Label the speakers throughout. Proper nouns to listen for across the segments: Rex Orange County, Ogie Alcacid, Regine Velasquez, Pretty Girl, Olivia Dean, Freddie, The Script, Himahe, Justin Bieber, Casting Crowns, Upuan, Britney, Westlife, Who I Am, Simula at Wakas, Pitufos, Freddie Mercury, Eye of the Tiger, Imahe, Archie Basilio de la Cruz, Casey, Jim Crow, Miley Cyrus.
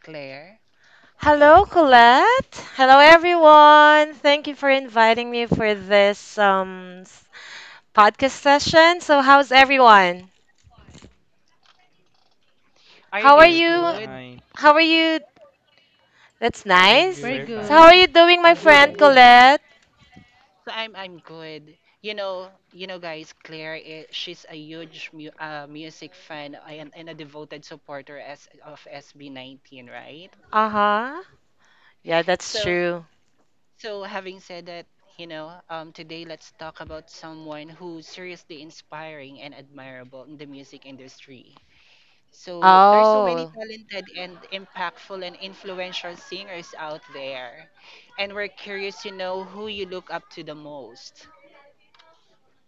Speaker 1: Claire.
Speaker 2: Hello, Colette. Hello, everyone. Thank you for inviting me for this podcast session. So, how's everyone?
Speaker 1: Are you
Speaker 2: How are
Speaker 1: guys
Speaker 3: We're
Speaker 2: you?
Speaker 1: good?
Speaker 3: fine.
Speaker 2: How are you? That's
Speaker 4: Very
Speaker 2: nice.
Speaker 5: Very
Speaker 3: We're
Speaker 4: good.
Speaker 2: So, how
Speaker 5: good.
Speaker 2: are
Speaker 3: fine.
Speaker 2: you doing, my
Speaker 6: I'm good,
Speaker 7: I'm
Speaker 6: I'm
Speaker 2: friend
Speaker 6: good.
Speaker 7: okay.
Speaker 2: Colette?
Speaker 1: So I'm good. You know guys, Claire, I she's a huge music fan and a devoted supporter as of SB19, right?
Speaker 2: Uh huh. Yeah, that's
Speaker 1: So
Speaker 2: true.
Speaker 1: so having said that, today let's talk about someone who's seriously inspiring and admirable in the music industry. So there's so many
Speaker 2: Oh.
Speaker 1: talented and impactful and influential singers out there. And we're curious to know who you look up to the most.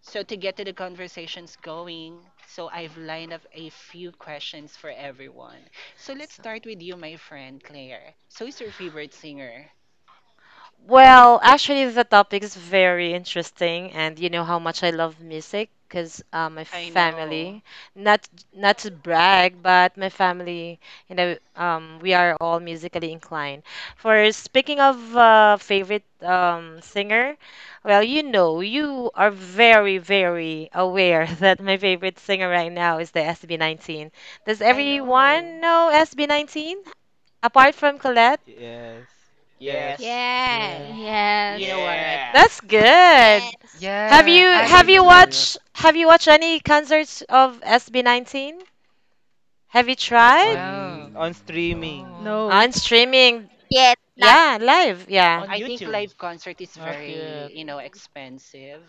Speaker 1: So to get to the conversations going, so I've lined up a few questions for everyone. So let's
Speaker 2: so
Speaker 1: start with you, my friend Claire. So who's your favorite singer?
Speaker 2: Well, actually, the topic is very interesting, and you know how much I love music because my
Speaker 1: I know.
Speaker 2: family, not not to brag, but my family, we are all musically inclined. For speaking of favorite singer, well, you know, you are very, very aware that my favorite singer right now is the SB19. Does
Speaker 1: I know.
Speaker 2: everyone know SB19 apart from Colette?
Speaker 3: Yes. Yes.
Speaker 1: Yes.
Speaker 6: Yes.
Speaker 8: Yes.
Speaker 4: Yes.
Speaker 1: You know
Speaker 9: Yes.
Speaker 1: what? Yeah.
Speaker 6: Yeah.
Speaker 2: That's good.
Speaker 10: Yes.
Speaker 2: Have you
Speaker 11: Yeah,
Speaker 7: Vaguely
Speaker 2: have you
Speaker 11: Atinto.
Speaker 7: familiar?
Speaker 2: watched have you watched any concerts of SB19? Have you tried
Speaker 3: On
Speaker 11: No,
Speaker 3: on
Speaker 7: Nope.
Speaker 3: streaming.
Speaker 11: no.
Speaker 5: No.
Speaker 2: on streaming?
Speaker 10: Yet not
Speaker 2: Yeah, live. Yeah.
Speaker 1: On
Speaker 6: On
Speaker 1: I think YouTube
Speaker 6: YouTube.
Speaker 1: live concert is
Speaker 4: Not
Speaker 1: very,
Speaker 4: yet.
Speaker 1: expensive.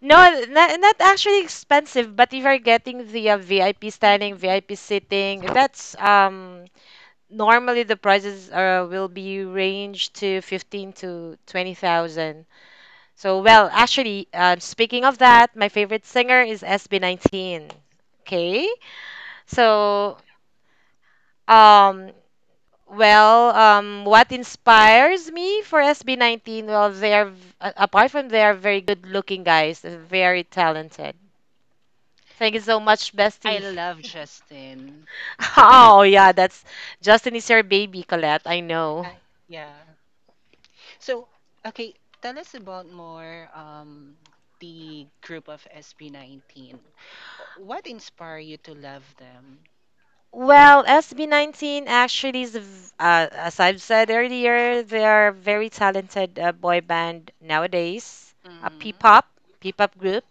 Speaker 2: No, not actually expensive, but if you're getting the VIP standing, VIP sitting, that's normally the prices are will be range to 15 to 20,000. So, well, actually, speaking of that, my favorite singer is SB19. Okay? So, um what inspires me for SB19? Well, they are, apart from they are very good looking guys, they're very talented. Thank you so much,
Speaker 1: I
Speaker 2: Bestie.
Speaker 1: love Justin.
Speaker 2: Oh, yeah, that's Justin is your baby, Colette. I know.
Speaker 1: I yeah. So, okay, tell us about more the group of SB19. What inspired you to love them?
Speaker 2: Well, SB19 actually is, as I've said earlier, they are very talented boy band nowadays, a
Speaker 1: Mhm.
Speaker 2: P-pop, P-pop group.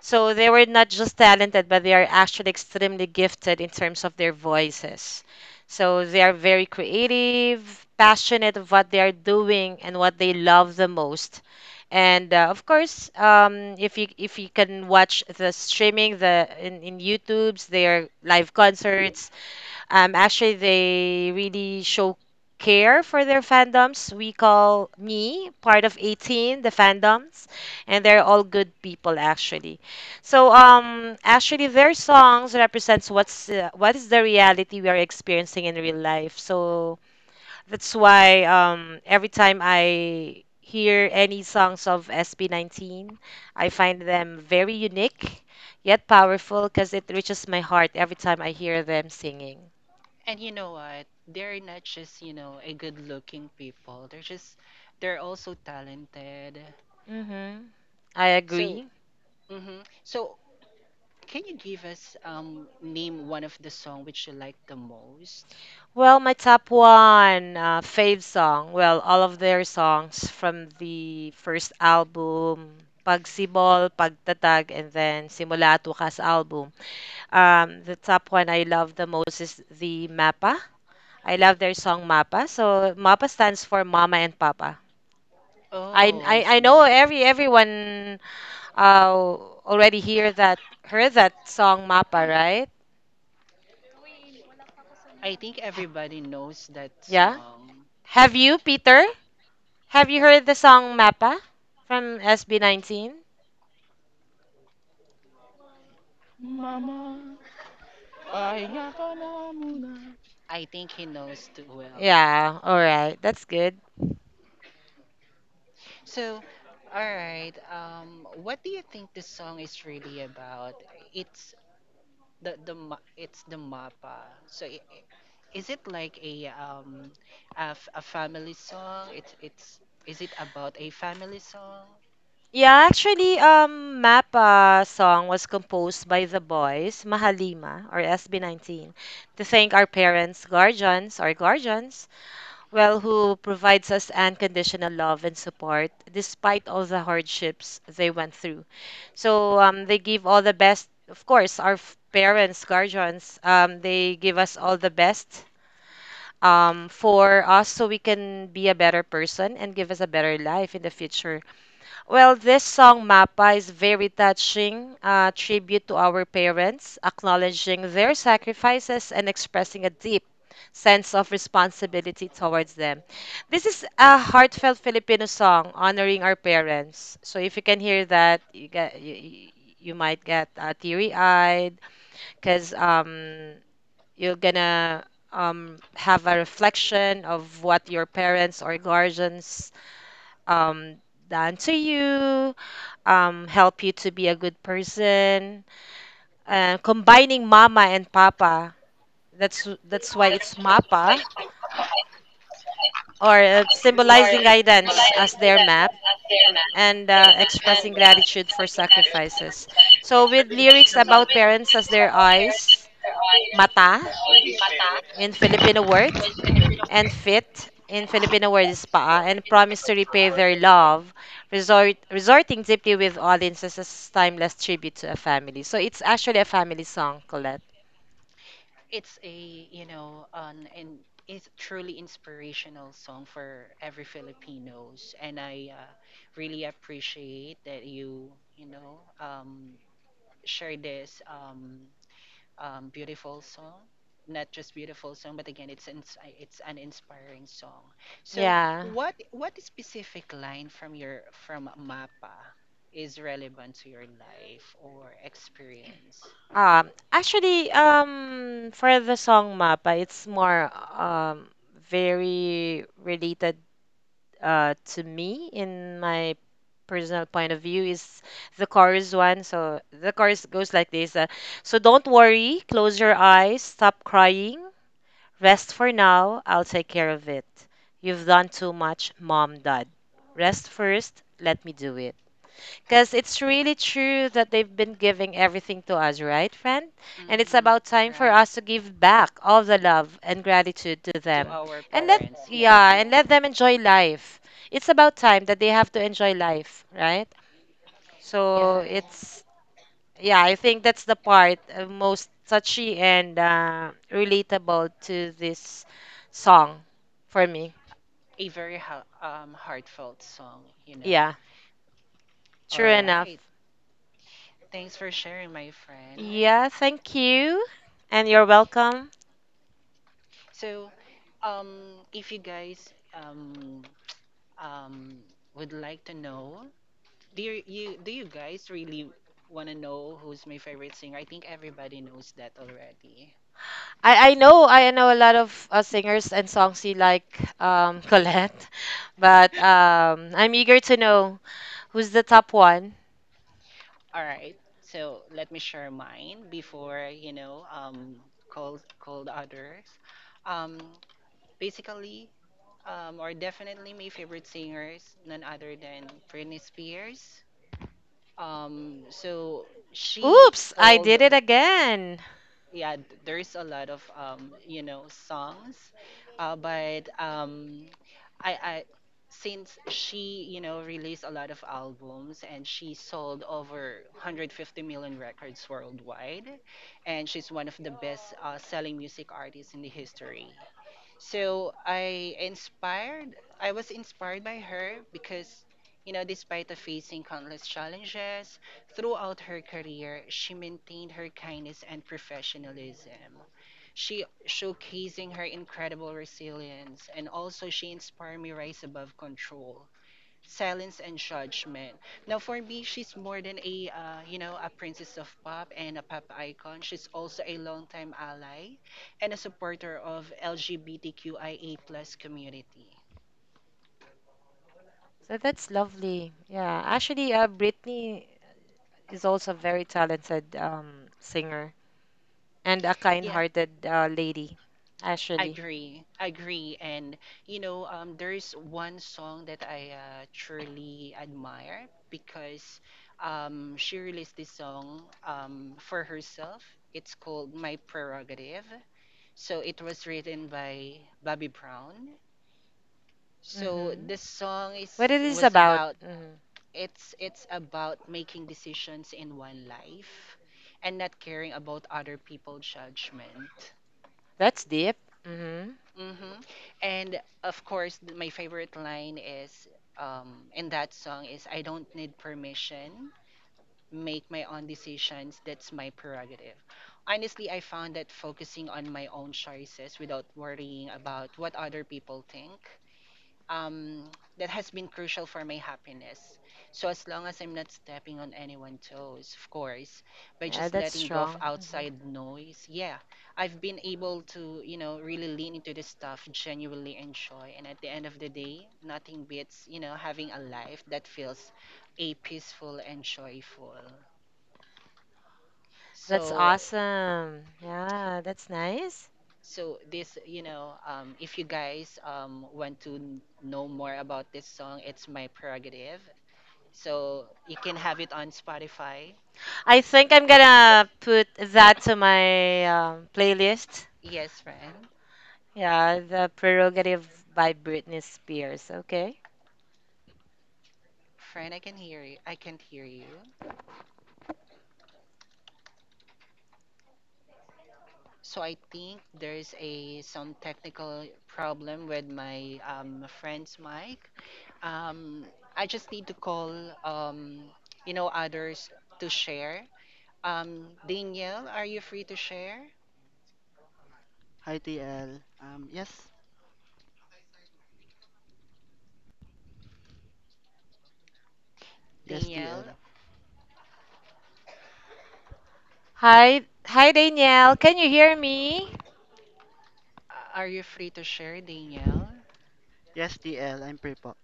Speaker 2: So they were not just talented, but they are actually extremely gifted in terms of their voices. So they are very creative, passionate of what they are doing and what they love the most. And of course, if you can watch the streaming in YouTube's their live concerts, actually, they really show care for their fandoms. We call me part of 18, the fandoms, and they're all good people actually. So, actually, their songs represents what is the reality we are experiencing in real life. So that's why every time I hear any songs of SB19, I find them very unique yet powerful because it reaches my heart every time I hear them singing.
Speaker 1: And you know what? They're not just, a good-looking people. They're also talented.
Speaker 2: Mm-hmm. I
Speaker 1: So,
Speaker 2: agree.
Speaker 1: mhm. So, can you give us name one of the song which you like the most?
Speaker 2: Well, my top one fave song. Well, all of their songs from the first album, Pagsibol, Pagtatag, and then Simula at Wakas album. The top one I love the most is the Mapa. I love their song Mapa. So Mapa stands for Mama and Papa. I,
Speaker 1: Oh, I
Speaker 2: I, I know
Speaker 1: see.
Speaker 2: everyone uh, already heard that song Mapa, right?
Speaker 1: I think
Speaker 2: Ha-
Speaker 1: everybody knows that
Speaker 2: Yeah.
Speaker 1: song. Uh,
Speaker 2: Have you, Peter? Have you heard the song Mappa from SB19?
Speaker 6: Mama, pahinga ka
Speaker 1: yeah.
Speaker 6: na muna.
Speaker 1: I think he knows too well.
Speaker 2: Yeah, all right. That's good.
Speaker 1: So, all right. What do you think this song is really about? It's it's the mapa. So, is it like a, a family song? It's is it about a family song?
Speaker 2: Yeah, actually Mappa song was composed by the boys Mahalima or SB19 to thank our parents, guardians, well who provides us unconditional love and support despite all the hardships they went through. So they give all the best of course our parents, guardians, they give us all the best for us so we can be a better person and give us a better life in the future. Well, this song, Mapa, is very touching, tribute to our parents, acknowledging their sacrifices and expressing a deep sense of responsibility towards them. This is a heartfelt Filipino song honoring our parents. So if you can hear that, you you might get teary-eyed because you're gonna have a reflection of what your parents or guardians um, done to you, help you to be a good person. Combining mama and papa. That's why it's mapa
Speaker 12: Like
Speaker 2: or
Speaker 12: or rely
Speaker 2: symbolizing guidance
Speaker 12: on
Speaker 2: as their
Speaker 12: data
Speaker 2: map
Speaker 12: as data, and
Speaker 2: and
Speaker 12: uh, and
Speaker 2: expressing gratitude for sacrifices. So
Speaker 12: I
Speaker 2: with
Speaker 12: think
Speaker 2: lyrics
Speaker 12: this. So
Speaker 2: about
Speaker 12: basically,
Speaker 2: parents as
Speaker 12: it's
Speaker 2: their
Speaker 12: about here
Speaker 2: eyes,
Speaker 12: on
Speaker 2: mata
Speaker 12: on with
Speaker 2: in
Speaker 12: mata, which
Speaker 2: Filipino word,
Speaker 12: is Filipino
Speaker 2: and
Speaker 12: word
Speaker 2: fit in
Speaker 12: and
Speaker 2: Filipino word is paa and
Speaker 12: Filipino
Speaker 2: promise to repay
Speaker 12: word.
Speaker 2: their love, resorting deeply with audiences as timeless tribute to a family. So it's actually a family song, Colette.
Speaker 1: It's a, you know, an and it's truly inspirational song for every Filipinos, and I, really appreciate that you know, share this, beautiful song. Not just beautiful song, but again, it's it's an inspiring song. So
Speaker 2: Yeah.
Speaker 1: what specific line from your from mapa is relevant to your life or experience?
Speaker 2: Actually for the song Mapa, it's more very related to me in my personal point of view is the chorus one. So the chorus goes like this. Don't worry, close your eyes, stop crying. Rest for now. I'll take care of it. You've done too much, mom, dad. Rest first. Let me do it. Because it's really true that they've been giving everything to us, right, friend? And it's
Speaker 1: Hmm.
Speaker 2: about time for us to give back all the love and gratitude to
Speaker 1: To
Speaker 2: them.
Speaker 1: our
Speaker 2: And let,
Speaker 1: parents. Yeah,
Speaker 2: yeah, and let them enjoy life. It's about time that they have to enjoy life, right? So Yeah.
Speaker 1: yeah,
Speaker 2: it's yeah, I think that's the part most touchy and relatable to this song for me.
Speaker 1: a very heartfelt song, you know.
Speaker 2: Yeah, true
Speaker 1: All
Speaker 2: enough.
Speaker 1: right, thanks for sharing, my friend.
Speaker 2: Yeah, thank you, and you're welcome.
Speaker 1: So, if you guys, um, would like to know, do you guys really want to know who's my favorite singer? I think everybody knows that already.
Speaker 2: I know a lot of singers and songs you like, Colette, but I'm eager to know who's the top one.
Speaker 1: All right, so let me share mine before call the others. Um, Basically, or definitely my favorite singers, none other than Britney Spears. So she
Speaker 2: Oops, I
Speaker 1: sold,
Speaker 2: did it again.
Speaker 1: yeah, there's a lot of, you know, songs, but I, I, since she, you know, released a lot of albums and she sold over 150 million records worldwide, and she's one of the best, selling music artists in the history. So I inspired, I was inspired by her because, you know, despite of facing countless challenges throughout her career, she maintained her kindness and professionalism. She showcasing her incredible resilience, and also she inspired me rise above control silence and judgment. Now, for me, she's more than a, you know, a princess of pop and a pop icon. She's also a longtime ally and a supporter of LGBTQIA plus community.
Speaker 2: So that's lovely. Yeah, actually, Britney is also a very talented singer and a
Speaker 1: Yeah,
Speaker 2: kind-hearted lady, Ashley.
Speaker 1: agree, agree, and you know, there's one song that I, truly admire because she released this song, for herself. It's called "My Prerogative," so it was written by Bobby Brown. So
Speaker 2: Mm-hmm.
Speaker 1: this song is,
Speaker 2: What it is
Speaker 1: was
Speaker 2: about?
Speaker 1: about,
Speaker 2: Mm-hmm.
Speaker 1: it's about making decisions in one life and not caring about other people's judgment.
Speaker 2: That's deep. Mm-hmm.
Speaker 1: Hmm. And of course, my favorite line is, in that song is, I don't need permission, make my own decisions, that's my prerogative. Honestly, I found that focusing on my own choices without worrying about what other people think, um, that has been crucial for my happiness. So as long as I'm not stepping on anyone's toes, of course, by
Speaker 2: Yeah,
Speaker 1: just
Speaker 2: that's
Speaker 1: letting go of
Speaker 2: strong. Mm-hmm.
Speaker 1: outside noise, yeah, I've been able to, you know, really lean into this stuff, genuinely enjoy. And at the end of the day, nothing beats, you know, having a life that feels a peaceful and joyful.
Speaker 2: That's
Speaker 1: So,
Speaker 2: awesome. Yeah, that's nice.
Speaker 1: so this, you know, if you guys, want to know more about this song, it's my prerogative. So you can have it on Spotify.
Speaker 2: I think I'm gonna put that to my playlist.
Speaker 1: Yes, friend.
Speaker 2: Yeah, the prerogative by Britney Spears. Okay.
Speaker 1: Friend, I can hear you. I can't hear you. So I think there's a some technical problem with my, friend's mic. Um, I just need to call, um, others to share. Danielle, are you free to share?
Speaker 13: Hi TL. Yes, yes
Speaker 1: Danielle,
Speaker 13: TL.
Speaker 2: Hi, Danielle. Can you hear me?
Speaker 1: are you free to share, Danielle?
Speaker 13: Yes TL, I'm Prepo.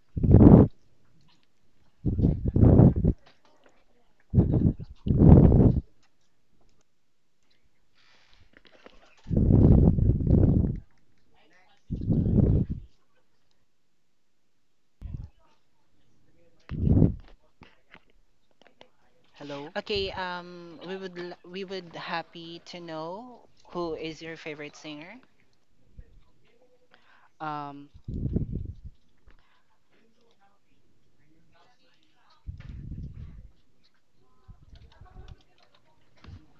Speaker 13: Hello.
Speaker 1: Okay, we would happy to know who is your favorite singer.
Speaker 13: Um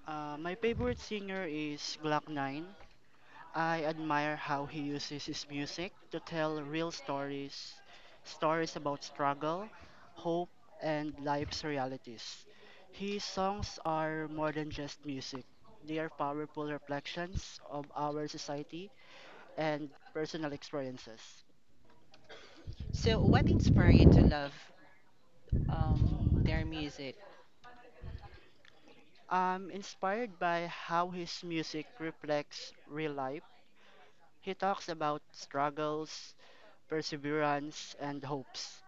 Speaker 13: my favorite singer is Glock 9. I admire how he uses his music to tell real stories, stories about struggle, hope, and life's realities. His songs are more than just music. They are powerful reflections of our society and personal experiences.
Speaker 1: So, what inspired you to love, their music?
Speaker 13: I'm inspired by how his music reflects real life. He talks about struggles, perseverance, and hopes.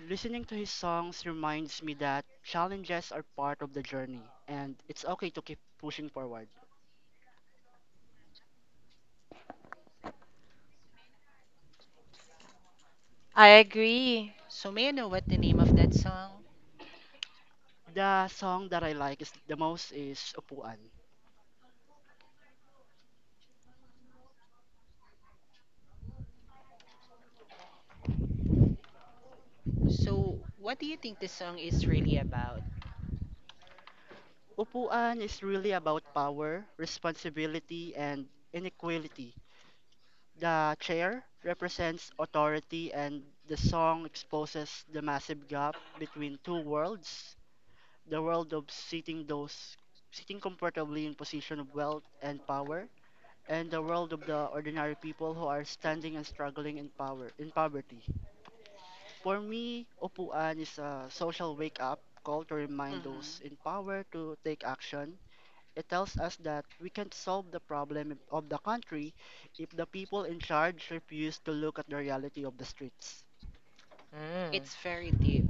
Speaker 13: Listening to his songs reminds me that challenges are part of the journey and it's okay to keep pushing forward.
Speaker 2: I agree.
Speaker 1: So, may I know what the name of that song?
Speaker 13: The song that I like is the most is Upuan.
Speaker 1: So, what do you think this song is really about?
Speaker 13: Upuan is really about power, responsibility, and inequality. The chair represents authority, and the song exposes the massive gap between two worlds: the world of sitting, those sitting comfortably in position of wealth and power, and the world of the ordinary people who are standing and struggling in power in poverty. For me, opuan is a social wake up call to remind
Speaker 1: Hmm.
Speaker 13: those in power to take action. It tells us that we can't solve the problem of the country if the people in charge refuse to look at the reality of the streets.
Speaker 2: Mm.
Speaker 1: It's very deep.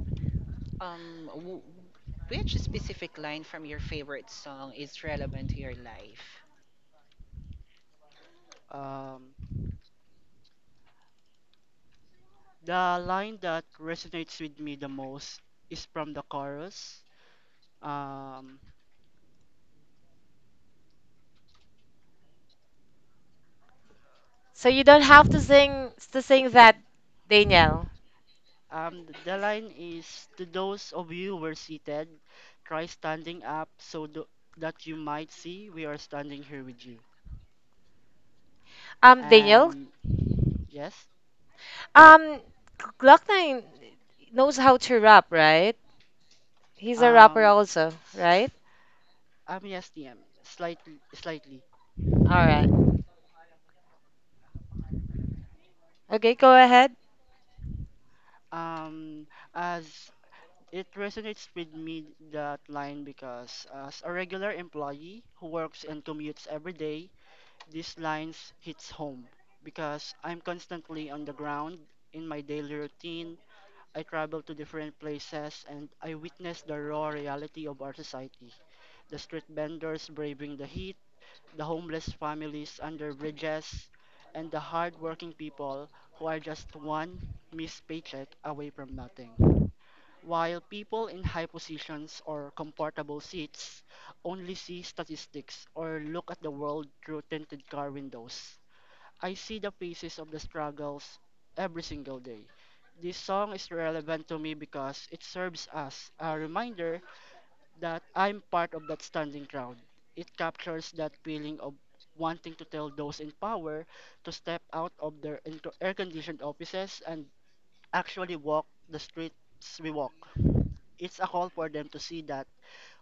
Speaker 1: Um, w- which specific line from your favorite song is relevant to your life?
Speaker 13: Um, the line that resonates with me the most is from the chorus. Um,
Speaker 2: So you don't have to sing that, Daniel.
Speaker 13: the line is, to those of you who are seated, try standing up so that you might see we are standing here with you.
Speaker 2: Um, Daniel.
Speaker 13: Um, yes.
Speaker 2: Um, Glock Nine knows how to rap, right? He's a rapper
Speaker 13: Um.
Speaker 2: also,
Speaker 13: s-
Speaker 2: right?
Speaker 13: yes, DM. Slightly, slightly.
Speaker 2: All right. Okay, go ahead.
Speaker 13: Um, as it resonates with me that line, because as a regular employee who works and commutes every day, these lines hits home because I'm constantly on the ground in my daily routine. I travel to different places and I witness the raw reality of our society. The street vendors braving the heat, the homeless families under bridges, and the hard-working people who are just one missed paycheck away from nothing. While people in high positions or comfortable seats only see statistics or look at the world through tinted car windows, I see the faces of the struggles every single day. This song is relevant to me because it serves as a reminder that I'm part of that standing crowd. It captures that feeling of wanting to tell those in power to step out of their air conditioned offices and actually walk the streets we walk. It's a call for them to see that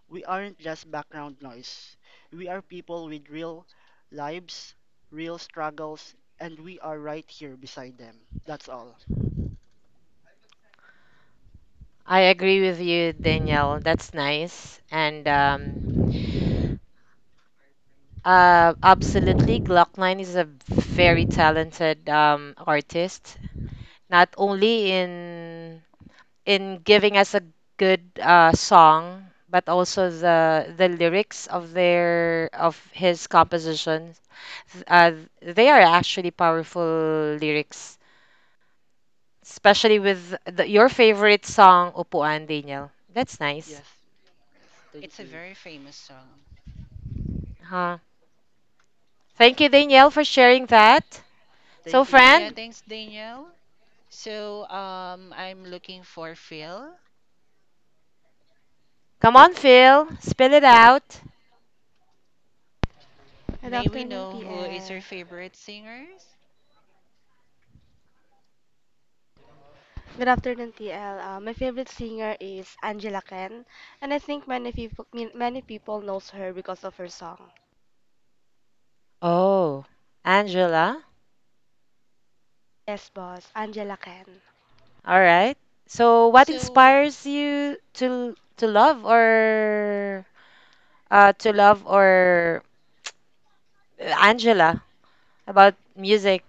Speaker 13: we aren't just background noise. We are people with real lives, real struggles, and we are right here beside them. That's all.
Speaker 2: I agree with you, Daniel. That's nice. And absolutely, Glock Nine is a very talented artist. Not only in giving us a good song, but also the lyrics of their of his compositions. th- Uh, they are actually powerful lyrics, especially with the, your favorite song, Upuan, Daniel. That's nice.
Speaker 13: Yes. Yes.
Speaker 6: It's
Speaker 13: Thank
Speaker 6: a
Speaker 13: you.
Speaker 6: very famous song.
Speaker 2: Huh. Thank you, Danielle, for sharing that. So,
Speaker 13: Thank you. Thank
Speaker 6: Yeah,
Speaker 13: you.
Speaker 2: friend,
Speaker 6: thanks, Danielle. So, I'm looking for Phil.
Speaker 2: come on, Phil, spill it out.
Speaker 14: Good
Speaker 6: May we
Speaker 14: afternoon,
Speaker 6: know who is your
Speaker 14: TL.
Speaker 6: favorite singers?
Speaker 14: Good afternoon, TL. My favorite singer is Angela Ken, and I think many people knows her because of her song.
Speaker 2: Oh, Angela.
Speaker 14: Yes, boss, Angela Ken.
Speaker 2: All right. So, what
Speaker 6: So,
Speaker 2: inspires you to love or to love or Angela about music.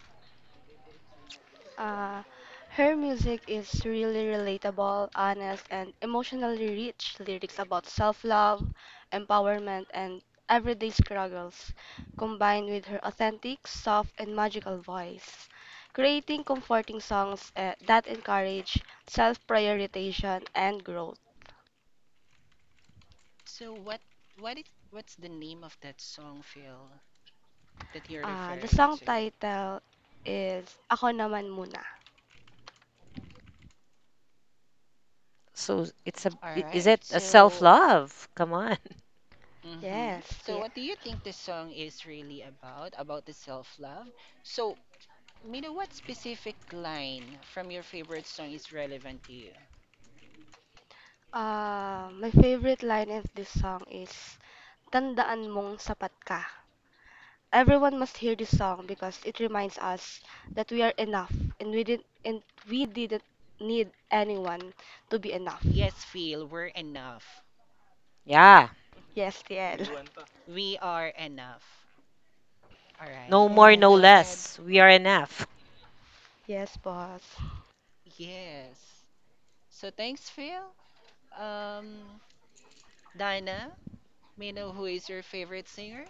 Speaker 14: Uh, Her music is really relatable, honest, and emotionally rich lyrics about self love, empowerment, and everyday struggles, combined with her authentic, soft, and magical voice, creating comforting songs that encourage self prioritization and growth.
Speaker 6: so what is, what's the name of that song, Phil, that you're
Speaker 14: The
Speaker 6: referring
Speaker 14: song
Speaker 6: to?
Speaker 14: title is Ako Naman Muna.
Speaker 2: So it's
Speaker 6: All
Speaker 2: is
Speaker 6: right.
Speaker 2: it a self
Speaker 6: So,
Speaker 2: love? Come on,
Speaker 6: mm-hmm.
Speaker 14: Yes,
Speaker 6: So,
Speaker 14: yeah.
Speaker 6: what do you think this song is really about? About the self-love? So, Mina, what specific line from your favorite song is relevant to you?
Speaker 14: My favorite line of this song is, Tandaan mong sapat ka. Everyone must hear this song because it reminds us that we are enough and we didn't need anyone to be enough.
Speaker 6: Yes, Phil, we're enough.
Speaker 2: yeah.
Speaker 14: Yes, TL.
Speaker 6: We are enough. All
Speaker 2: No
Speaker 6: right.
Speaker 2: more, no
Speaker 14: Yes.
Speaker 6: Go ahead.
Speaker 2: less. We are enough.
Speaker 14: Yes, boss.
Speaker 6: Yes. So, thanks, Phil. Um, Dinah, Mina, who is your favorite singer?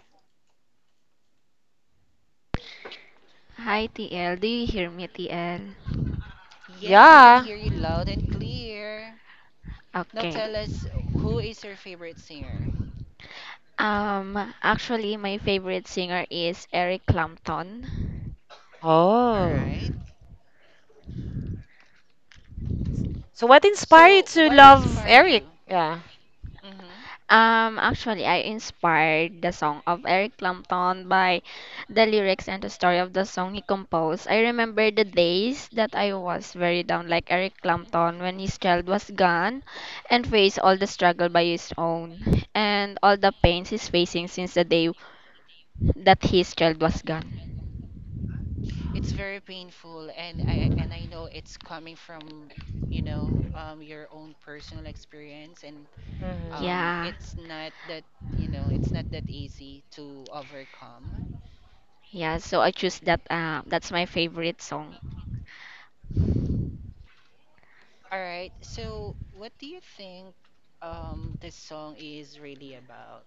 Speaker 9: Hi, TL. Do you hear me, TL?
Speaker 6: Yes, we can
Speaker 2: Yeah.
Speaker 6: hear you loud and clear. Now,
Speaker 9: Okay.
Speaker 6: tell us who is your favorite singer?
Speaker 9: Um, actually, my favorite singer is Eric Clapton.
Speaker 6: All
Speaker 2: Oh.
Speaker 6: right.
Speaker 2: So what inspired
Speaker 6: So,
Speaker 2: you to
Speaker 6: what
Speaker 2: love
Speaker 6: inspired
Speaker 2: Eric?
Speaker 6: you?
Speaker 2: Yeah.
Speaker 6: Hmm.
Speaker 9: Actually, I inspired the song of Eric Clapton by the lyrics and the story of the song he composed. I remember the days that I was very down, like Eric Clapton, when his child was gone and faced all the struggle by his own and all the pains he's facing since the day that his child was gone.
Speaker 6: It's very painful, and I know it's coming from, your own personal experience, and
Speaker 2: Mm-hmm.
Speaker 6: um,
Speaker 9: Yeah.
Speaker 6: it's not that, it's not that easy to overcome.
Speaker 9: Yeah, so I choose that. That's my favorite song.
Speaker 6: All right. So, what do you think this song is really about?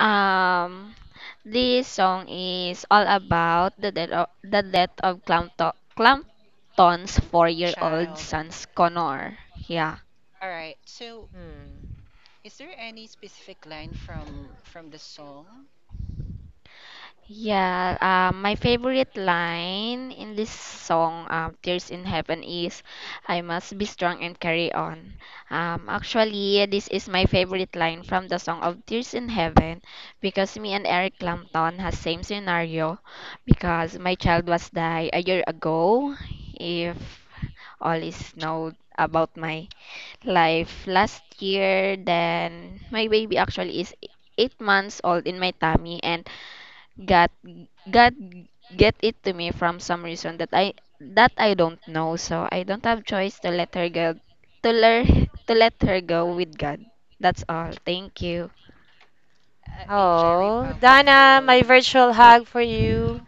Speaker 9: Um, this song is all about the death of Clampton's 4-year-old
Speaker 6: Child.
Speaker 9: son Connor. Yeah.
Speaker 6: All right. So,
Speaker 2: Hmm.
Speaker 6: is there any specific line from the song?
Speaker 9: Yeah, my favorite line in this song, Tears in Heaven, is "I must be strong and carry on." Actually, this is my favorite line from the song of Tears in Heaven because me and Eric Clapton has same scenario because my child was die a year ago. If all is know about my life last year, then my baby actually is 8 months old in my tummy, and God God get it to me from some reason that I don't know, so I don't have choice to learn to let her go with God. That's all. Thank you.
Speaker 6: A very
Speaker 2: Oh, Dana, my
Speaker 6: powerful.
Speaker 2: virtual hug for you.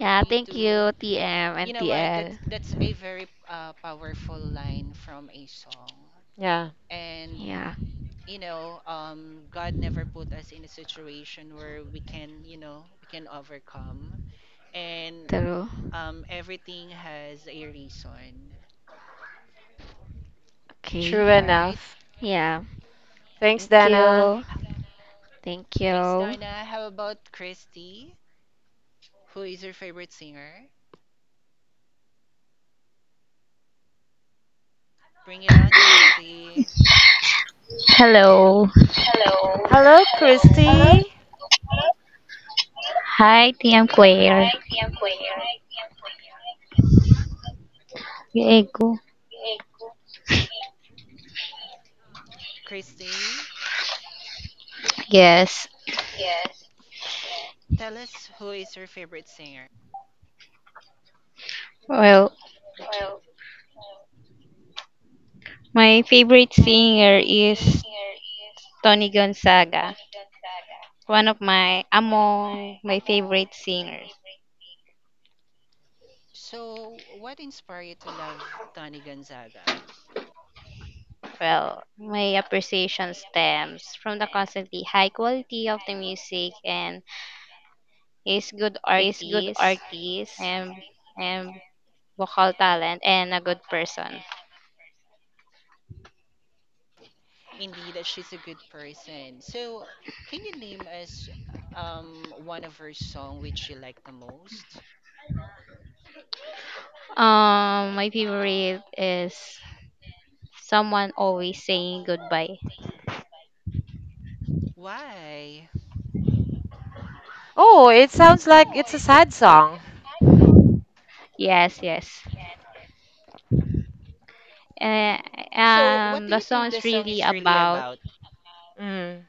Speaker 9: Yeah,
Speaker 6: Me
Speaker 9: thank
Speaker 6: too.
Speaker 9: you, TM
Speaker 6: You
Speaker 9: and
Speaker 6: know what?
Speaker 9: TL.
Speaker 6: That's a very powerful line from a song.
Speaker 2: Yeah.
Speaker 6: And
Speaker 9: Yeah,
Speaker 6: God never put us in a situation where we can overcome. And
Speaker 9: true.
Speaker 6: everything has a reason.
Speaker 9: Okay.
Speaker 2: True
Speaker 6: All right.
Speaker 2: enough.
Speaker 9: Yeah.
Speaker 2: Thanks,
Speaker 9: Thank
Speaker 2: Dana.
Speaker 9: you. Thank
Speaker 6: Thanks,
Speaker 9: you.
Speaker 6: Donna. How about Christy? Who is your favorite singer? Bring it on, Christy.
Speaker 12: Hello. Hello,
Speaker 2: Hello,
Speaker 12: hello, hello.
Speaker 2: Christy.
Speaker 12: Hi, TM Queer. Hi, TM Queer. Hi, T M Queer. Echo.
Speaker 6: Christy,
Speaker 12: Yes.
Speaker 6: tell us who is your favorite singer.
Speaker 12: Well, my favorite singer is Tony Gonzaga. One of my, among my favorite singers.
Speaker 6: So, what inspired you to love Tony Gonzaga?
Speaker 12: Well, my appreciation stems from the constantly high quality of the music and his good
Speaker 14: He's good
Speaker 12: artist
Speaker 14: artist
Speaker 12: and
Speaker 14: and
Speaker 12: vocal talent and a good person.
Speaker 6: Indeed, that she's a good person. So, can you name us one of her song which you like the most?
Speaker 12: My favorite is Someone Always Saying Goodbye.
Speaker 6: Why?
Speaker 2: Oh, it sounds like it's a sad song.
Speaker 12: Yes, yes. Uh,
Speaker 6: So, what do
Speaker 12: the
Speaker 6: you
Speaker 12: song
Speaker 6: think the
Speaker 12: is
Speaker 6: song
Speaker 12: really
Speaker 6: is really
Speaker 12: about.
Speaker 6: about?
Speaker 2: Mm.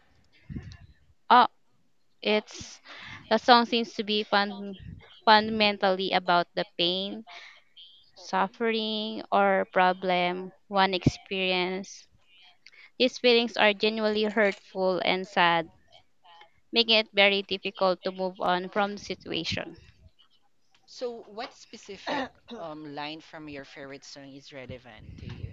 Speaker 12: Oh, it's the song seems to be fundamentally about the pain, suffering, or problem one experience. These feelings are genuinely hurtful and sad, making it very difficult to move on from the situation.
Speaker 6: So, what specific line from your favorite song is relevant to you?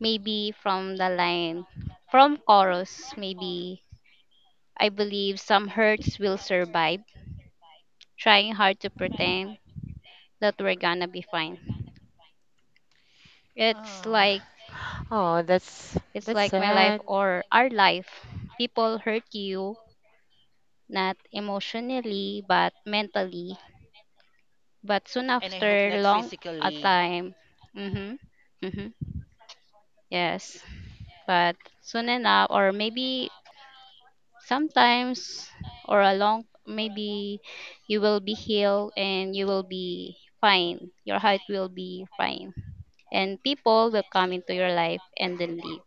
Speaker 12: Maybe from the line, from chorus, maybe I believe some hurts will survive, trying hard to pretend that we're gonna be fine. It's
Speaker 6: Oh,
Speaker 12: like
Speaker 2: Oh, that's
Speaker 12: it's
Speaker 2: that's
Speaker 12: like my life
Speaker 2: sad.
Speaker 12: or our life. People hurt you not emotionally but mentally. But soon
Speaker 6: and I hope
Speaker 12: after
Speaker 6: not
Speaker 12: long a
Speaker 6: physically.
Speaker 12: time, mm-hmm, mm-hmm, yes. But soon enough, or maybe sometimes or a long, maybe you will be healed and you will be fine. Your heart will be fine, and people will come into your life and then leave.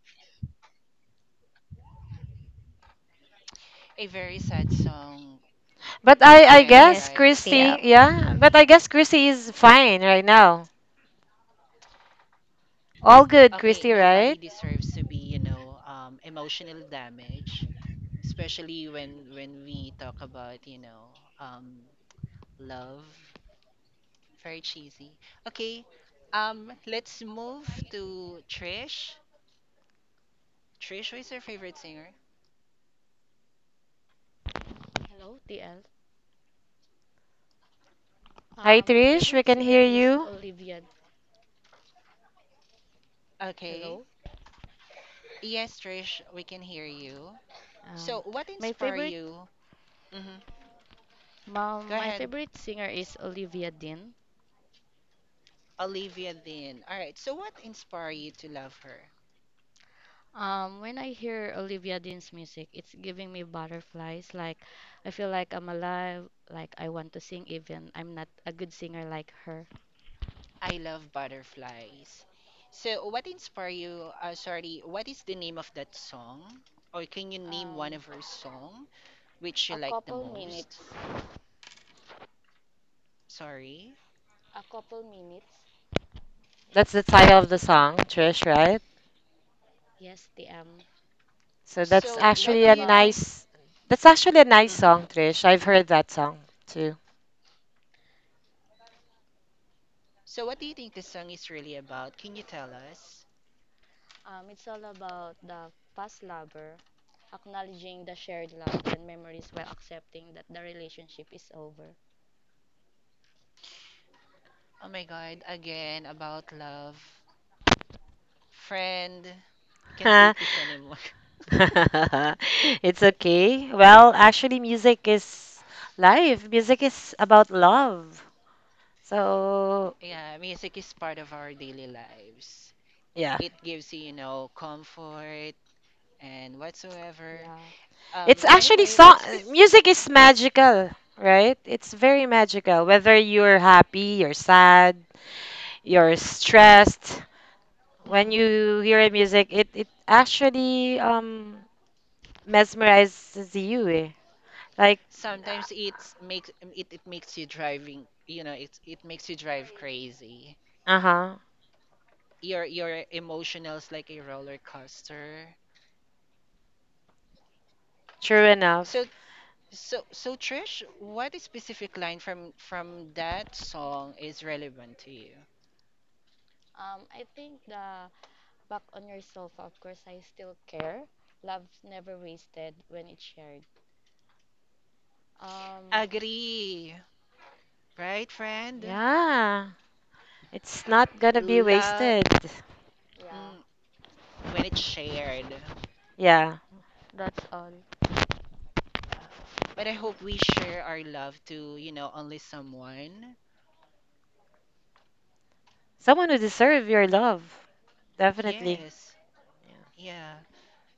Speaker 6: A very sad song,
Speaker 2: But I
Speaker 6: friend,
Speaker 2: guess
Speaker 12: Yes,
Speaker 6: right?
Speaker 2: Christy,
Speaker 12: TL.
Speaker 2: yeah. But I guess Christy is fine right now. All good,
Speaker 6: Okay,
Speaker 2: Christy,
Speaker 6: nobody
Speaker 2: right?
Speaker 6: deserves to be, emotional damage. Especially when we talk about, um love. Very cheesy. Okay. Let's move to Trish, who is your favorite singer?
Speaker 15: Hello, TL.
Speaker 2: Hi,
Speaker 15: My
Speaker 2: Trish. We
Speaker 15: favorite
Speaker 2: can
Speaker 15: singer
Speaker 2: hear
Speaker 15: is
Speaker 2: you.
Speaker 15: Olivia.
Speaker 6: Okay.
Speaker 15: Hello.
Speaker 6: Yes, Trish, we can hear you. So,
Speaker 15: Um,
Speaker 6: what
Speaker 15: my
Speaker 6: inspire
Speaker 15: favorite
Speaker 6: you? Hmm. Go
Speaker 15: my
Speaker 6: ahead,
Speaker 15: favorite singer is Olivia Dean.
Speaker 6: Olivia, then. All right. So, what inspire you to love her?
Speaker 15: When I hear Olivia Dean's music, it's giving me butterflies. Like I feel like I'm alive. Like I want to sing, even I'm not a good singer like her.
Speaker 6: I love butterflies. So, what inspire you, sorry, what is the name of that song? Or can you name one
Speaker 15: Um,
Speaker 6: of her song which you
Speaker 15: a
Speaker 6: like the
Speaker 15: couple minutes.
Speaker 6: most. Sorry.
Speaker 15: A couple minutes.
Speaker 2: That's the title of the song, Trish, right?
Speaker 15: Yes, TM.
Speaker 2: So that's
Speaker 6: So,
Speaker 15: It's
Speaker 6: what
Speaker 2: actually
Speaker 15: all
Speaker 6: do
Speaker 2: a
Speaker 6: you
Speaker 15: about
Speaker 6: think?
Speaker 2: nice. That's actually a nice
Speaker 6: hmm
Speaker 2: song, Trish. I've heard that song too.
Speaker 6: So, what do you think the song is really about? Can you tell us?
Speaker 15: It's all about the past lover acknowledging the shared love and memories while accepting that the relationship is over.
Speaker 6: Oh my God, again about love, friend. I can't take this anymore.
Speaker 2: It's okay. Well, actually, music is life. Music is about love. So
Speaker 6: Yeah, music is part of our daily lives.
Speaker 2: yeah.
Speaker 6: It gives you, comfort and whatsoever.
Speaker 15: Yeah.
Speaker 2: It's actually
Speaker 6: Anyway,
Speaker 2: song
Speaker 6: what's bes-
Speaker 2: music is magical, right? It's very magical. Whether you're happy, you're sad, you're stressed, when you
Speaker 6: hmm
Speaker 2: hear a music, it actually mesmerizes you. Eh. Like
Speaker 6: sometimes it makes you driving. You know, it makes you drive crazy.
Speaker 2: uh-huh.
Speaker 6: Your emotionals like a roller coaster.
Speaker 2: True enough.
Speaker 6: So so so, Trish, what specific line from that song is relevant to you?
Speaker 15: I think the back on yourself, of course, I still care. Love's never wasted when it's shared. Um,
Speaker 6: Agree, right, friend?
Speaker 2: Yeah. It's not gonna be
Speaker 6: Love,
Speaker 2: wasted.
Speaker 15: yeah,
Speaker 6: mm, when it's shared. Uh,
Speaker 2: Yeah.
Speaker 15: that's all.
Speaker 6: But I hope we share our love to only someone.
Speaker 2: Someone who deserve your love. Definitely.
Speaker 6: Yes,
Speaker 2: Yeah.
Speaker 6: yeah.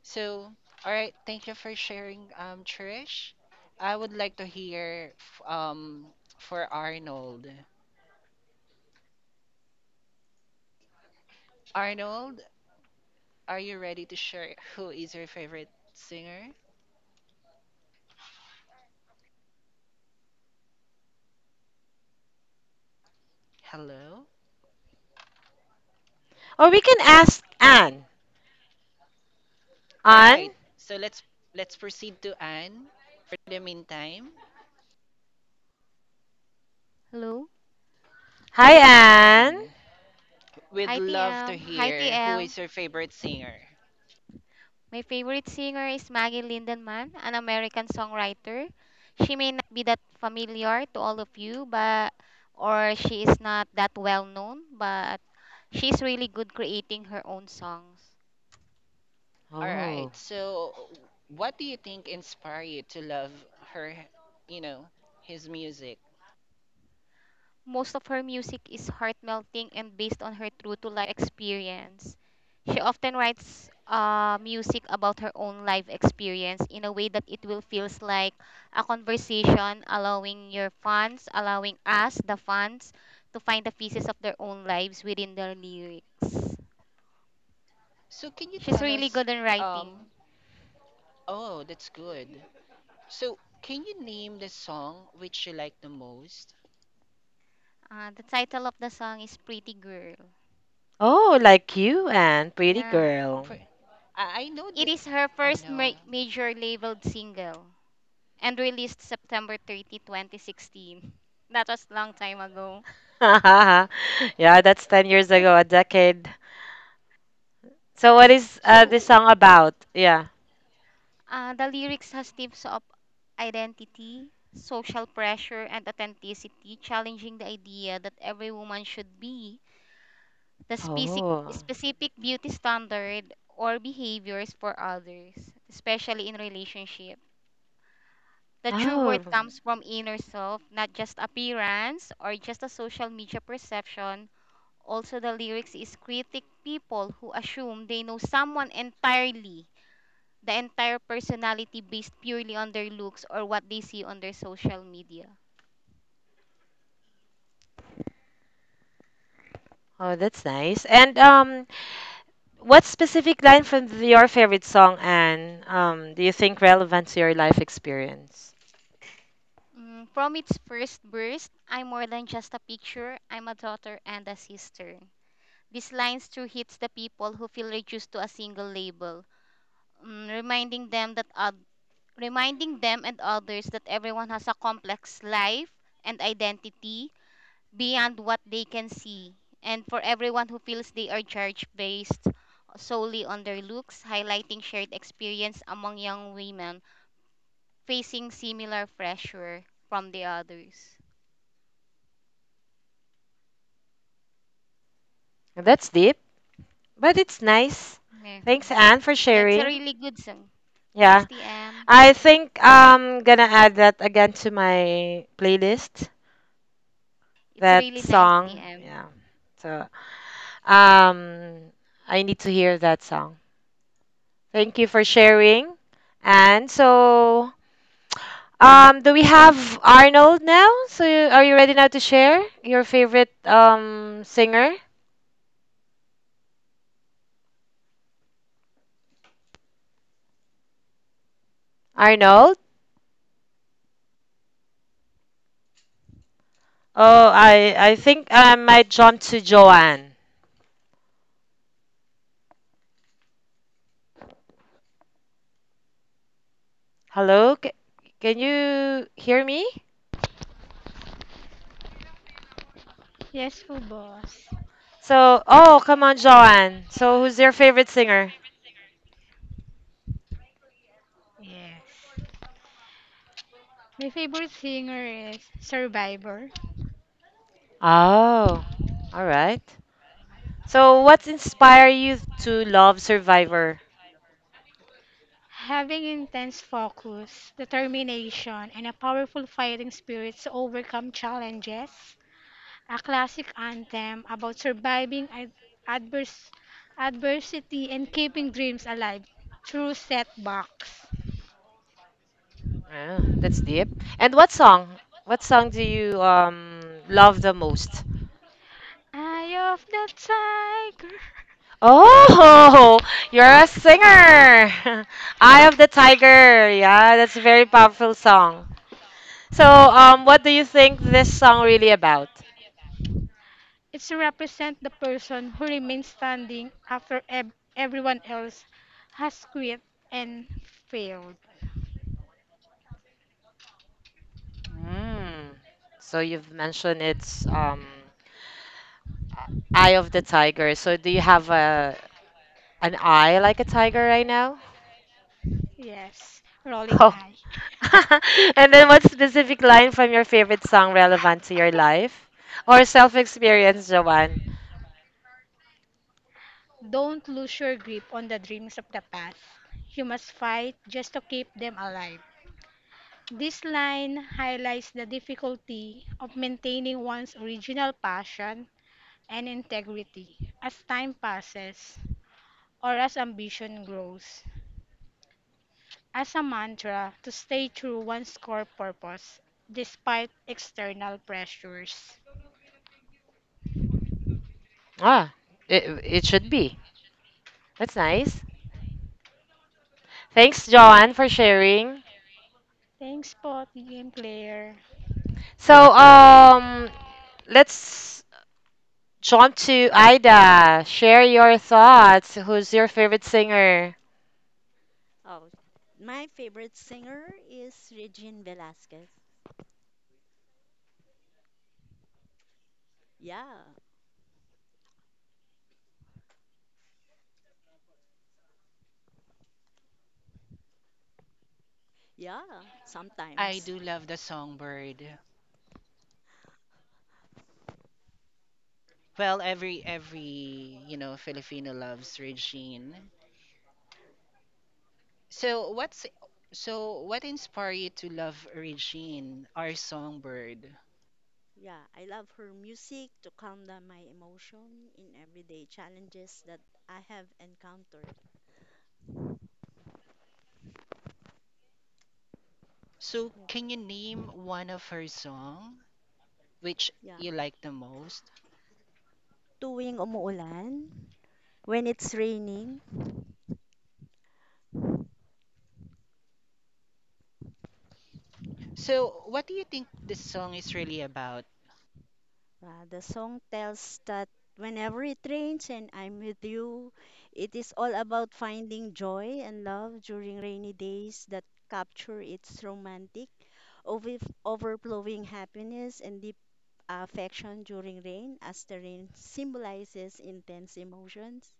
Speaker 6: So, all right, thank you for sharing, Trish. I would like to hear for Arnold. Arnold, are you ready to share who is your favorite singer? Hello.
Speaker 2: Or we can ask Anne.
Speaker 6: All
Speaker 2: Anne?
Speaker 6: right. So, let's proceed to Anne for the meantime.
Speaker 16: Hello.
Speaker 2: Hi
Speaker 6: Yes,
Speaker 2: Anne.
Speaker 6: Anne. We'd
Speaker 16: Hi,
Speaker 6: love to
Speaker 16: TM. Hi,
Speaker 6: hear who
Speaker 16: TL.
Speaker 6: is your favorite singer.
Speaker 16: My favorite singer is Maggie Lindenman, an American songwriter. She may not be that familiar to all of you, but or she is not that well known, but she's really good creating her own songs.
Speaker 6: All
Speaker 2: Oh.
Speaker 6: right. So, what do you think inspired you to love her, you know, his music?
Speaker 16: Most of her music is heart-melting and based on her true-to-life experience. She often writes music about her own life experience in a way that it will feels like a conversation, allowing us, the fans, to find the pieces of their own lives within their lyrics.
Speaker 6: So, can you
Speaker 16: She's
Speaker 6: tell
Speaker 16: really
Speaker 6: us
Speaker 16: good in
Speaker 6: um
Speaker 16: writing.
Speaker 6: oh, that's good. So, can you name the song which you like the most?
Speaker 16: The title of the song is Pretty Girl.
Speaker 2: Oh, like you and pretty
Speaker 16: Yeah.
Speaker 2: girl.
Speaker 6: Pre- I know
Speaker 16: It
Speaker 6: the.
Speaker 16: is her
Speaker 6: I
Speaker 16: first
Speaker 6: know.
Speaker 16: major labeled single, and released September 30, 2016. That was long time ago.
Speaker 2: yeah, that's 10 years ago, a decade. So what is this
Speaker 6: So,
Speaker 2: song about? Yeah.
Speaker 16: The lyrics has themes of identity, social pressure, and authenticity, challenging the idea that every woman should be the specific,
Speaker 2: Oh.
Speaker 16: specific beauty standard or behaviors for others, especially in relationship. The true worth
Speaker 2: Oh.
Speaker 16: comes from inner self, not just appearance or just a social media perception. Also, the lyrics is critic people who assume they know someone entirely, the entire personality based purely on their looks or what they see on their social media.
Speaker 2: Oh, that's nice. And what specific line from your favorite song and do you think relevant to your life experience?
Speaker 16: From its first burst, I'm more than just a picture, I'm a daughter and a sister. These lines true hits the people who feel reduced to a single label, reminding them that oth- reminding them and others that everyone has a complex life and identity beyond what they can see. And for everyone who feels they are judged based solely on their looks, highlighting shared experience among young women facing similar pressure from the others.
Speaker 2: That's deep, but it's nice.
Speaker 16: Yeah,
Speaker 2: Thanks, Anne, for
Speaker 16: yeah, it's a
Speaker 2: sharing.
Speaker 16: really good song. Thanks,
Speaker 2: Yeah.
Speaker 16: TM.
Speaker 2: I think I'm gonna add that again to my playlist.
Speaker 16: It's
Speaker 2: That
Speaker 16: really nice,
Speaker 2: song,
Speaker 16: TM.
Speaker 2: yeah. So, um, I need to hear that song. Thank you for sharing. And so, do we have Arnold now? So, you, are you ready now to share your favorite singer, Arnold? Oh, I think I might jump to Joanne. Hello, can you hear me?
Speaker 9: Yes po, boss.
Speaker 2: So, oh, come on, Joanne. So, who's your favorite singer?
Speaker 9: Yes. My favorite singer is Survivor.
Speaker 2: Oh, all right. So, what's inspire you to love Survivor?
Speaker 9: Having intense focus, determination, and a powerful fighting spirit to overcome challenges, a classic anthem about surviving adverse, adversity and keeping dreams alive through setbacks.
Speaker 2: Ah, that's deep. And what song? What song do you love the most?
Speaker 9: Eye of the tiger.
Speaker 2: Oh, you're a singer. Eye of the Tiger. Yeah, that's a very powerful song. So, what do you think this song really about?
Speaker 9: It's to represent the person who remains standing after everyone else has quit and failed.
Speaker 2: Mm. So you've mentioned it's Eye of the Tiger. So do you have a an eye like a tiger right now?
Speaker 9: Yes, rolling
Speaker 2: Oh.
Speaker 9: eye.
Speaker 2: and then what specific line from your favorite song relevant to your life or self-experience, Joanne?
Speaker 9: Don't lose your grip on the dreams of the past. You must fight just to keep them alive. This line highlights the difficulty of maintaining one's original passion and integrity as time passes or as ambition grows. As a mantra to stay true one's core purpose despite external pressures.
Speaker 2: Ah, it should be. That's nice. Thanks, Joanne, for sharing.
Speaker 9: Thanks po, TM Claire.
Speaker 2: So, let's jump to Ida. Share your thoughts. Who's your favorite singer?
Speaker 17: Oh, my favorite singer is Regine Velasquez. Yeah, yeah,
Speaker 6: I
Speaker 17: sometimes.
Speaker 6: do love the songbird. Well, every Filipino loves Regine. So what's so what inspired you to love Regine, our songbird?
Speaker 17: Yeah, I love her music to calm down my emotion in everyday challenges that I have encountered.
Speaker 6: So, can you name one of her song which
Speaker 17: Yeah.
Speaker 6: you like the most?
Speaker 17: Tuwing umuulan, when it's raining,
Speaker 6: So, what do you think this song is really about?
Speaker 17: the song tells that whenever it rains and I'm with you, it is all about finding joy and love during rainy days that capture its romantic, over- overflowing happiness and deep affection during rain, as the rain symbolizes intense emotions.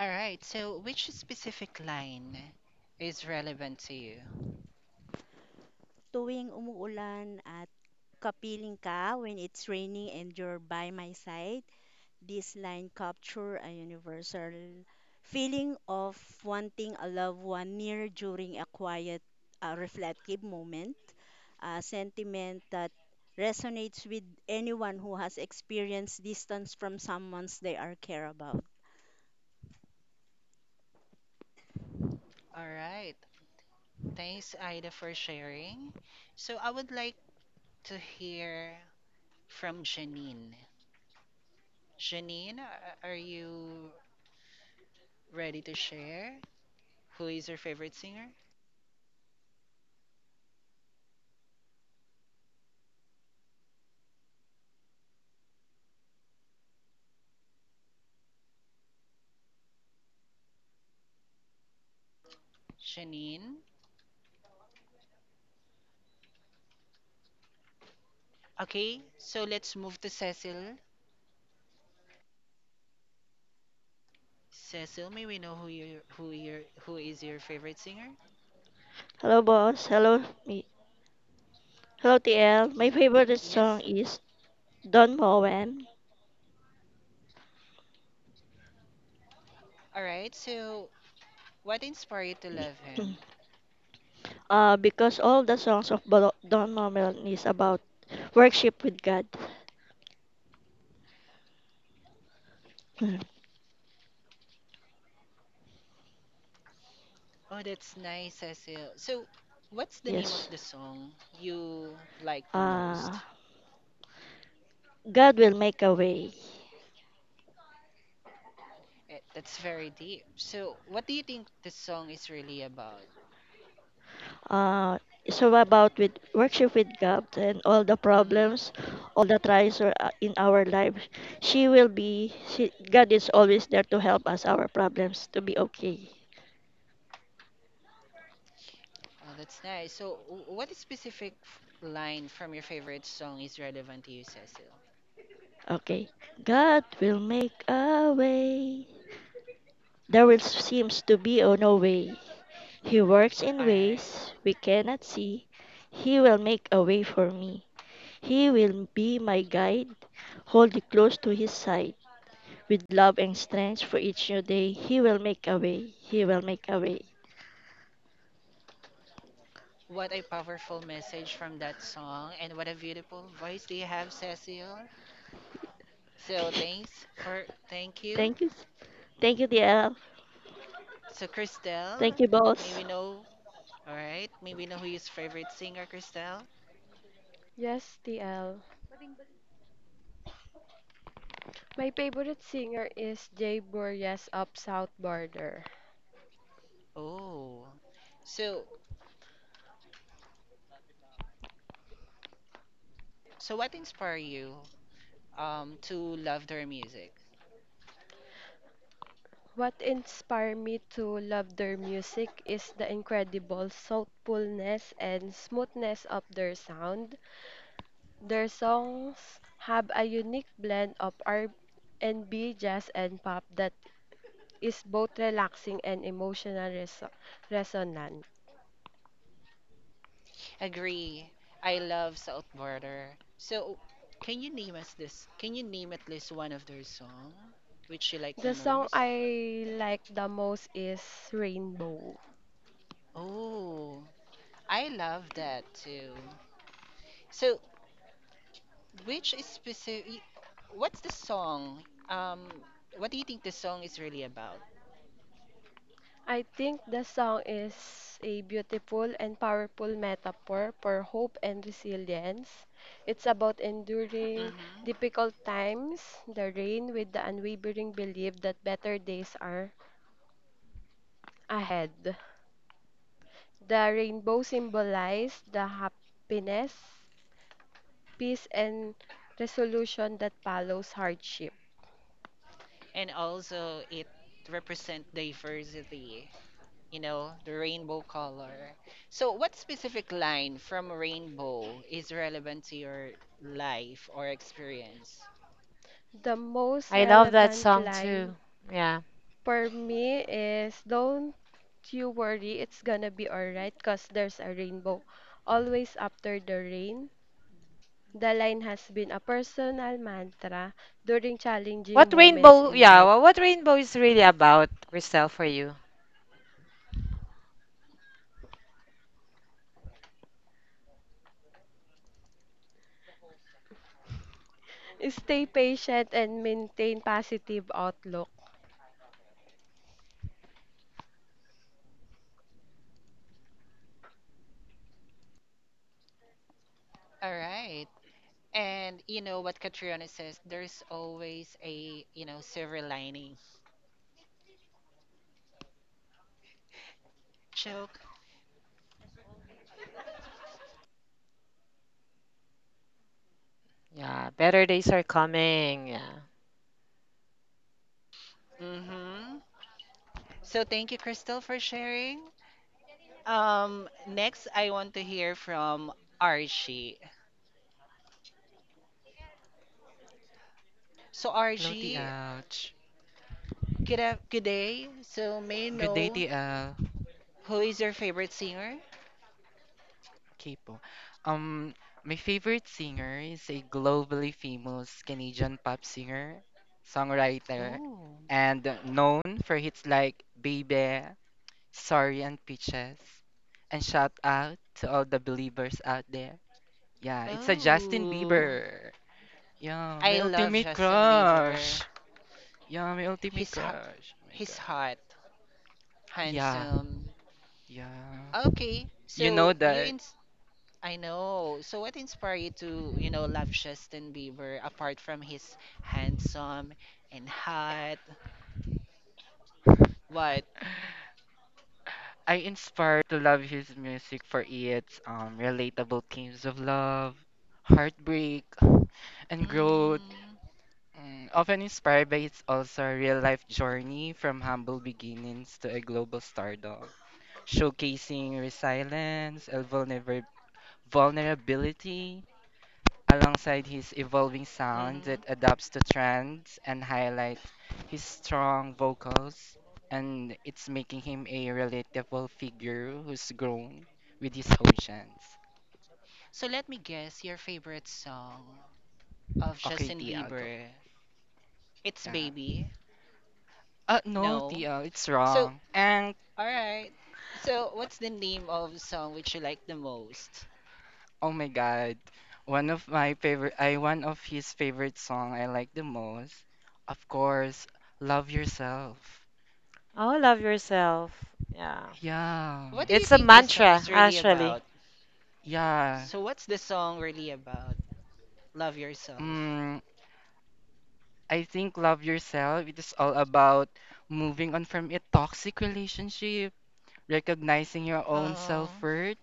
Speaker 6: All right. So, which specific line is relevant to you?
Speaker 17: Tuwing umuulan at kapiling ka, when it's raining and you're by my side, this line capture a universal feeling of wanting a loved one near during a quiet, reflective moment, a sentiment that resonates with anyone who has experienced distance from someone they are care about.
Speaker 6: All right. Thanks, Ida, for sharing. So, I would like to hear from Janine. Janine, are you ready to share? Who is your favorite singer? Janine. Okay, so let's move to Cecil. Cecil, may we know who is your favorite singer?
Speaker 18: Hello, boss. Hello, me. Hello, TL. My
Speaker 6: Y-
Speaker 18: favorite song
Speaker 6: yes.
Speaker 18: is Don Moen.
Speaker 6: All right. So, what inspired you to love him?
Speaker 18: Because all the songs of Don Moen is about worship with God.
Speaker 6: Oh, that's nice, Cecil. So, what's the name
Speaker 18: Yes.
Speaker 6: of the song you like the
Speaker 18: Uh,
Speaker 6: most?
Speaker 18: God will make a way.
Speaker 6: That's very deep. So, what do you think this song is really about?
Speaker 18: Uh, so about with worship with God and all the
Speaker 6: Mm-hmm.
Speaker 18: problems, all the trials or, in our lives, she will be. She, God is always there to help us our problems to be okay.
Speaker 6: Oh, that's nice. So, what specific line from your favorite song is relevant to you, Cecil?
Speaker 18: Okay. God will make a way. There will seems to be oh no way. He works in
Speaker 6: All right.
Speaker 18: ways we cannot see. He will make a way for me. He will be my guide. Hold it close to his side. With love and strength for each new day, he will make a way. He will make a way.
Speaker 6: What a powerful message from that song, and what a beautiful voice do you have, Cecil? So, thank you.
Speaker 18: Thank you. Thank you, DL.
Speaker 6: So,
Speaker 18: Thank
Speaker 6: Christelle,
Speaker 18: you,
Speaker 6: may
Speaker 18: boss.
Speaker 6: we know? All right. May we know who your favorite singer, Christelle?
Speaker 19: Yes, TL. My favorite singer is Jay Burrias of South Border.
Speaker 6: Oh. So, so, what inspired you, to love their music?
Speaker 19: What inspired me to love their music is the incredible soulfulness and smoothness of their sound. Their songs have a unique blend of R&B, jazz, and pop that is both relaxing and resonant.
Speaker 6: Agree. I love South Border. So, can you name us this? Can you name at least one of their song which you like the
Speaker 19: The song
Speaker 6: most?
Speaker 19: I like the most is Rainbow.
Speaker 6: Oh, I love that too. So, which is specific? What's the song? Um, what do you think the song is really about?
Speaker 19: I think the song is a beautiful and powerful metaphor for hope and resilience. It's about enduring
Speaker 6: hmm
Speaker 19: difficult times, the rain, with the unwavering belief that better days are ahead. The rainbow symbolizes the happiness, peace, and resolution that follows hardship.
Speaker 6: And also, it represent diversity, the rainbow color. So, what specific line from Rainbow is relevant to your life or experience?
Speaker 19: The most
Speaker 2: I love that
Speaker 19: relevant
Speaker 2: song too.
Speaker 19: line
Speaker 2: Yeah.
Speaker 19: for me is, don't you worry, it's gonna be alright, cause there's a rainbow always after the rain. The line has been a personal mantra during challenging
Speaker 2: What
Speaker 19: moments
Speaker 2: rainbow?
Speaker 19: in
Speaker 2: Yeah.
Speaker 19: life.
Speaker 2: What rainbow is really about, Christelle, for you?
Speaker 19: Stay patient and maintain positive outlook.
Speaker 6: All right. And you know what Catriona says, there's always a silver lining. Joke.
Speaker 2: Yeah. Better days are coming. Yeah.
Speaker 6: Mm-hmm. So, thank you, Crystal, for sharing. Next, I want to hear from RG. So,
Speaker 11: Hello,
Speaker 6: RG,
Speaker 11: TL.
Speaker 6: good day. So, may I
Speaker 11: Good day,
Speaker 6: know
Speaker 11: TL.
Speaker 6: who is your favorite singer?
Speaker 11: Okay po. Um, my favorite singer is a globally famous Canadian pop singer, songwriter,
Speaker 6: Ooh.
Speaker 11: and known for hits like Baby, Sorry, and Peaches. And shout out to all the believers out there. Yeah, it's a Justin
Speaker 6: Oh,
Speaker 11: Bieber. Yeah, my
Speaker 6: I love
Speaker 11: ultimate
Speaker 6: Justin Bieber.
Speaker 11: crush. Yeah, my ultimate
Speaker 6: He's hot.
Speaker 11: crush. Oh my
Speaker 6: He's
Speaker 11: God.
Speaker 6: hot,
Speaker 11: Yeah,
Speaker 6: handsome.
Speaker 11: yeah.
Speaker 6: Okay,
Speaker 11: You know
Speaker 6: so you
Speaker 11: that
Speaker 6: ins I know. So, what inspired you to love Justin Bieber apart from his handsome and hot? What?
Speaker 11: I inspired to love his music for its relatable themes of love, heartbreak, and growth.
Speaker 6: Mm,
Speaker 11: Often inspired by its also real life journey from humble beginnings to a global stardom, showcasing resilience and vulnerability, alongside his evolving sound that
Speaker 6: hmm.
Speaker 11: adapts to trends and highlights his strong vocals and it's making him a relatable figure who's grown with his oceans.
Speaker 6: So, let me guess your favorite song of
Speaker 11: Okay,
Speaker 6: Justin
Speaker 11: TL, go.
Speaker 6: Bieber. It's
Speaker 11: Yeah.
Speaker 6: Baby.
Speaker 11: No,
Speaker 6: No.
Speaker 11: TL, it's
Speaker 6: So,
Speaker 11: wrong. And
Speaker 6: all right. So, what's the name of song which you like the most?
Speaker 11: oh my God, one of my favorite, I one of his favorite song I like the most, of course, Love Yourself.
Speaker 2: Oh, love yourself. Yeah.
Speaker 11: Yeah.
Speaker 6: What do you
Speaker 2: It's a
Speaker 6: think this song
Speaker 2: mantra,
Speaker 6: is really
Speaker 2: actually.
Speaker 6: about?
Speaker 11: Yeah.
Speaker 6: So, what's the song really about? Love yourself.
Speaker 11: Mm, I think Love Yourself, it is all about moving on from a toxic relationship, recognizing your own
Speaker 6: Uh,
Speaker 11: self-worth,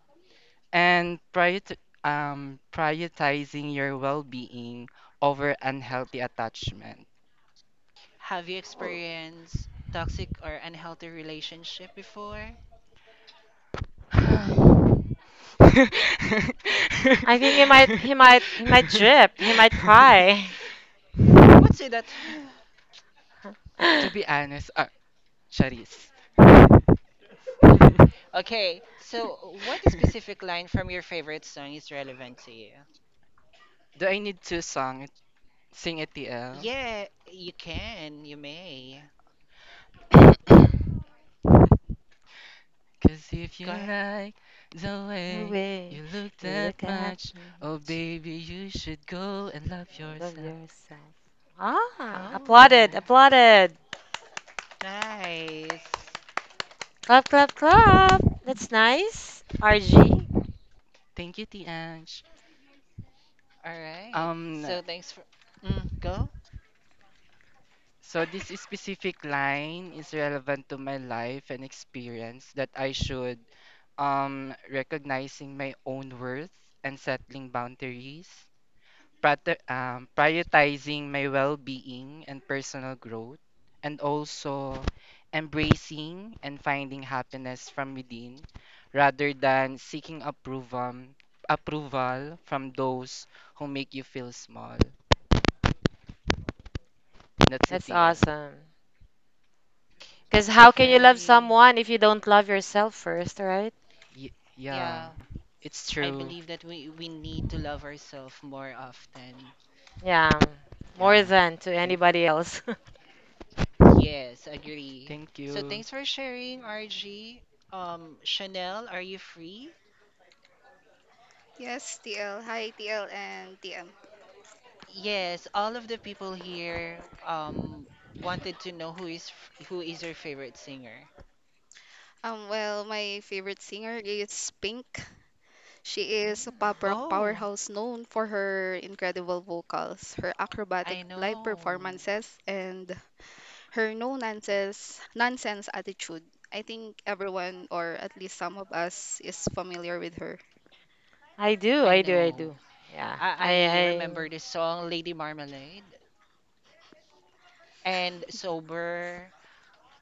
Speaker 11: and prioritizing your well-being over unhealthy attachment.
Speaker 6: have you
Speaker 2: Oh,
Speaker 6: experienced toxic or unhealthy relationship before?
Speaker 2: I think he might drip. He might cry.
Speaker 6: What's it that?
Speaker 11: To
Speaker 2: the
Speaker 11: be honest, Charis. Do
Speaker 6: Okay, so what specific line from your favorite song is relevant to you?
Speaker 11: I need to sing ATL?
Speaker 6: Yeah, you can, you may.
Speaker 11: Cause if you
Speaker 6: Go ahead.
Speaker 11: like the way
Speaker 2: way
Speaker 11: you look
Speaker 2: you
Speaker 11: that
Speaker 2: look at
Speaker 11: much,
Speaker 2: me,
Speaker 11: oh baby, you should go and love
Speaker 2: love
Speaker 11: yourself.
Speaker 2: yourself. Ah,
Speaker 6: Oh,
Speaker 2: applauded.
Speaker 6: nice.
Speaker 2: Clap, clap, clap. That's nice, RG.
Speaker 11: Thank you, Tianj.
Speaker 6: All right.
Speaker 11: Um,
Speaker 6: So, thanks for go
Speaker 11: so this specific line is relevant to my life and experience that I should recognizing my own worth and settling boundaries, prioritizing my well-being and personal growth, and also embracing and finding happiness from within rather than seeking approval from those who make you feel small. That's it,
Speaker 2: That's
Speaker 11: TL.
Speaker 2: awesome. Because how can you love
Speaker 6: fairy.
Speaker 2: someone if you don't love yourself first, right?
Speaker 11: Yeah,
Speaker 6: Yeah,
Speaker 11: it's
Speaker 6: I
Speaker 11: true.
Speaker 6: believe that we need to love ourselves more often.
Speaker 2: Yeah, more
Speaker 11: Yeah.
Speaker 2: than to
Speaker 11: Thank
Speaker 2: anybody else.
Speaker 6: Yes, agree.
Speaker 11: Thank
Speaker 6: So,
Speaker 11: you.
Speaker 6: thanks for sharing, RG. Chanel, are you free?
Speaker 20: Yes, TL. Hi, TL and TM.
Speaker 6: Yes, all of the people here um wanted to know who is your favorite singer.
Speaker 20: My favorite singer is Pink. She is a pop
Speaker 2: Mm.
Speaker 20: rock
Speaker 6: Oh,
Speaker 20: powerhouse known for her incredible vocals, her acrobatic
Speaker 6: I
Speaker 20: live
Speaker 6: know.
Speaker 20: performances, and her no-nonsense nonsense attitude. I think everyone, or at least some of us, is familiar with her.
Speaker 2: I do,
Speaker 6: I
Speaker 2: I do, I do.
Speaker 6: know.
Speaker 2: Yeah,
Speaker 6: I remember the song Lady Marmalade and Sober.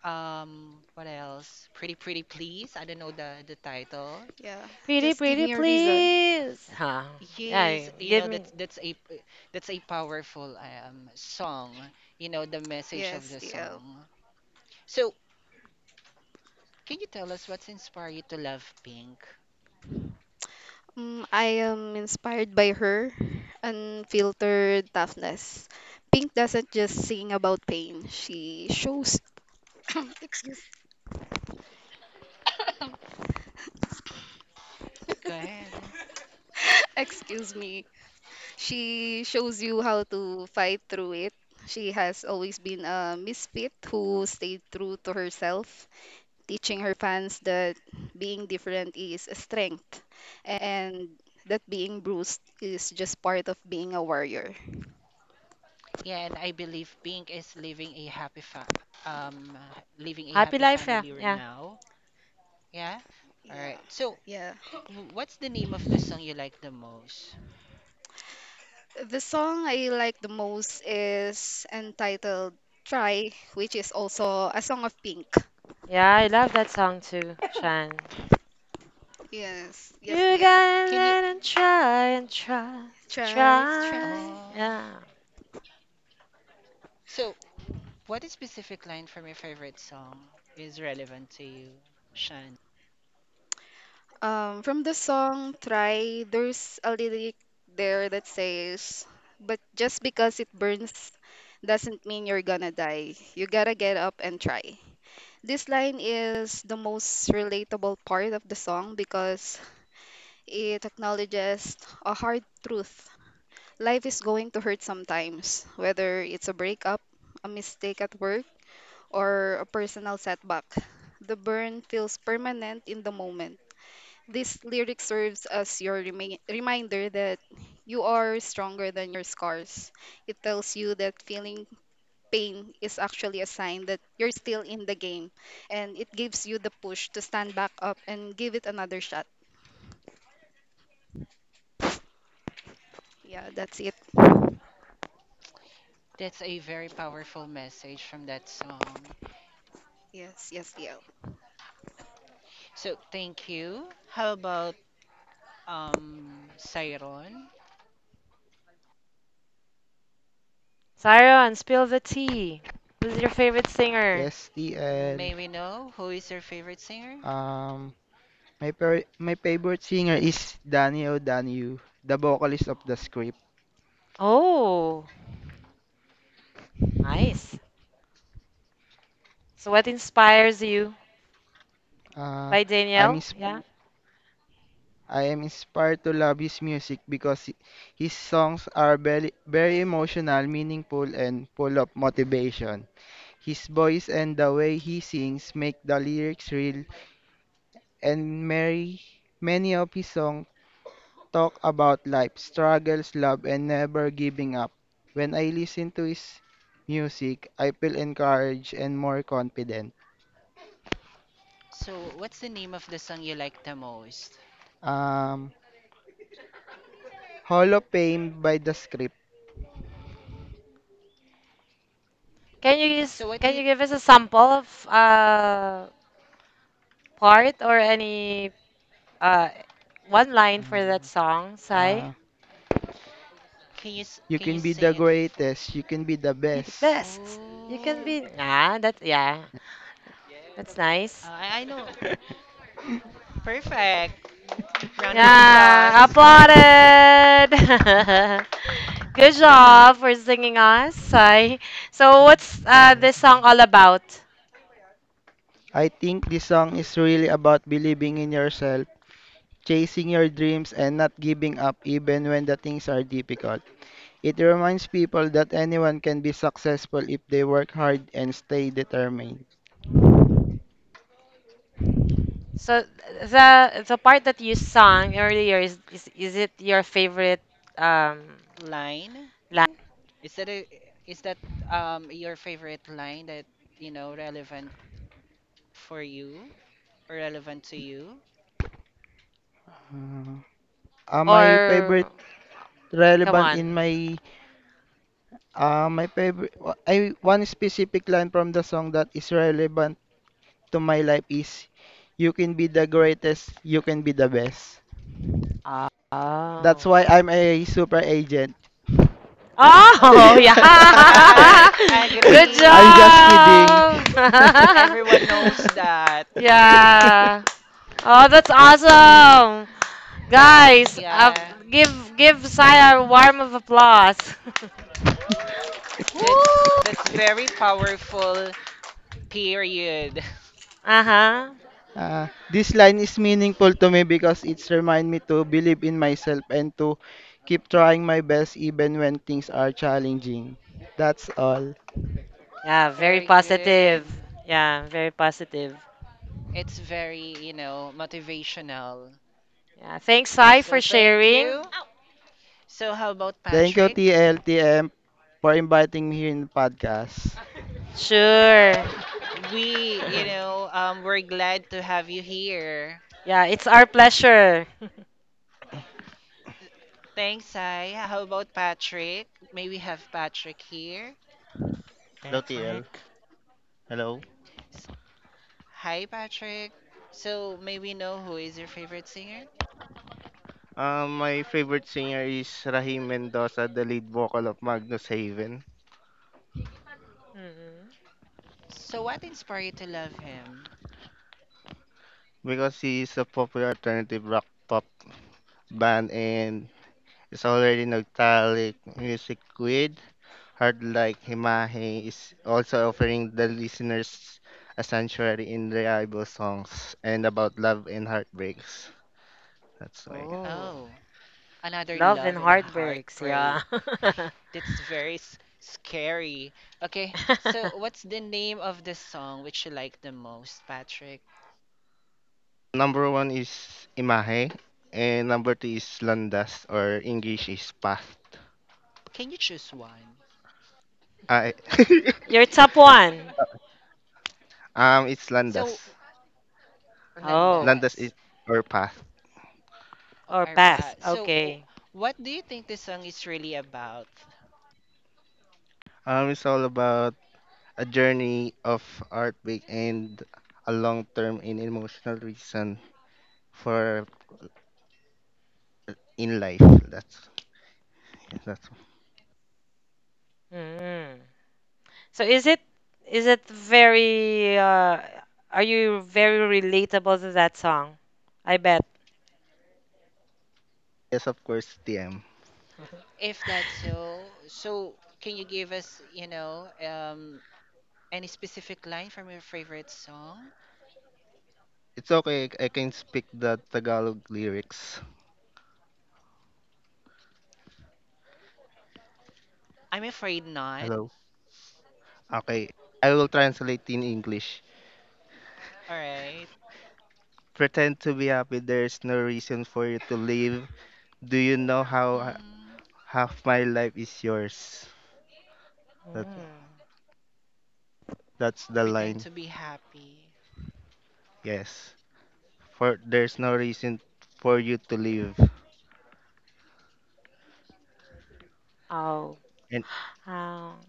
Speaker 6: What else? Pretty Pretty Please. I don't know the title.
Speaker 20: Yeah,
Speaker 2: pretty,
Speaker 20: just give
Speaker 2: pretty,
Speaker 20: me a reason.
Speaker 2: please. Huh. Yeah,
Speaker 6: Yes,
Speaker 2: give me
Speaker 6: that's a powerful song. You know the message of
Speaker 20: Yes,
Speaker 6: the
Speaker 20: TL.
Speaker 6: song. So, can you tell us what's inspired you to love Pink?
Speaker 20: I am inspired by her unfiltered toughness. Pink doesn't just sing about pain. She shows excuse
Speaker 6: Go ahead.
Speaker 20: excuse me. She shows you how to fight through it. She has always been a misfit who stayed true to herself, teaching her fans that being different is a strength and that being bruised is just part of being a warrior.
Speaker 6: Yeah, and I believe Pink is um living a
Speaker 2: happy
Speaker 6: happy
Speaker 2: life. Yeah,
Speaker 6: family right
Speaker 2: yeah,
Speaker 6: now. Yeah. All
Speaker 20: Yeah.
Speaker 6: right. So,
Speaker 20: Yeah.
Speaker 6: what's the name of the song you like the most?
Speaker 20: The song I like the most is entitled Try, which is also a song of Pink.
Speaker 2: yeah. I love that song too, Shan.
Speaker 20: Yes, yes,
Speaker 2: You
Speaker 20: yeah.
Speaker 2: gotta
Speaker 6: Can you?
Speaker 2: let and try,
Speaker 20: Try, try.
Speaker 2: try.
Speaker 6: Oh.
Speaker 2: Yeah.
Speaker 6: So, what specific line from your favorite song is relevant to you, Shan?
Speaker 20: From the song Try, there's a lyric there that says, "But just because it burns doesn't mean you're gonna die. You gotta get up and try." This line is the most relatable part of the song because it acknowledges a hard truth. Life is going to hurt sometimes, whether it's a breakup, a mistake at work, or a personal setback. The burn feels permanent in the moment. This lyric serves as your reminder that you are stronger than your scars. It tells you that feeling pain is actually a sign that you're still in the game, and it gives you the push to stand back up and give it another shot. Yeah, that's it.
Speaker 6: That's a very powerful message from that song.
Speaker 20: Yes, yes, DL.
Speaker 6: So, thank you. How about um Siron?
Speaker 2: Siron, spill the tea. Who's your favorite singer?
Speaker 21: Yes, TL.
Speaker 6: May we know who is your favorite singer?
Speaker 21: Um, my favorite singer is Danny O'Daniel, the vocalist of The Script.
Speaker 2: Oh, nice. So what inspires you
Speaker 21: Uh,
Speaker 2: by
Speaker 21: I'm
Speaker 2: Danielle?
Speaker 21: ins
Speaker 2: Yeah. Mhm.
Speaker 21: I am inspired to love his music because his songs are very, very emotional, meaningful, and full of motivation. His voice and the way he sings make the lyrics real and merry. Many of his songs talk about life, struggles, love, and never giving up. When I listen to his music, I feel encouraged and more confident.
Speaker 6: So, what's the name of the song you like the most?
Speaker 21: Um, Hall of Fame by the script.
Speaker 6: So, what
Speaker 2: Can
Speaker 6: did?
Speaker 2: you give us a sample of part or any uh one line for that
Speaker 21: Um,
Speaker 2: song, Sai?
Speaker 21: uh, you
Speaker 6: Can you
Speaker 21: can be the
Speaker 6: sing it for?
Speaker 21: greatest, you can be the
Speaker 2: Be the
Speaker 21: best.
Speaker 2: best. You can
Speaker 6: Oh,
Speaker 2: be nah that yeah. That's nice.
Speaker 6: I know. Perfect. Round of
Speaker 2: Yeah,
Speaker 6: applause.
Speaker 2: applauded. Good job for singing us, Sai. So what's this
Speaker 21: Yes.
Speaker 2: song all about?
Speaker 21: I think this song is really about believing in yourself, chasing your dreams, and not giving up even when the things are difficult. It reminds people that anyone can be successful if they work hard and stay determined.
Speaker 2: So the part that you sang earlier is it your favorite um
Speaker 6: Line.
Speaker 2: line,
Speaker 6: Is that a, is that your favorite line that relevant for you or relevant to you?
Speaker 21: Uh, my favorite
Speaker 2: or come
Speaker 21: relevant in
Speaker 2: on?
Speaker 21: my my favorite I One specific line from the song that is relevant to my life is you can be the greatest, you can be the best. That's
Speaker 2: Oh.
Speaker 21: why I'm a super agent.
Speaker 2: Oh,
Speaker 6: Oh,
Speaker 2: yeah.
Speaker 6: I, I
Speaker 2: Good
Speaker 21: I'm
Speaker 6: agree.
Speaker 21: just kidding.
Speaker 2: job.
Speaker 6: Everyone knows that.
Speaker 2: yeah. Oh, that's awesome.
Speaker 6: That's,
Speaker 2: Guys,
Speaker 6: yeah.
Speaker 2: give Saya a warm of applause.
Speaker 6: That's
Speaker 8: Woo!
Speaker 6: that's very powerful. Period.
Speaker 2: uh-huh.
Speaker 21: This line is meaningful to me because it's remind me to believe in myself and to keep trying my best even when things are challenging. That's all.
Speaker 2: Yeah, very
Speaker 6: Very good.
Speaker 2: positive. Yeah, very positive.
Speaker 6: It's very motivational.
Speaker 2: Yeah, thanks, Sai, for
Speaker 6: So, thank
Speaker 2: sharing.
Speaker 6: you. So, how about
Speaker 21: Thank you,
Speaker 6: Patrick?
Speaker 21: TLTM, for inviting me here in the podcast.
Speaker 2: Sure.
Speaker 6: We you know um we're glad to have you here.
Speaker 2: yeah, it's our pleasure.
Speaker 6: Thanks, I. How about Patrick? May we have Patrick here?
Speaker 22: Hello, TL.
Speaker 7: Patrick?
Speaker 22: Hello.
Speaker 6: S- Hi, Patrick. So, may we know who is your favorite singer?
Speaker 22: My favorite singer is Rahim Mendoza, the lead vocal of Magnus Haven,
Speaker 2: Mhm.
Speaker 6: So, what inspired you to love him?
Speaker 22: because he is a popular alternative rock pop band and is already nostalgic music with Hard Like Himahe is also offering the listeners a sanctuary in reliable songs and about love and heartbreaks. That's why.
Speaker 2: Oh,
Speaker 6: Oh, another
Speaker 2: love
Speaker 6: love
Speaker 2: and
Speaker 6: and
Speaker 2: heartbreaks. Yeah.
Speaker 6: heartbreak. That's very scary. Okay, so what's the name of the song which you like the most, Patrick?
Speaker 22: Number one is Imahe and number two is Landas, or English is Path.
Speaker 6: Can you choose one?
Speaker 22: I
Speaker 2: Your top one.
Speaker 22: it's Landas.
Speaker 6: So,
Speaker 2: Oh,
Speaker 22: Landas is
Speaker 6: Landas
Speaker 22: our path.
Speaker 6: or
Speaker 2: or path.
Speaker 6: Arpa. So, w-
Speaker 2: Okay.
Speaker 6: what do you think this song is really about?
Speaker 22: It's all about a journey of heartbreak and a long term and emotional reason for in life. That's
Speaker 2: Mm. So is it very are you very relatable to that song? I bet.
Speaker 22: yes of course TM.
Speaker 6: If that's so, so can you give us, any specific line from your favorite song?
Speaker 22: It's okay, I can speak the Tagalog lyrics.
Speaker 6: I'm afraid not.
Speaker 22: Hello. Okay. I will translate in English.
Speaker 6: All right.
Speaker 22: Pretend to be happy, there's no reason for you to live. Do you know how
Speaker 6: Mm,
Speaker 22: half my life is yours? That
Speaker 2: Mm.
Speaker 22: That's the
Speaker 6: Pretend
Speaker 22: line.
Speaker 6: to be happy.
Speaker 22: Yes. For there's no reason for you to leave.
Speaker 2: Oh.
Speaker 22: And
Speaker 2: Um,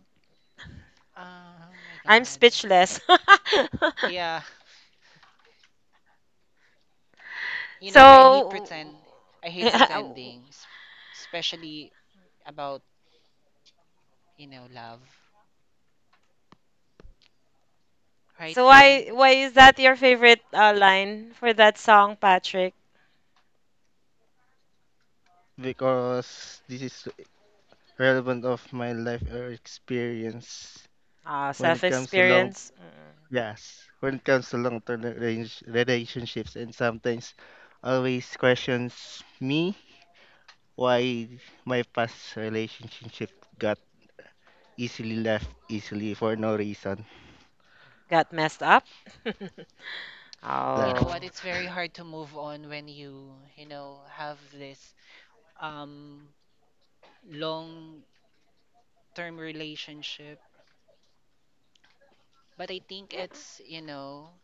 Speaker 6: Oh my
Speaker 2: I'm
Speaker 6: God.
Speaker 2: speechless.
Speaker 6: Yeah, I hate
Speaker 2: So,
Speaker 6: pretend. I hate pretending, especially about, love. Right,
Speaker 2: so
Speaker 6: friend?
Speaker 2: why is that your favorite line for that song, Patrick?
Speaker 22: because this is relevant of my life or experience when
Speaker 2: Self
Speaker 22: it comes to long
Speaker 2: experience,
Speaker 22: yes, when it comes to long term relationships and sometimes always questions me why my past relationship got easily left easily for no reason
Speaker 2: got messed up.
Speaker 6: You know
Speaker 2: oh,
Speaker 6: what?
Speaker 22: left.
Speaker 6: It's very hard to move on when you have this um long term relationship, but I think
Speaker 2: yeah.
Speaker 6: it's, you know,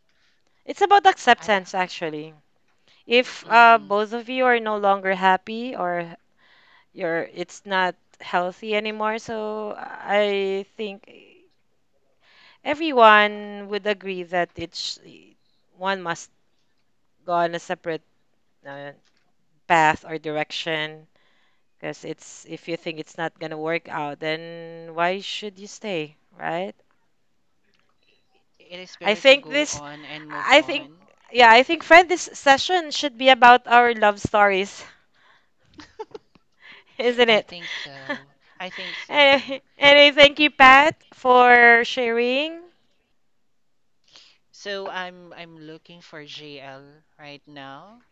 Speaker 2: It's about
Speaker 6: I d-
Speaker 2: acceptance, actually. If
Speaker 6: mhm.
Speaker 2: both of you are no longer happy or you're it's not healthy anymore, so I think everyone would agree that it's one must go on a separate uh, path or direction, because it's if you think it's not going to work out, then why should you stay, right?
Speaker 6: It is
Speaker 2: i
Speaker 6: better to
Speaker 2: think
Speaker 6: go
Speaker 2: this
Speaker 6: on and move
Speaker 2: I think,
Speaker 6: on.
Speaker 2: yeah, I think, friend, this session should be about our love stories. Isn't
Speaker 6: I
Speaker 2: it?
Speaker 6: think so. I think
Speaker 2: and,
Speaker 6: so.
Speaker 2: and I thank you, Pat, for sharing.
Speaker 6: So I'm looking for JL right now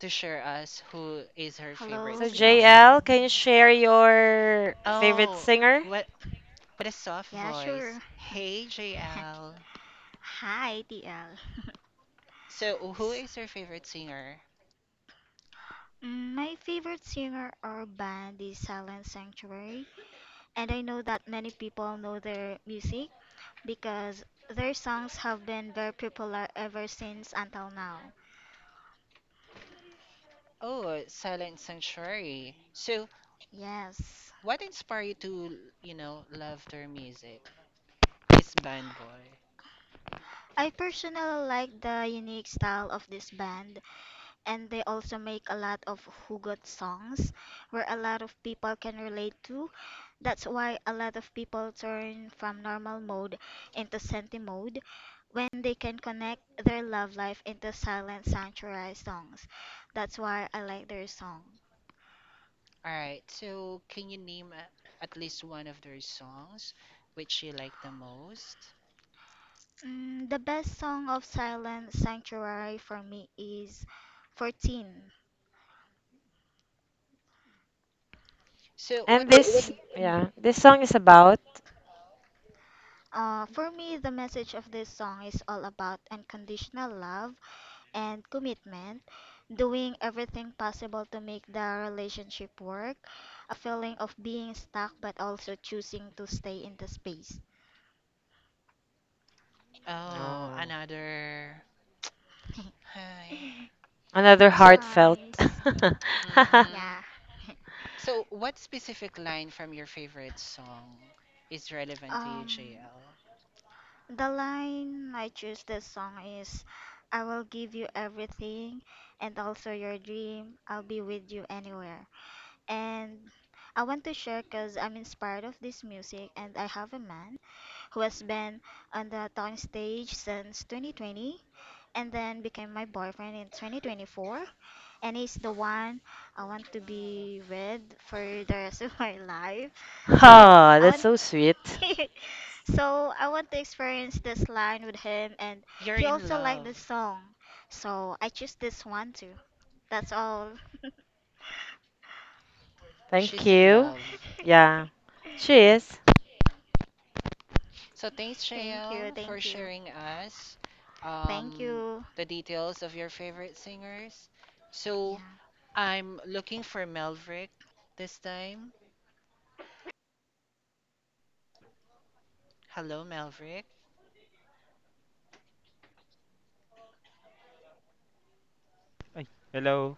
Speaker 6: to share us who is her favorite
Speaker 23: Hello,
Speaker 2: So
Speaker 23: good
Speaker 6: singer.
Speaker 2: JL, can you
Speaker 23: afternoon.
Speaker 2: share your favorite
Speaker 6: Oh,
Speaker 2: singer,
Speaker 6: what what a soft
Speaker 23: Yeah, sure.
Speaker 6: voice. Hey, JL.
Speaker 23: Hi, TL.
Speaker 6: So, who is your favorite singer?
Speaker 23: My favorite singer or band is Silent Sanctuary, and I know that many people know their music because their songs have been very popular ever since until now.
Speaker 6: Oh, Silent Sanctuary. So,
Speaker 23: Yes.
Speaker 6: what inspired you to, love their music? This band, boy.
Speaker 23: I personally like the unique style of this band, and they also make a lot of hugot songs where a lot of people can relate to. That's why a lot of people turn from normal mode into senti mode when they can connect their love life into Silent Sanctuary songs. That's why I like their song.
Speaker 6: All right, so can you name at least one of their songs which you like the most?
Speaker 23: The best song of Silent Sanctuary for me is 14.
Speaker 6: So,
Speaker 2: and
Speaker 6: what do you
Speaker 2: this,
Speaker 6: think?
Speaker 2: yeah, this song is about,
Speaker 23: For me, the message of this song is all about unconditional love and commitment, doing everything possible to make the relationship work, a feeling of being stuck but also choosing to stay in the space.
Speaker 6: Oh,
Speaker 2: oh,
Speaker 6: another. Hi.
Speaker 2: another
Speaker 6: So,
Speaker 2: heartfelt.
Speaker 23: Nice.
Speaker 6: mm-hmm.
Speaker 23: Yeah.
Speaker 6: So, what specific line from your favorite song is relevant to you,
Speaker 23: Um,
Speaker 6: JL?
Speaker 23: the line I choose this song is, "I will give you everything and also your dream. I'll be with you anywhere." And I want to share because I'm inspired of this music, and I have a man who has been on the talking stage since 2020, and then became my boyfriend in 2024. And he's the one I want to be with for the rest of my life. So
Speaker 2: Oh,
Speaker 23: I
Speaker 2: that's
Speaker 23: want
Speaker 2: so sweet.
Speaker 23: so I want to experience this line with him, and
Speaker 6: You're
Speaker 23: he
Speaker 6: in
Speaker 23: also liked this
Speaker 6: love.
Speaker 23: song. So I choose this one too. That's all.
Speaker 2: Thank
Speaker 6: She's in
Speaker 2: you.
Speaker 6: love.
Speaker 2: Yeah, she is.
Speaker 6: So, thanks,
Speaker 23: thank you,
Speaker 6: Shayel, for
Speaker 23: thank you.
Speaker 6: sharing us
Speaker 23: thank
Speaker 6: um,
Speaker 23: you.
Speaker 6: the details of your favorite singers. So,
Speaker 23: Yeah.
Speaker 6: I'm looking for Melvrick this time. Hello, Melvrick.
Speaker 3: Ay, hello,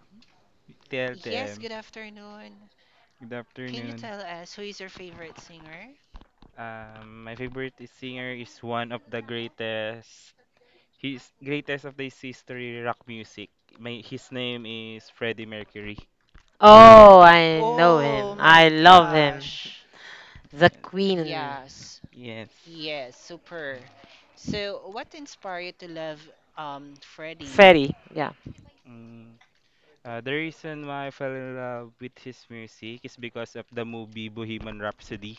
Speaker 6: Yes,
Speaker 3: TLTM.
Speaker 6: good afternoon.
Speaker 3: Good
Speaker 6: Can you
Speaker 3: afternoon.
Speaker 6: tell us who is your favorite singer?
Speaker 3: My favorite singer is one of the greatest. He's greatest of this history rock music. My his name is Freddie Mercury.
Speaker 2: Oh, I know him.
Speaker 6: Oh
Speaker 2: I
Speaker 6: my
Speaker 2: love him.
Speaker 6: gosh.
Speaker 2: The
Speaker 3: Yes.
Speaker 2: Queen.
Speaker 6: Yes.
Speaker 3: Yes.
Speaker 6: Yes, super. So, what inspired you to love Freddie?
Speaker 2: Fairy. Yeah.
Speaker 3: Mm. The reason why I fell in love with his music is because of the movie Bohemian Rhapsody.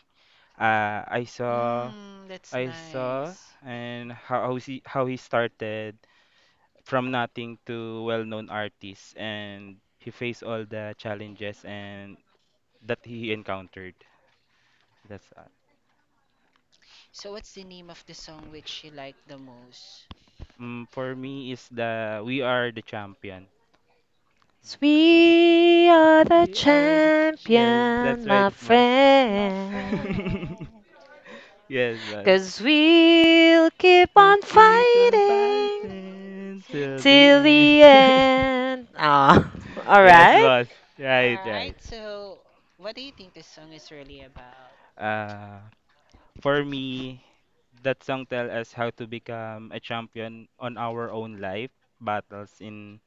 Speaker 3: Uh, I saw
Speaker 6: Mm, that's
Speaker 3: I saw
Speaker 6: nice.
Speaker 3: and how he started from nothing to well-known artist, and he faced all the challenges and that he encountered. That's
Speaker 6: So, what's the name of the song which you like the most?
Speaker 3: for me is the "We Are the Champion."
Speaker 2: We are the
Speaker 3: We are the, yes,
Speaker 2: champion,
Speaker 3: that's right,
Speaker 2: my
Speaker 3: Mas.
Speaker 6: My
Speaker 2: friend.
Speaker 6: friend,
Speaker 3: Yes, Mas.
Speaker 2: 'Cause we'll keep
Speaker 3: We're
Speaker 2: on
Speaker 6: keep
Speaker 3: feet on
Speaker 6: on
Speaker 2: fighting
Speaker 6: fighting
Speaker 3: fighting
Speaker 6: till
Speaker 3: till
Speaker 6: the
Speaker 3: the
Speaker 2: till
Speaker 3: end.
Speaker 2: the
Speaker 6: end.
Speaker 2: end. Oh, all
Speaker 3: Yes,
Speaker 2: right.
Speaker 3: boss. Right, right.
Speaker 6: Alright, so what do you think this song is really about?
Speaker 3: Uh, for me, that song tell us how to become a champion on our own life battles in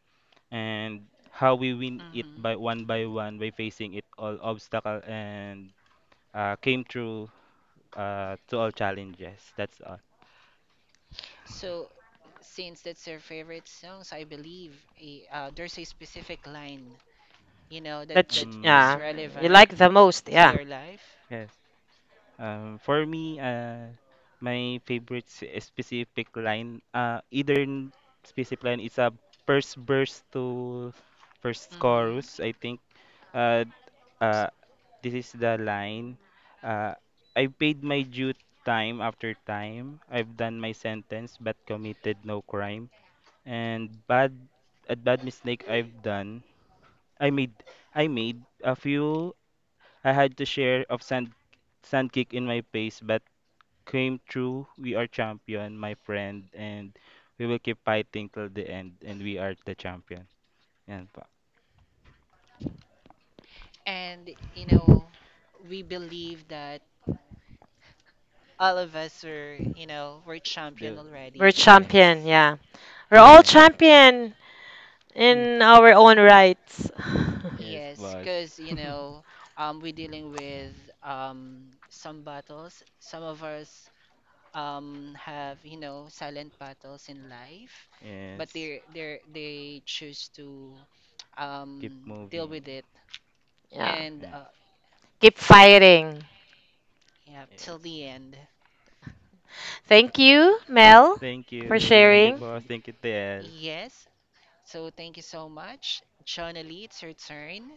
Speaker 3: and how we win it by
Speaker 6: Mm-hmm.
Speaker 3: one by one by facing it all obstacle and came through to all challenges. That's all.
Speaker 6: So, since that's your favorite song, so I believe there's a specific line, that that
Speaker 3: Um,
Speaker 6: was
Speaker 2: Yeah, you
Speaker 6: relevant
Speaker 2: like the most.
Speaker 6: to
Speaker 2: Yeah.
Speaker 6: your life.
Speaker 3: yes. For me, my favorite specific line, either specific line, it's a first verse to first chorus.
Speaker 6: Mm-hmm.
Speaker 3: I think uh, uh, this is the line. Uh, I paid my due time after time. I've done my sentence but committed no crime. And bad, a bad mistake I've done. I made, I made a few. I had to share of sand kick in my face, but came through. We are champion, my friend, and we will keep fighting till the end. And we are the champion. Yan pa.
Speaker 6: And we believe that. All of us are, you know, we're champion
Speaker 3: the,
Speaker 2: We're
Speaker 6: already.
Speaker 3: yes,
Speaker 2: champion. Yeah. We're all
Speaker 3: yes,
Speaker 2: champion
Speaker 3: yes,
Speaker 2: in our own rights.
Speaker 3: yes,
Speaker 6: Yes,
Speaker 3: boss.
Speaker 6: because, we're dealing with some battles. Some of us have, silent battles in life, but
Speaker 3: Yes.
Speaker 6: they choose to
Speaker 3: Keep
Speaker 6: deal
Speaker 3: moving.
Speaker 6: with it
Speaker 2: yeah.
Speaker 6: and
Speaker 3: Yes.
Speaker 2: Keep fighting.
Speaker 6: yeah, till
Speaker 3: Yes.
Speaker 6: the end.
Speaker 2: Thank you, Mel,
Speaker 3: Thank
Speaker 2: for
Speaker 3: you. Thank you,
Speaker 2: sharing.
Speaker 3: boss. Thank you, TL.
Speaker 6: Yes. So, thank you so much, Jonalie. It's your turn.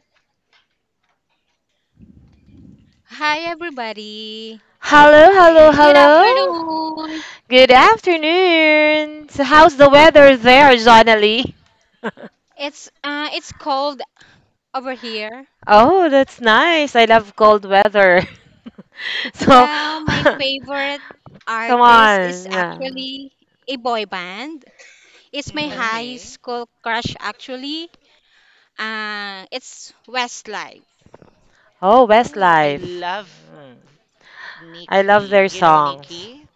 Speaker 8: Hi everybody.
Speaker 2: Hello, hello,
Speaker 8: Good
Speaker 2: hello.
Speaker 6: Hey.
Speaker 8: afternoon.
Speaker 2: Good afternoon. So how's the weather there, Jonalie?
Speaker 8: It's it's cold over here.
Speaker 2: Oh, that's nice. I love cold weather. so,
Speaker 8: Well, my favorite
Speaker 2: come
Speaker 8: artist is
Speaker 2: on. Yeah.
Speaker 8: actually a boy band. It's my
Speaker 2: Hmm.
Speaker 8: high
Speaker 6: Okay.
Speaker 8: school crush actually. It's Westlife.
Speaker 2: Oh,
Speaker 6: Oh, I
Speaker 2: Westlife.
Speaker 6: love
Speaker 2: Mm. I love
Speaker 6: Nikki.
Speaker 2: their
Speaker 6: You know
Speaker 2: songs.
Speaker 6: Nikki?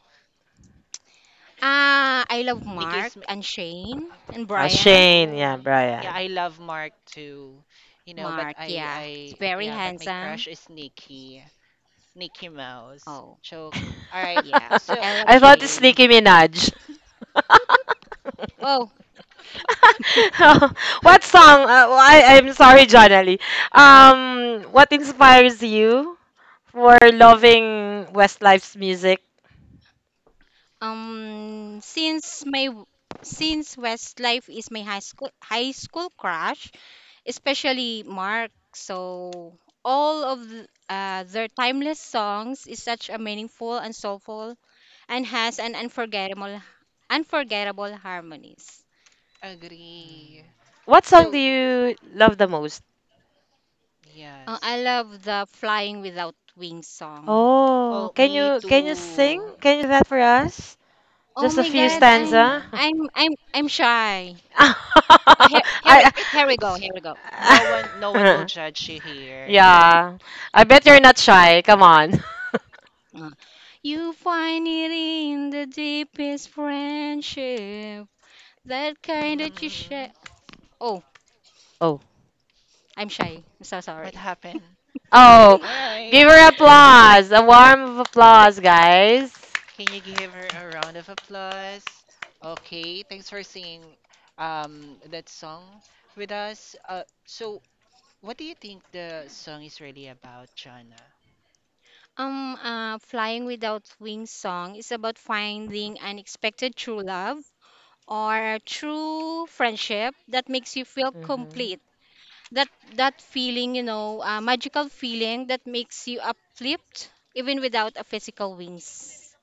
Speaker 8: I love
Speaker 6: Nikki
Speaker 8: Mark
Speaker 6: is my,
Speaker 8: and Shane and Brian.
Speaker 2: Shane, yeah,
Speaker 6: oh. Yeah,
Speaker 2: Brian.
Speaker 6: I love Mark too. But
Speaker 8: Mark,
Speaker 6: I
Speaker 8: yeah. It's
Speaker 6: I
Speaker 8: very
Speaker 6: yeah, but my
Speaker 8: handsome.
Speaker 6: crush is Nikki. Nikki Mouse.
Speaker 8: Oh,
Speaker 6: Joke. All right.
Speaker 8: yeah. I
Speaker 6: So,
Speaker 8: love
Speaker 2: I thought it's
Speaker 8: Shane.
Speaker 2: Nicki Minaj.
Speaker 8: Oh.
Speaker 2: What song? Well, I'm sorry, John Ali. What inspires you for loving Westlife's music?
Speaker 8: Um, since my w- since Westlife is my high school crush, especially Mark. So all of their timeless songs is such a meaningful and soulful, and has an unforgettable harmonies.
Speaker 6: agree.
Speaker 2: What song do
Speaker 6: So,
Speaker 2: you love the most?
Speaker 6: yes.
Speaker 8: I love the "Flying Without Wings" song.
Speaker 2: Oh,
Speaker 6: Oh, me
Speaker 2: can you
Speaker 6: too.
Speaker 2: sing? Can you sing that for us?
Speaker 8: Oh
Speaker 2: Just a
Speaker 8: my
Speaker 2: few
Speaker 8: God,
Speaker 6: Yes,
Speaker 8: I'm
Speaker 2: stanza.
Speaker 6: Jonah.
Speaker 8: I'm I'm I'm shy. Uh, here, here we
Speaker 2: I,
Speaker 6: It's
Speaker 8: here we go.
Speaker 6: it's
Speaker 8: Here we go.
Speaker 6: no one will
Speaker 2: I
Speaker 6: judge you here.
Speaker 2: yeah. I bet you're not shy. Come on.
Speaker 8: You find it in the deepest friendship, that kind that you
Speaker 6: Mm,
Speaker 8: share. Oh,
Speaker 2: Oh.
Speaker 8: I'm shy. I'm so
Speaker 6: what
Speaker 8: sorry.
Speaker 6: happened?
Speaker 2: Oh,
Speaker 6: All right.
Speaker 2: give her applause. A warm applause, guys.
Speaker 6: Can you give her a round of applause? Okay, thanks for singing that song with us. So what do you think the song is really about, Jana?
Speaker 8: Flying Without Wings song is about finding unexpected true love or true friendship that makes you feel
Speaker 2: Hmm.
Speaker 8: complete. That that feeling, magical feeling that makes you uplift even without a physical wings.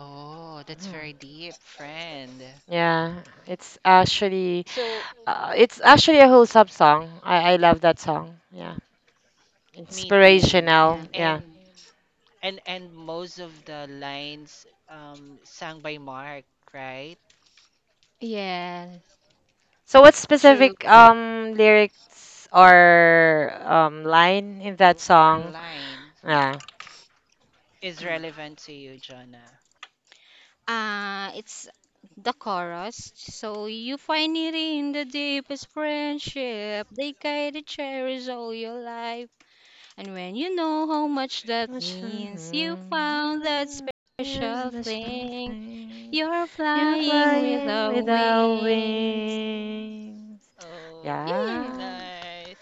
Speaker 6: Oh, that's
Speaker 2: Yeah.
Speaker 6: very deep, friend.
Speaker 2: Yeah, it's actually
Speaker 6: So,
Speaker 2: it's actually a whole sub song. I love that song. Yeah,
Speaker 6: me too,
Speaker 2: inspirational.
Speaker 8: Yeah.
Speaker 2: Yeah.
Speaker 6: and most of the lines sung by Mark, right?
Speaker 8: Yeah.
Speaker 2: So what
Speaker 8: True.
Speaker 2: specific lyrics or line in that
Speaker 6: Our
Speaker 2: song?
Speaker 6: line
Speaker 2: Yeah.
Speaker 6: is
Speaker 8: Mm.
Speaker 6: relevant to you, Jana.
Speaker 8: It's the chorus. So you find it in the deepest friendship. They guide and cherish all your life. And when you know how much that
Speaker 2: Much-
Speaker 8: means, you found that
Speaker 2: mm,
Speaker 8: special
Speaker 2: yes, much
Speaker 8: thing.
Speaker 2: something.
Speaker 8: You're
Speaker 2: You're
Speaker 6: I'm
Speaker 8: flying with
Speaker 2: flying
Speaker 8: the
Speaker 6: flying
Speaker 2: without
Speaker 6: without
Speaker 8: wings.
Speaker 6: wings.
Speaker 2: wings.
Speaker 6: Oh,
Speaker 8: Yeah.
Speaker 2: Yeah.
Speaker 6: nice.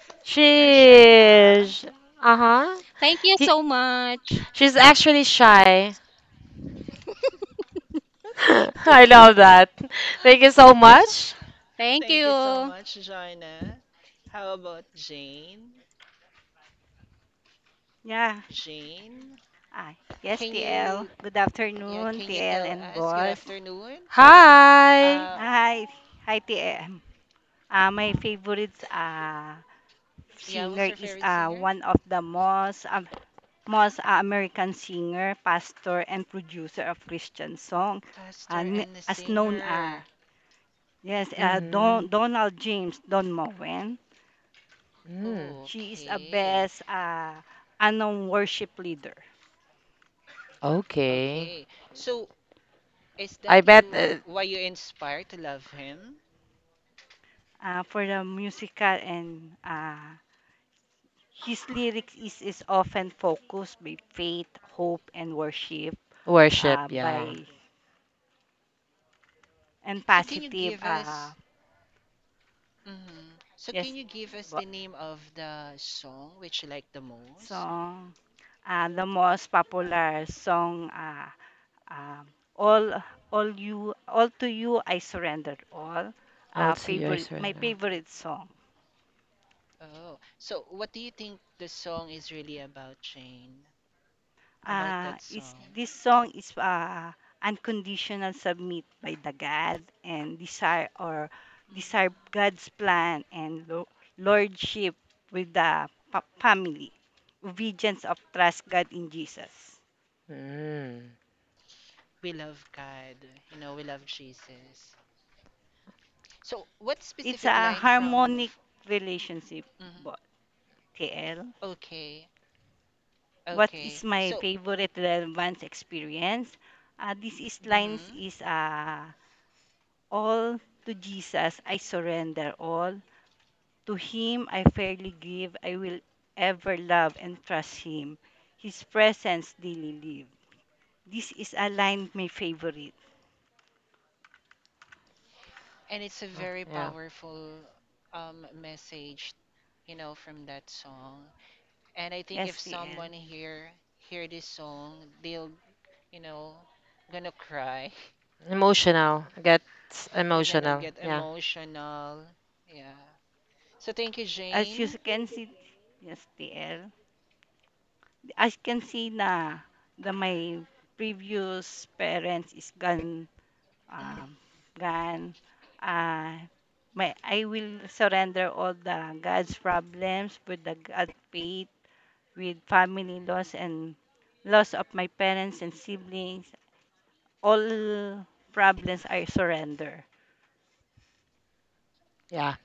Speaker 6: You're shy, huh?
Speaker 2: She uh-huh.
Speaker 8: Thank you
Speaker 2: He,
Speaker 8: so much.
Speaker 2: she's actually shy. I love that. Thank you so much.
Speaker 8: Thank
Speaker 6: Thank you so
Speaker 8: you.
Speaker 6: much, Joanna. How about Jane?
Speaker 24: Yeah.
Speaker 6: Jane,
Speaker 24: Ah, yes,
Speaker 6: can
Speaker 24: TL,
Speaker 6: you,
Speaker 24: good
Speaker 6: yeah,
Speaker 24: afternoon.
Speaker 6: can you
Speaker 24: TL
Speaker 6: tell
Speaker 24: and
Speaker 6: us? Good
Speaker 24: boss,
Speaker 6: afternoon.
Speaker 2: Hi.
Speaker 6: Uh,
Speaker 24: hi. Hi, TM. My favorite
Speaker 6: yeah, who's
Speaker 24: singer
Speaker 6: your
Speaker 24: is
Speaker 6: favorite singer?
Speaker 24: one of the most American singer, pastor, and producer of Christian song. Ah,
Speaker 6: Pastor
Speaker 24: n-
Speaker 6: and the
Speaker 24: as known
Speaker 6: singer.
Speaker 2: Mm-hmm.
Speaker 24: Donald James Don Moen.
Speaker 2: Mm.
Speaker 6: Oh,
Speaker 24: She is a
Speaker 6: okay.
Speaker 24: best unknown worship leader
Speaker 2: Okay.
Speaker 6: Okay. So, is
Speaker 2: I
Speaker 6: that
Speaker 2: bet
Speaker 6: you why you inspired to love him?
Speaker 24: for the musical and His lyrics is often focused by faith, hope, and worship,
Speaker 2: worship, yeah.
Speaker 24: by and
Speaker 6: So, can you
Speaker 24: positive.
Speaker 6: give us? Mm-hmm. So,
Speaker 24: Yes,
Speaker 6: can you give us
Speaker 24: bo-
Speaker 6: the name of the song which you like the most?
Speaker 24: Song. The most popular song. Um all, all to you, I surrender all.
Speaker 2: I'll see your
Speaker 24: My
Speaker 2: surrender.
Speaker 24: favorite song.
Speaker 6: Oh, so what do you think the song is really about, Jane? About that
Speaker 24: Is
Speaker 6: song,
Speaker 24: this song is unconditional submit by the God and desire God's plan and lordship with the family, obedience of trust God in Jesus.
Speaker 2: Mm.
Speaker 6: "We Love God," "We Love Jesus." So, what
Speaker 24: It's
Speaker 6: specific
Speaker 24: a
Speaker 6: line from?
Speaker 24: harmonic
Speaker 6: F
Speaker 24: relationship. Bo-
Speaker 6: Mhm.
Speaker 24: TL,
Speaker 6: Okay,
Speaker 24: what
Speaker 6: okay.
Speaker 24: is my
Speaker 6: So,
Speaker 24: favorite relevance experience? This is lines
Speaker 6: mm-hmm.
Speaker 24: is all to Jesus. I surrender all. To him I fairly give, I will ever love and trust him. His presence daily live. This is a line my favorite.
Speaker 6: And it's a
Speaker 2: Huh,
Speaker 6: very
Speaker 2: yeah.
Speaker 6: powerful message, from that song. And I think if
Speaker 24: Yes, TL.
Speaker 6: someone here hear this song, they'll you know, gonna cry.
Speaker 2: Emotional. Gets
Speaker 6: They're gonna
Speaker 2: emotional.
Speaker 6: get
Speaker 2: Yeah.
Speaker 6: emotional. Yeah. So, thank you,
Speaker 24: As you
Speaker 6: Jane.
Speaker 24: can see, yes, TL, as you can see na the my previous parents is gone,
Speaker 6: Mm,
Speaker 24: um, gone. Uh, I will surrender all the God's problems with the God faith with family loss and loss of my parents and siblings. All problems I surrender.
Speaker 2: Yeah.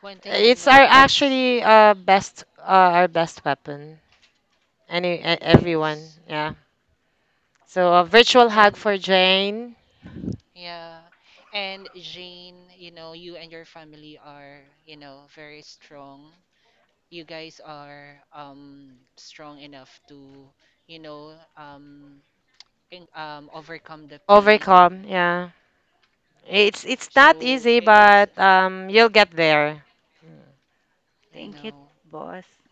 Speaker 6: One thing I
Speaker 2: It's our
Speaker 6: know is
Speaker 2: actually best our best weapon. Any everyone,
Speaker 6: yes.
Speaker 2: yeah. So a virtual hug
Speaker 6: And
Speaker 2: for Jane.
Speaker 6: yeah. And Jane, you and your family are, very strong. You guys are strong enough to, you know, um overcome the pain.
Speaker 2: Overcome, yeah. It's not
Speaker 6: So,
Speaker 2: easy,
Speaker 6: it's
Speaker 2: but you'll get there.
Speaker 6: I
Speaker 24: Thank you,
Speaker 6: know.
Speaker 24: boss.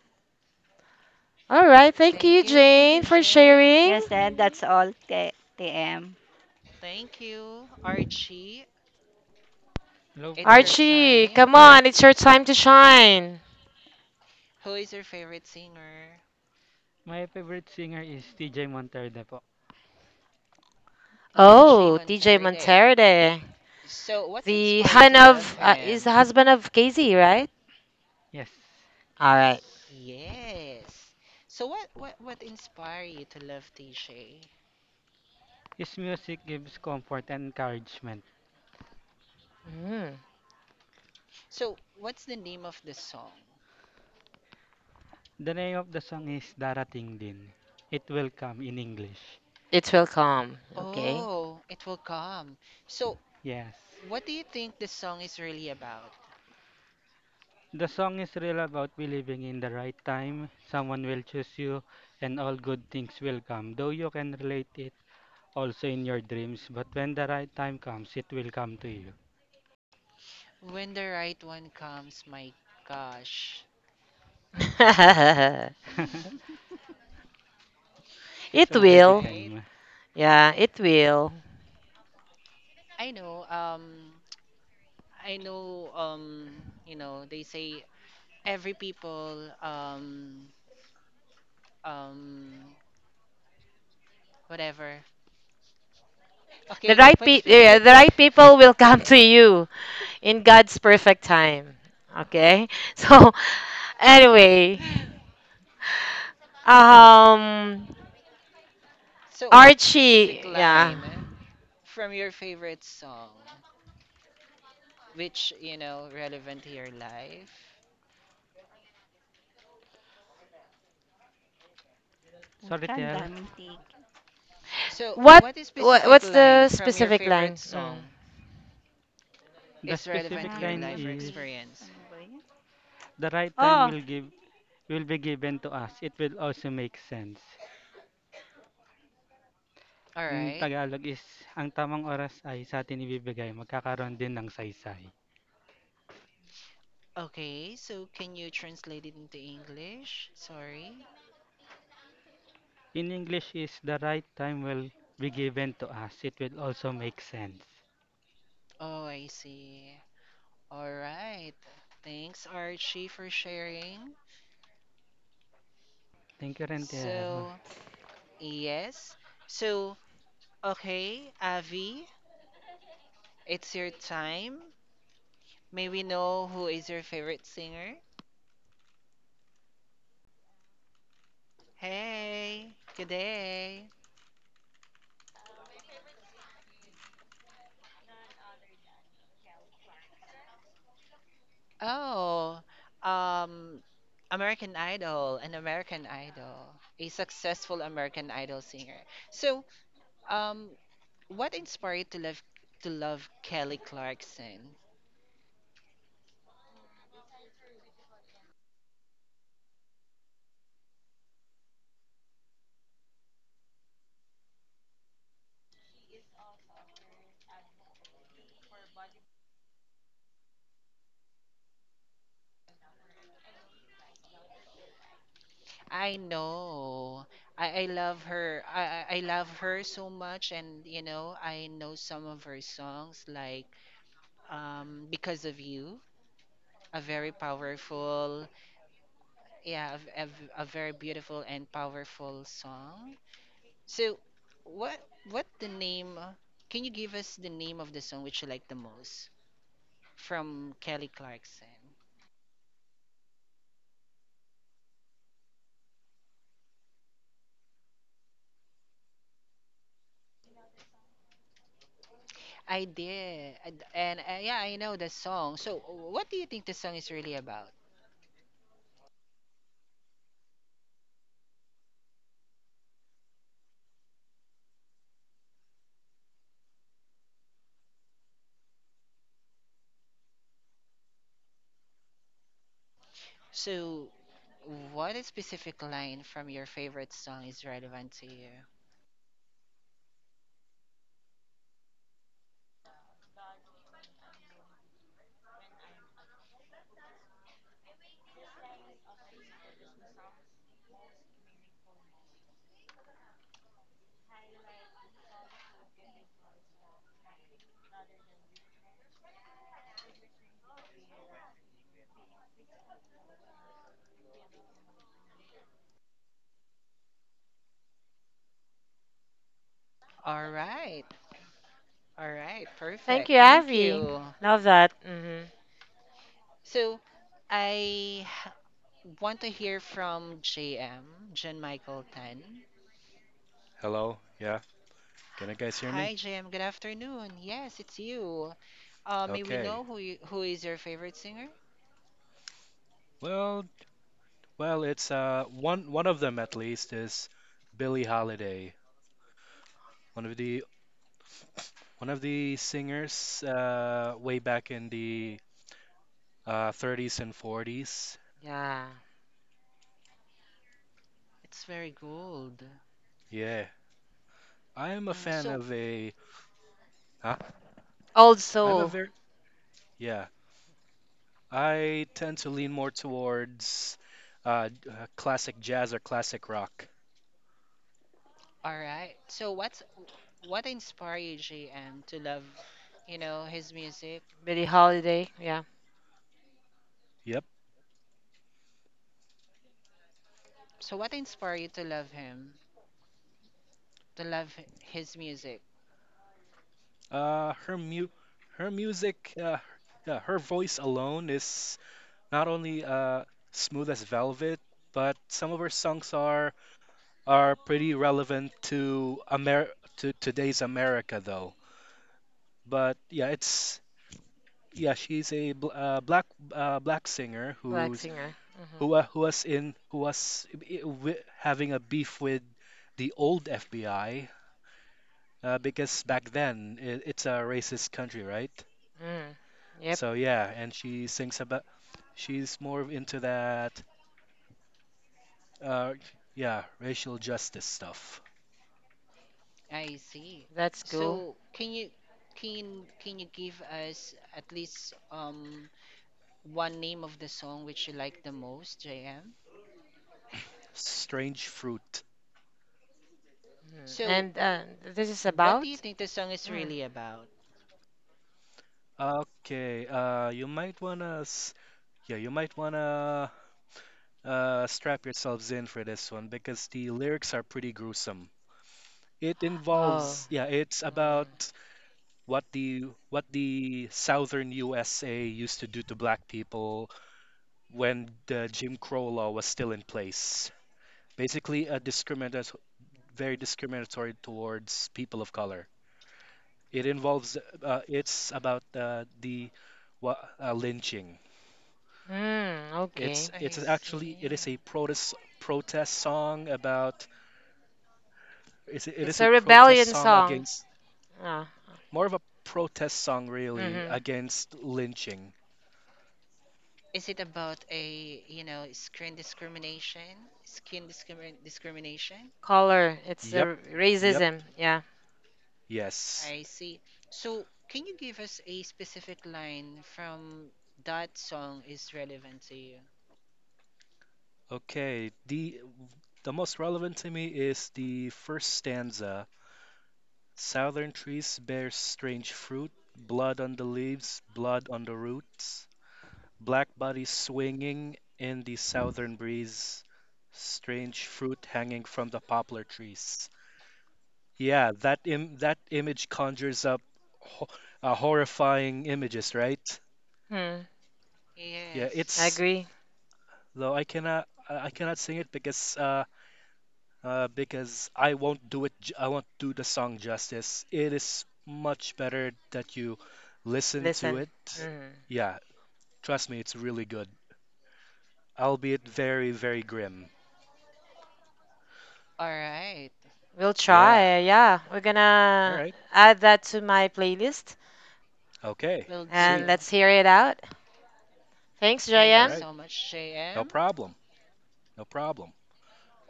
Speaker 2: All right, thank you,
Speaker 6: Thank you. Thank
Speaker 2: Jane,
Speaker 6: you,
Speaker 2: for
Speaker 6: Jane.
Speaker 2: sharing.
Speaker 24: Yes, and that's all, TM.
Speaker 6: Thank you, Archie.
Speaker 4: Hello
Speaker 6: It's your
Speaker 4: po.
Speaker 2: Archie,
Speaker 6: time.
Speaker 2: come on, it's your time to shine.
Speaker 6: Who is your favorite singer?
Speaker 4: My favorite singer is TJ Monterde po.
Speaker 6: TJ
Speaker 2: Oh, TJ
Speaker 6: Monterde.
Speaker 2: Monterde,
Speaker 6: So, what's
Speaker 2: the
Speaker 6: inspired you to
Speaker 2: husband
Speaker 6: love
Speaker 2: of is the
Speaker 6: him?
Speaker 2: husband of Casey, right?
Speaker 4: Yes.
Speaker 2: All right.
Speaker 6: Yes. So, what inspired you to love TJ?
Speaker 4: His music gives comfort and encouragement.
Speaker 2: Mm,
Speaker 6: So, what's the name of the song?
Speaker 4: The name of the song is Darating Din. It will come in English.
Speaker 2: it will come. Okay.
Speaker 6: Oh, it will come. So,
Speaker 4: Yes.
Speaker 6: what do you think the song is really about?
Speaker 4: The song is real about believing in the right time, someone will choose you, and all good things will come. Though you can relate it also in your dreams, but when the right time comes, it will come to you.
Speaker 6: When the right one comes, my gosh.
Speaker 4: It's
Speaker 2: It
Speaker 6: All
Speaker 4: already
Speaker 2: will.
Speaker 6: right.
Speaker 4: came.
Speaker 2: Yeah, it will.
Speaker 6: I know. I know, they say every people, um, whatever. Okay, what
Speaker 2: Yeah,
Speaker 6: specific
Speaker 2: the
Speaker 6: line?
Speaker 2: right people will come to you in God's perfect time. Okay? So anyway, um
Speaker 6: So, what specific
Speaker 2: Archie, yeah.
Speaker 6: line from your favorite song, which, relevant to your life?
Speaker 4: Sorry,
Speaker 24: Uchan,
Speaker 4: Tel.
Speaker 24: daming ticket.
Speaker 6: So,
Speaker 2: What,
Speaker 6: what specific
Speaker 2: what's
Speaker 6: line
Speaker 2: the
Speaker 6: from your
Speaker 2: specific
Speaker 6: favorite
Speaker 2: line? Mm.
Speaker 6: song
Speaker 4: The
Speaker 6: is relevant to
Speaker 4: specific
Speaker 6: your
Speaker 24: Marami
Speaker 4: line
Speaker 24: pang
Speaker 6: life or
Speaker 4: is
Speaker 24: ticket.
Speaker 6: experience?
Speaker 24: Ano ba yan?
Speaker 4: the right time
Speaker 24: Oh,
Speaker 4: will be given to us. It will also make sense.
Speaker 6: All
Speaker 4: In
Speaker 6: right.
Speaker 4: Tagalog is ang tamang oras ay sa atin ibibigay, magkakaroon din ng saysay.
Speaker 6: Okay, so can you translate it into English? Sorry.
Speaker 4: In English is the right time will be given to us. It will also make sense.
Speaker 6: Oh, I see. All right. Thanks, Archie, for sharing.
Speaker 4: Thank you, Rentel.
Speaker 6: So, yes. So, okay, Avi, it's your time. May we know who is your favorite singer? Hey, good day. Oh, um, American Idol, an American Idol, a successful American Idol singer. So, um, what inspired you to love Kelly Clarkson? I know. I love her. I love her so much, and I know some of her songs, like "Because of You," a very powerful, yeah, a very beautiful and powerful song. So, what what the name? Can you give us the name of the song which you like the most from Kelly Clarkson? I did, and, yeah, I know the song. So, what do you think the song is really about? So, what specific line from your favorite song is relevant to you? All right. All right.
Speaker 2: Thank
Speaker 6: Perfect.
Speaker 2: you,
Speaker 6: Thank
Speaker 2: Avi.
Speaker 6: you.
Speaker 2: Love that. Hmm.
Speaker 6: So, I want to hear from JM, Jen Michael Tan.
Speaker 7: Hello? Yeah? Can you guys hear
Speaker 6: Hi,
Speaker 7: me?
Speaker 6: JM. Good afternoon. Yes, it's you. May we
Speaker 7: Okay.
Speaker 6: know who is your favorite singer?
Speaker 7: Well, well, it's one of them at least is Billie Holiday, one of the singers way back in the 30s and 40s.
Speaker 2: Yeah.
Speaker 6: It's very good.
Speaker 7: Yeah. I am a fan
Speaker 6: So,
Speaker 7: of a huh?
Speaker 2: Old
Speaker 7: I'm a
Speaker 2: Soul,
Speaker 7: very yeah. I tend to lean more towards classic jazz or classic rock.
Speaker 6: all right. So, what inspired you, JM, to love, his music?
Speaker 2: Billie Holiday. Yeah,
Speaker 7: Yep.
Speaker 6: So, what inspired you to love him, to love his music?
Speaker 7: Uh, her mu her music, yeah, her voice alone is not only smooth as velvet, but some of her songs are pretty relevant to Amer to today's America, though. But yeah, she's a bl black black singer
Speaker 2: black singer. Hmm.
Speaker 7: who was having a beef with the old FBI because back then it's a racist country, right?
Speaker 2: Mm. Yep,
Speaker 7: So yeah, and she sings about she's more of into that uh yeah, racial justice stuff.
Speaker 6: I see.
Speaker 2: that's cool.
Speaker 6: So, can you give us at least one name of the song which you like the most, JM?
Speaker 7: Strange Fruit.
Speaker 2: Mm.
Speaker 6: So,
Speaker 2: And this is
Speaker 6: what do
Speaker 2: about?
Speaker 6: you think the song is
Speaker 2: Mm.
Speaker 6: really about?
Speaker 7: Okay, you might yeah, you might wanna strap yourselves in for this one because the lyrics are pretty gruesome.
Speaker 2: Oh.
Speaker 7: It's about what the what the southern USA used to do to black people when the Jim Crow law was still in place. Basically a discriminatory, very discriminatory, towards people of color. It involves it's about wa- lynching.
Speaker 2: Mm. Mm, okay.
Speaker 6: I
Speaker 7: It
Speaker 6: see.
Speaker 7: is a protest song about it
Speaker 2: It's
Speaker 7: is a
Speaker 2: a
Speaker 7: protest
Speaker 2: rebellion
Speaker 7: song
Speaker 2: song.
Speaker 7: against
Speaker 2: Ah. Ah.
Speaker 7: more of a protest song really
Speaker 2: Mm-hmm.
Speaker 7: against lynching.
Speaker 6: Is it about a, screen discrimination, skin discrimin discrimination?
Speaker 2: Color. It's a
Speaker 7: Yep, yep,
Speaker 2: racism. Yeah.
Speaker 7: yes.
Speaker 6: I see. So, can you give us a specific line from that song is relevant to you?
Speaker 7: Okay, the most relevant to me is the first stanza. Southern trees bear strange fruit, blood on the leaves, blood on the roots, black bodies swinging in the southern breeze, strange fruit hanging from the poplar trees. Yeah, that that image conjures up ho- horrifying images, right?
Speaker 2: Mm.
Speaker 7: Yeah,
Speaker 6: Yes.
Speaker 2: I
Speaker 7: it's
Speaker 2: agree.
Speaker 7: though I cannot sing it because I won't do it. I won't do the song justice. It is much better that you listen to
Speaker 2: Listen.
Speaker 7: it.
Speaker 2: Mm.
Speaker 7: Yeah, trust me, it's really good, albeit very, very grim.
Speaker 6: All right.
Speaker 2: We'll
Speaker 7: Yeah.
Speaker 2: try. Yeah. We're
Speaker 7: All
Speaker 2: gonna
Speaker 7: right.
Speaker 2: add that to my playlist
Speaker 7: Okay.
Speaker 6: Will
Speaker 2: and
Speaker 7: Sweet.
Speaker 6: do.
Speaker 2: let's hear it out. Thanks,
Speaker 7: All
Speaker 6: Thank you
Speaker 2: JM.
Speaker 7: right.
Speaker 6: so much,
Speaker 7: No
Speaker 6: JM.
Speaker 7: problem. No problem.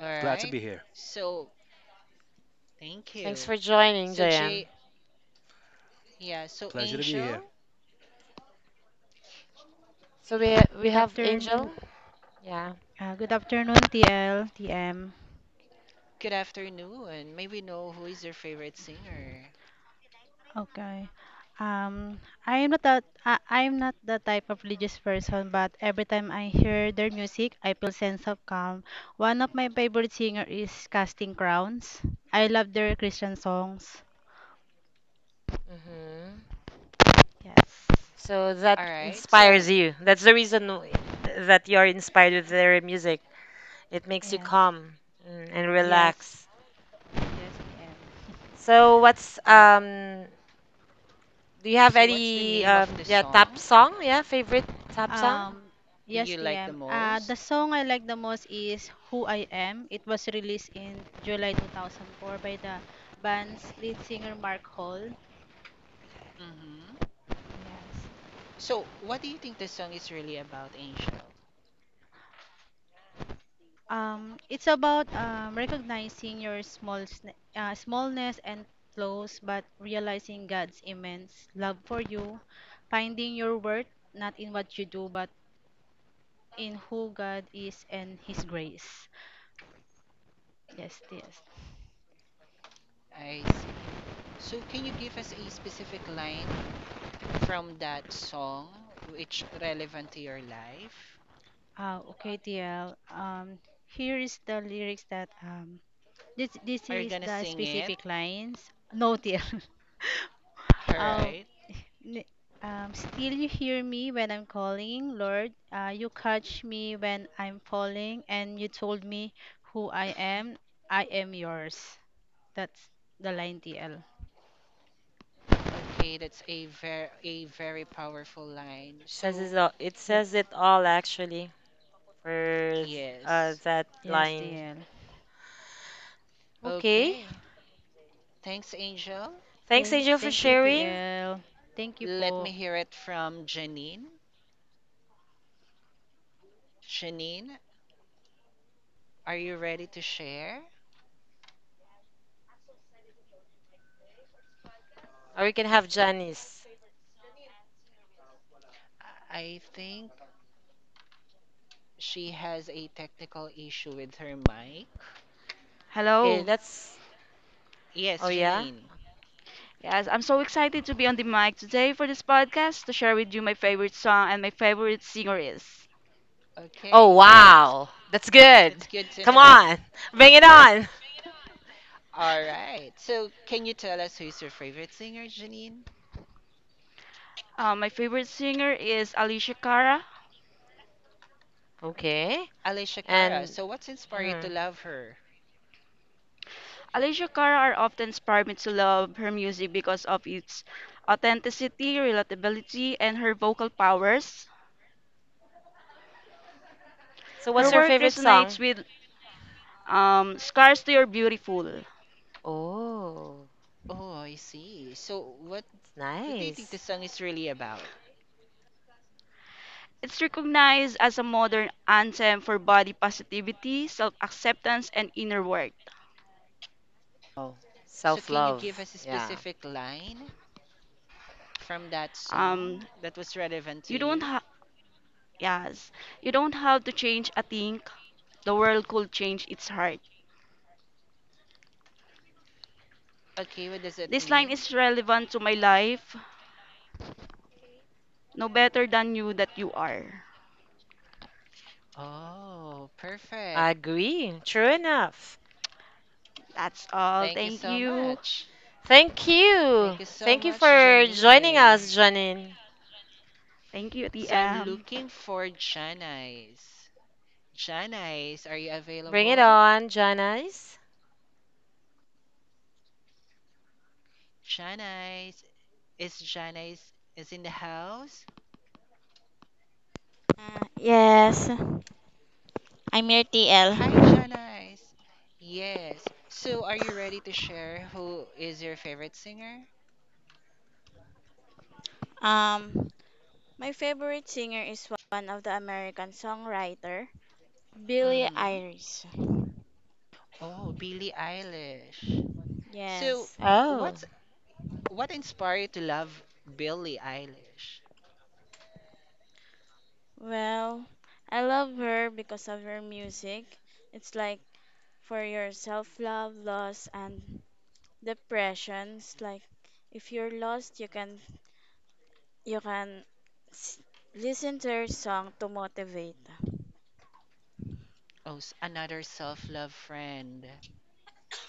Speaker 6: All
Speaker 7: Glad to
Speaker 6: right.
Speaker 7: be here.
Speaker 6: So, thank
Speaker 2: Thanks
Speaker 6: you.
Speaker 2: for joining,
Speaker 6: So,
Speaker 2: JM.
Speaker 6: yeah, so
Speaker 7: Pleasure to be here.
Speaker 6: Angel,
Speaker 2: So we
Speaker 5: Good
Speaker 2: have
Speaker 5: afternoon.
Speaker 2: Angel. Yeah.
Speaker 5: Good afternoon, TL, TM.
Speaker 6: good afternoon. May we know who is your favorite singer?
Speaker 5: Okay. Um, I am not that I'm not the type of religious person, but every time I hear their music, I feel sense of calm. One of my favorite singer is Casting Crowns. I love their Christian songs.
Speaker 2: Mm-hmm.
Speaker 5: Yes.
Speaker 2: So that
Speaker 6: All right.
Speaker 2: inspires
Speaker 6: So,
Speaker 2: you. That's the reason that you're inspired with their music. It makes you
Speaker 5: Yes.
Speaker 2: calm, and
Speaker 5: Yes.
Speaker 2: relax.
Speaker 5: Yes. Yes.
Speaker 2: So what's
Speaker 6: all right.
Speaker 2: do you have
Speaker 6: So, what's the
Speaker 2: any
Speaker 6: name of the
Speaker 2: yeah tap
Speaker 6: song
Speaker 2: song? Yeah, favorite tap song?
Speaker 5: Um, yes,
Speaker 6: you like the
Speaker 5: TM. The
Speaker 6: most?
Speaker 5: song I like the most is Who I Am. It was released in July 2004 by the band's lead singer Mark Hall.
Speaker 6: Mm-hmm.
Speaker 5: Yes.
Speaker 6: So, what do you think this song is really about, Angel?
Speaker 5: It's about recognizing your smallness and flaws, but realizing God's immense love for you, finding your worth not in what you do, but in who God is and His grace. Yes, yes.
Speaker 6: I see. So, can you give us a specific line from that song which relevant to your life?
Speaker 5: Okay, TL. Here is the lyrics that this
Speaker 6: Are you
Speaker 5: is
Speaker 6: gonna
Speaker 5: the
Speaker 6: sing it?
Speaker 5: specific lines. No, TL.
Speaker 6: All
Speaker 5: Oh,
Speaker 6: right.
Speaker 5: n- still you hear me when I'm calling, Lord. You catch me when I'm falling, and you told me who I am. I am yours. That's the line, TL.
Speaker 6: Okay, that's a very powerful line. So,
Speaker 2: It
Speaker 5: Yeah.
Speaker 2: says it all, actually, for
Speaker 6: yes.
Speaker 2: that
Speaker 5: Yes,
Speaker 2: line.
Speaker 5: TL.
Speaker 2: Okay.
Speaker 6: Okay. Thanks, Angel.
Speaker 2: Thanks,
Speaker 5: Thank,
Speaker 2: Angel, for
Speaker 5: thank
Speaker 6: L-
Speaker 5: you,
Speaker 2: sharing.
Speaker 5: TL. Thank you
Speaker 6: let me
Speaker 5: po.
Speaker 6: hear it from Janine. Janine, are you ready to share?
Speaker 2: Or we can have Janice.
Speaker 6: I think she has a technical issue with her mic.
Speaker 2: Okay, let's
Speaker 6: Yes,
Speaker 2: oh yeah.
Speaker 6: Janine.
Speaker 9: Yes, I'm so excited to be on the mic today for this podcast to share with you my favorite song and my favorite singer is.
Speaker 2: Oh
Speaker 6: Okay. It's,
Speaker 2: wow. That's good.
Speaker 6: it's good to
Speaker 2: Come
Speaker 6: know.
Speaker 2: on. Bring it on.
Speaker 6: All right. So, can you tell us who's your favorite singer, Janine?
Speaker 9: My favorite singer is Alicia Cara.
Speaker 2: Okay.
Speaker 6: Alicia Cara.
Speaker 2: And
Speaker 6: So, what's inspired you to
Speaker 2: mm,
Speaker 6: love her?
Speaker 9: Alicia Cara are often inspired me to love her music because of its authenticity, relatability, and her vocal powers.
Speaker 2: so,
Speaker 9: Her
Speaker 2: what's
Speaker 6: Or,
Speaker 2: your
Speaker 9: work
Speaker 2: favorite
Speaker 9: resonates
Speaker 2: song?
Speaker 9: with Scars to Your Beautiful.
Speaker 2: Oh,
Speaker 6: oh, I see. So, what,
Speaker 2: it's
Speaker 6: what do you think the
Speaker 2: nice.
Speaker 6: song is really about?
Speaker 9: It's recognized as a modern anthem for body positivity, self acceptance, and inner work.
Speaker 2: Oh,
Speaker 6: So,
Speaker 2: self
Speaker 6: can you give
Speaker 2: love.
Speaker 6: us a
Speaker 2: Yeah,
Speaker 6: specific line from that
Speaker 9: Um,
Speaker 6: song that was relevant to
Speaker 9: you don't
Speaker 6: you?
Speaker 9: Yes, you don't have to change a thing. The world could change its heart.
Speaker 6: Okay, what does it
Speaker 9: This line
Speaker 6: mean?
Speaker 9: is relevant to my life. No better than you that you are.
Speaker 6: Oh, perfect.
Speaker 2: I agree. True enough.
Speaker 9: That's all.
Speaker 6: Thank you
Speaker 9: Thank
Speaker 6: so
Speaker 9: you.
Speaker 6: much.
Speaker 2: Thank
Speaker 6: Thank
Speaker 2: you.
Speaker 6: you so
Speaker 2: Thank you
Speaker 6: much,
Speaker 2: for joining
Speaker 6: Janine.
Speaker 2: us, Janine.
Speaker 9: Thank you,
Speaker 6: So, I'm
Speaker 9: TM.
Speaker 6: looking for Janice. Janice, are you
Speaker 2: Bring it
Speaker 6: available?
Speaker 2: on, Janice.
Speaker 6: Janice, Janice is in the house?
Speaker 10: Yes, I'm your
Speaker 6: Hi,
Speaker 10: TL.
Speaker 6: Janice. Yes. So, are you ready to share who is your favorite singer?
Speaker 10: Um, my favorite singer is one of the American songwriter, Billie
Speaker 6: Mm-hmm.
Speaker 10: Irish.
Speaker 6: Oh, Billie Eilish. So,
Speaker 10: Yes.
Speaker 2: Oh,
Speaker 6: what's what inspired you to love Billie Eilish?
Speaker 10: Well, I love her because of her music. It's like for your self-love, loss, and depressions. Like if you're lost, you can s- listen to her song to motivate.
Speaker 6: Oh, another self-love friend.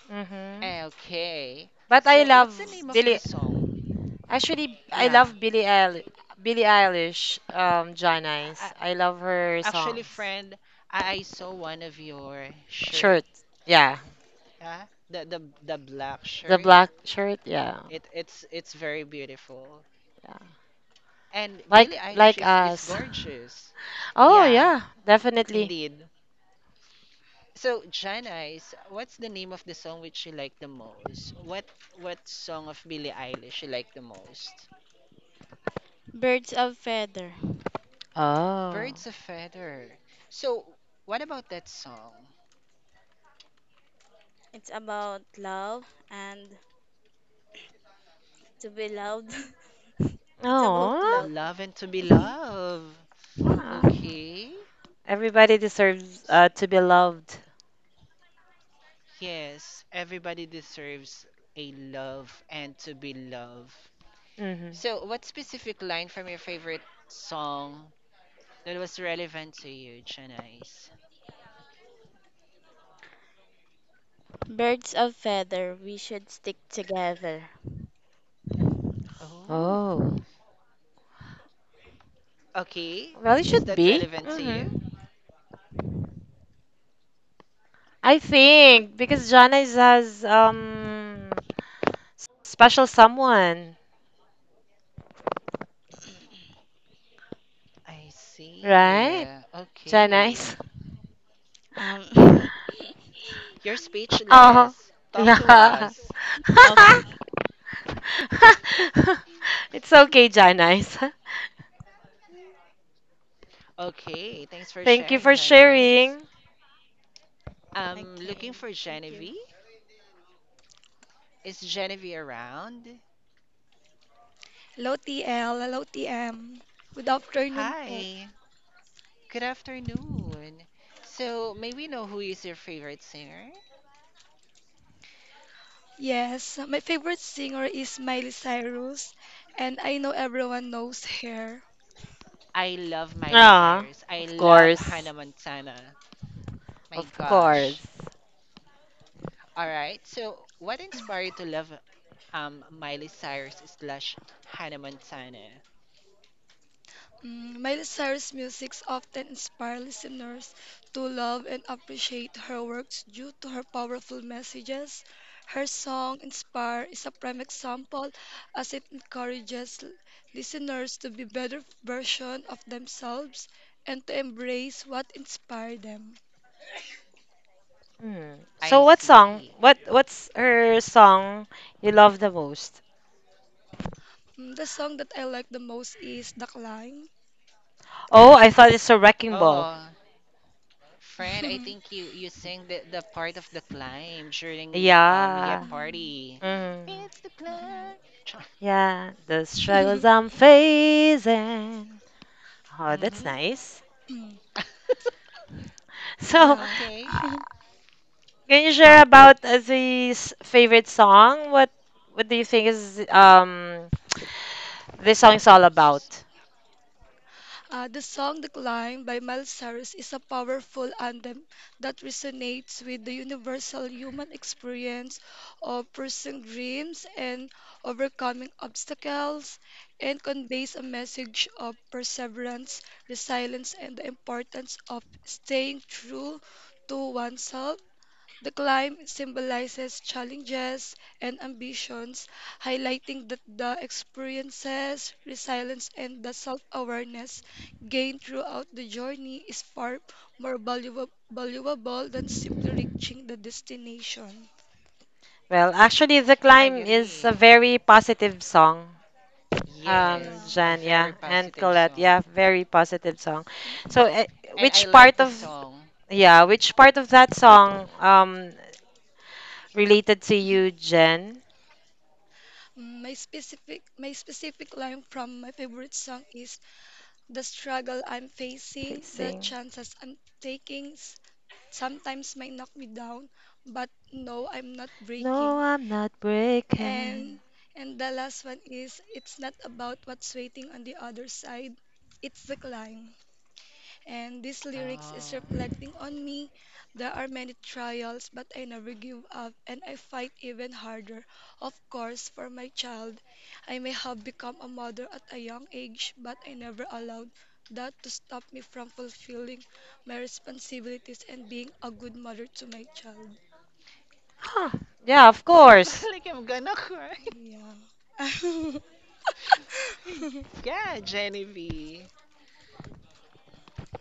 Speaker 2: mm-hmm.
Speaker 6: Okay.
Speaker 2: But I
Speaker 6: So,
Speaker 2: love
Speaker 6: what's the name of the
Speaker 2: Billy.
Speaker 6: song?
Speaker 2: Actually, I
Speaker 6: Yeah.
Speaker 2: love Billie Eilish,
Speaker 6: I,
Speaker 2: Janice.
Speaker 6: I,
Speaker 2: I love her
Speaker 6: actually,
Speaker 2: songs.
Speaker 6: friend, I saw one of your shirt.
Speaker 2: Shirt. Yeah.
Speaker 6: Yeah. The the the black
Speaker 2: The
Speaker 6: shirt.
Speaker 2: black shirt. Yeah.
Speaker 6: It's very beautiful.
Speaker 2: Yeah.
Speaker 6: And Billie
Speaker 2: Like
Speaker 6: Eilish
Speaker 2: like
Speaker 6: is
Speaker 2: us.
Speaker 6: gorgeous.
Speaker 2: Oh
Speaker 6: Yeah,
Speaker 2: yeah, definitely.
Speaker 6: indeed. So, Janice, what's the name of the song which you like the most? What song of Billie Eilish you like the most?
Speaker 10: Birds of Feather.
Speaker 2: Oh.
Speaker 6: Birds of Feather. So, what about that song?
Speaker 10: It's about love and to be loved. It's about
Speaker 2: Oh.
Speaker 10: love.
Speaker 6: Love and to be loved.
Speaker 2: Wow.
Speaker 6: Okay.
Speaker 2: Everybody deserves
Speaker 6: S-
Speaker 2: to be loved.
Speaker 6: Yes, everybody deserves a love and to be loved.
Speaker 2: Mm-hmm.
Speaker 6: So, what specific line from your favorite song that was relevant to you, Chanice?
Speaker 10: Birds of feather, we should stick together.
Speaker 6: Oh,
Speaker 2: Oh.
Speaker 6: okay.
Speaker 2: Well, it
Speaker 6: Is
Speaker 2: should
Speaker 6: that
Speaker 2: be.
Speaker 6: relevant to
Speaker 2: Mm-hmm.
Speaker 6: you?
Speaker 2: I think because Jana is has special someone,
Speaker 6: I see.
Speaker 2: right? Jana
Speaker 6: Okay.
Speaker 2: is.
Speaker 10: Um,
Speaker 6: You're
Speaker 2: Oh.
Speaker 6: speechless. Talk to
Speaker 2: Yeah.
Speaker 6: us.
Speaker 10: of
Speaker 2: It's okay, Jana.
Speaker 6: Okay. Thanks for
Speaker 2: Thank you
Speaker 6: sharing,
Speaker 2: for
Speaker 6: Janice.
Speaker 2: sharing.
Speaker 6: I'm looking
Speaker 10: okay,
Speaker 6: for
Speaker 10: thank you.
Speaker 6: Genevieve. Is Genevieve around?
Speaker 25: Hello TL, hello TM. Good afternoon po.
Speaker 6: Hi, good afternoon. So, may we know who is your favorite singer?
Speaker 25: Yes, my favorite singer is Miley Cyrus, and I know everyone knows her.
Speaker 6: I love Miley
Speaker 2: Ah,
Speaker 6: Cyrus. I
Speaker 2: of
Speaker 6: love Hannah
Speaker 2: course.
Speaker 6: Montana. My
Speaker 2: Of
Speaker 6: gosh.
Speaker 2: course.
Speaker 6: All right. So, what inspired you to love Miley Cyrus slash Hannah Montana?
Speaker 25: Mm, Miley Cyrus' music often inspires listeners to love and appreciate her works due to her powerful messages. Her song Inspire is a prime example as it encourages listeners to be better version of themselves and to embrace what inspired them.
Speaker 2: Mm.
Speaker 6: I
Speaker 2: So what song?
Speaker 6: see.
Speaker 2: What's her song you love the most?
Speaker 25: Mm, The song that I like the most is The Climb.
Speaker 2: Oh, I thought it's a wrecking ball.
Speaker 6: Oh, friend, I think you sang the part of the climb during yeah
Speaker 2: Yeah.
Speaker 25: Mm,
Speaker 6: party.
Speaker 2: Mm.
Speaker 6: It's the
Speaker 25: mhm.
Speaker 6: climb.
Speaker 2: Yeah, the struggles I'm facing. Oh, that's
Speaker 6: Mm-hmm.
Speaker 2: nice.
Speaker 25: Mm,
Speaker 2: So,
Speaker 25: Yeah.
Speaker 6: Okay,
Speaker 2: can you share about the favorite song? What do you think is this song is all about?
Speaker 25: The song The Climb by Miles Cyrus is a powerful anthem that resonates with the universal human experience of pursuing dreams and overcoming obstacles and conveys a message of perseverance, resilience, and the importance of staying true to oneself. The climb symbolizes challenges and ambitions, highlighting that the experiences, resilience, and the self awareness gained throughout the journey is far more valuable than simply reaching the destination.
Speaker 2: Well, actually, The
Speaker 6: I
Speaker 2: Climb is a
Speaker 6: agree.
Speaker 2: very positive song.
Speaker 25: Yeah.
Speaker 6: Yes, a
Speaker 2: Jan, yeah,
Speaker 6: very
Speaker 2: and
Speaker 6: positive
Speaker 2: Colette,
Speaker 6: song.
Speaker 2: yeah, very positive song. So
Speaker 25: Mm-mm.
Speaker 6: And
Speaker 2: which
Speaker 6: I
Speaker 2: part
Speaker 6: like the
Speaker 2: of,
Speaker 6: song.
Speaker 2: yeah, which part of that song related to
Speaker 25: Mhm.
Speaker 2: you, Jen?
Speaker 25: My specific line from my favorite song is the struggle I'm facing, the
Speaker 2: Facing.
Speaker 25: chances I'm taking, sometimes might knock me down, but no, I'm not
Speaker 2: No,
Speaker 25: breaking.
Speaker 2: I'm not
Speaker 25: And
Speaker 2: breaking.
Speaker 25: and the last one is it's not about what's waiting on the other side, it's the climb, and these lyrics is
Speaker 6: Oh,
Speaker 25: reflecting on me. There are many trials, but I never give up and I fight even harder, of course, for my child. I may have become a mother at a young age, but I never allowed that to stop me from fulfilling my responsibilities and being a good mother to my child.
Speaker 2: Huh. Yeah, of
Speaker 6: I feel
Speaker 2: course.
Speaker 6: like I'm gonna cry.
Speaker 25: Yeah.
Speaker 6: My God, Genevieve.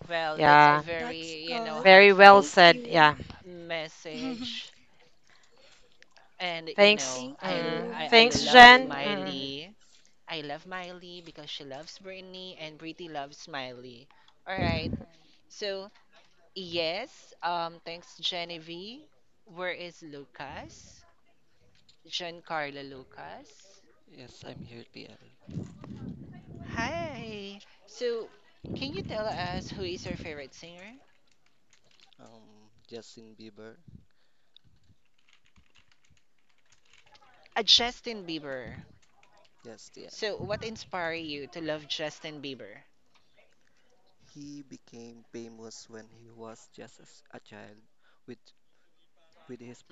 Speaker 6: Well, that's a
Speaker 2: Yeah,
Speaker 25: That's
Speaker 6: very,
Speaker 25: all.
Speaker 2: very well
Speaker 6: heartfelt
Speaker 25: Thank
Speaker 2: said.
Speaker 25: you.
Speaker 2: Yeah.
Speaker 6: message. And,
Speaker 2: Thanks.
Speaker 25: Thank
Speaker 6: I, l-
Speaker 2: Mm.
Speaker 6: I,
Speaker 25: you.
Speaker 6: I
Speaker 2: Thanks,
Speaker 6: love
Speaker 2: Jen. Mm.
Speaker 6: Miley. I love Miley because she loves Britney and Britney loves Miley. All right. So, yes, thanks, Genevieve. Where is Lucas? Giancarlo Lucas. Hi. So, can you tell us who is your favorite singer? Justin Bieber. So, what inspired you to love Justin Bieber?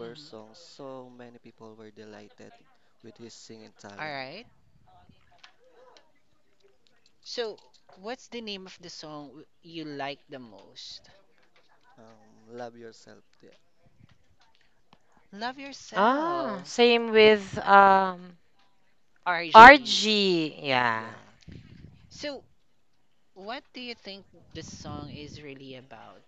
Speaker 6: Mm-hmm. All right. So, what's the name of the song you like the most? Love
Speaker 2: Ah,
Speaker 6: Yourself,
Speaker 2: same with
Speaker 6: RG.
Speaker 2: RG. Yeah.
Speaker 6: So, what do you think this song is really about?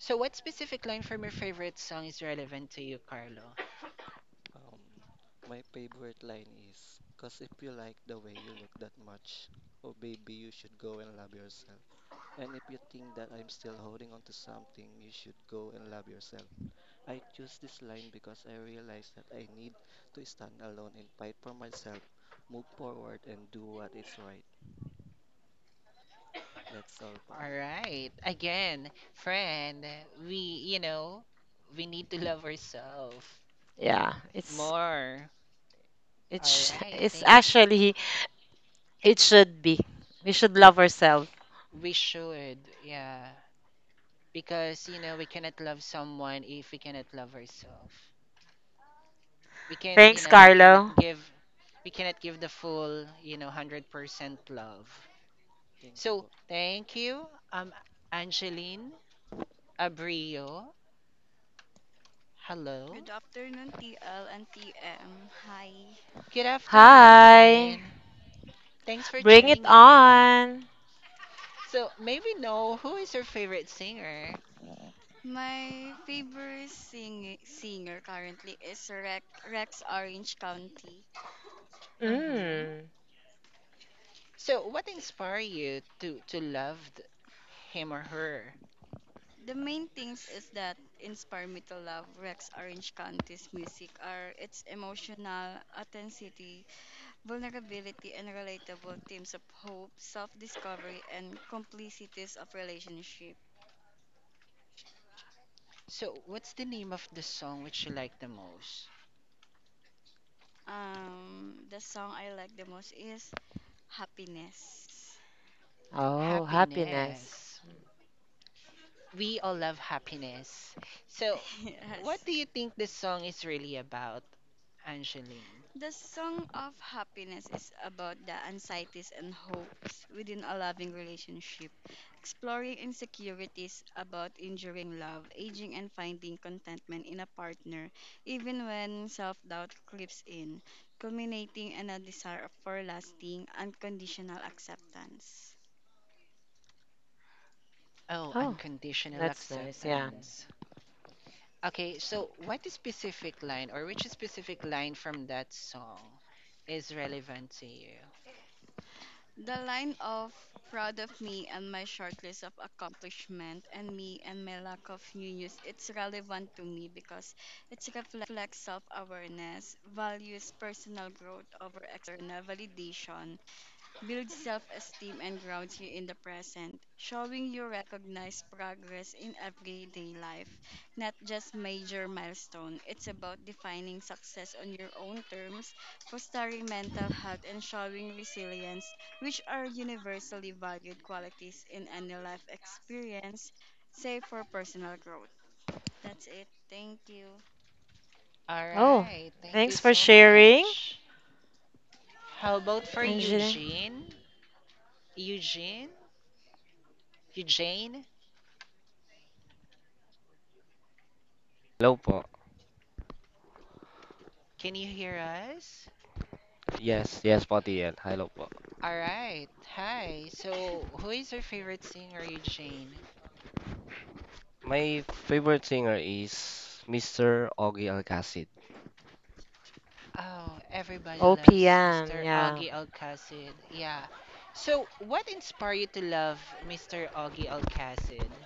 Speaker 6: So, what specific line from your favorite song is relevant to you, Carlo? All right. Again, friend, we, you know, we need to love ourselves
Speaker 2: Yeah,
Speaker 6: more. All
Speaker 2: it's
Speaker 6: right.
Speaker 2: it's
Speaker 6: Think
Speaker 2: actually it should be. We should love ourselves.
Speaker 6: we should. Yeah. Because, you know, we cannot love someone if we cannot love ourselves. We can,
Speaker 2: Thanks, Carlo.
Speaker 6: we cannot give the full, 100% love. So, thank you. Um Angeline Abrio. Hello.
Speaker 26: Good afternoon, TL and TM. Hi.
Speaker 6: Good
Speaker 2: Hi.
Speaker 6: afternoon. Thanks for
Speaker 2: Bring it
Speaker 6: tuning in.
Speaker 2: on.
Speaker 6: So, may we know who is your favorite singer?
Speaker 26: My favorite singer currently is Rex, Rex Orange County.
Speaker 6: hmm
Speaker 2: Mm.
Speaker 6: So, what inspired you to love him or her?
Speaker 26: The main things is that inspire me to love Rex Orange County's music are its emotional authenticity, vulnerability, and relatable themes of hope, self-discovery, and complicities of relationship.
Speaker 6: So, what's the name of the song which you like the most?
Speaker 26: The song I like the most is Happiness.
Speaker 2: Oh, happiness.
Speaker 6: Happiness. We all love happiness. So, what
Speaker 26: Yes.
Speaker 6: do you think this song is really about, Angeline?
Speaker 26: The Song of Happiness is about the anxieties and hopes within a loving relationship, exploring insecurities about enduring love, aging, and finding contentment in a partner, even when self doubt creeps in, culminating in a desire for lasting, unconditional acceptance.
Speaker 6: Oh,
Speaker 2: Oh,
Speaker 6: unconditional
Speaker 2: that's nice. Yeah.
Speaker 6: acceptance. Okay, so what is specific line or which specific line from that song is relevant to you?
Speaker 26: The line of proud of me and my short list of accomplishment and me and my lack of new news, it's relevant to me because it reflects self-awareness, values personal growth over external validation, builds self esteem and grounds you in the present, showing you recognize progress in everyday life, not just major milestone. It's about defining success on your own terms, fostering mental health, and showing resilience, which are universally valued qualities in any life experience, save for personal growth. That's it. Thank you.
Speaker 6: All
Speaker 2: Oh,
Speaker 6: right, thank you
Speaker 2: thanks for
Speaker 6: so
Speaker 2: sharing,
Speaker 6: much. How about for
Speaker 2: Angeline.
Speaker 6: Eugene? Eugene? Eugene? Can you hear us?
Speaker 27: Yes, yes, Pati yan. Hello po.
Speaker 6: All right, hi. So, who is your favorite singer, Eugene?
Speaker 27: My favorite singer is Mr. Ogie Alcacid.
Speaker 6: Oh, everybody loves
Speaker 2: OPM.
Speaker 6: Mr.
Speaker 2: Yeah.
Speaker 6: Augie Alcacid. Yeah. So, what inspired you to love Mr. Augie Alcacid?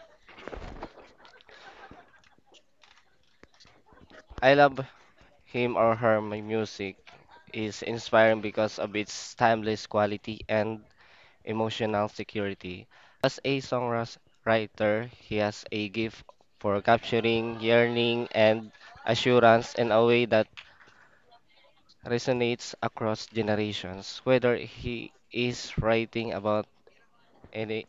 Speaker 27: I love him or her. My music is inspiring because of its timeless quality and emotional security. As a songwriter, he has a gift for capturing yearning and assurance in a way that resonates across generations. Whether he is writing about any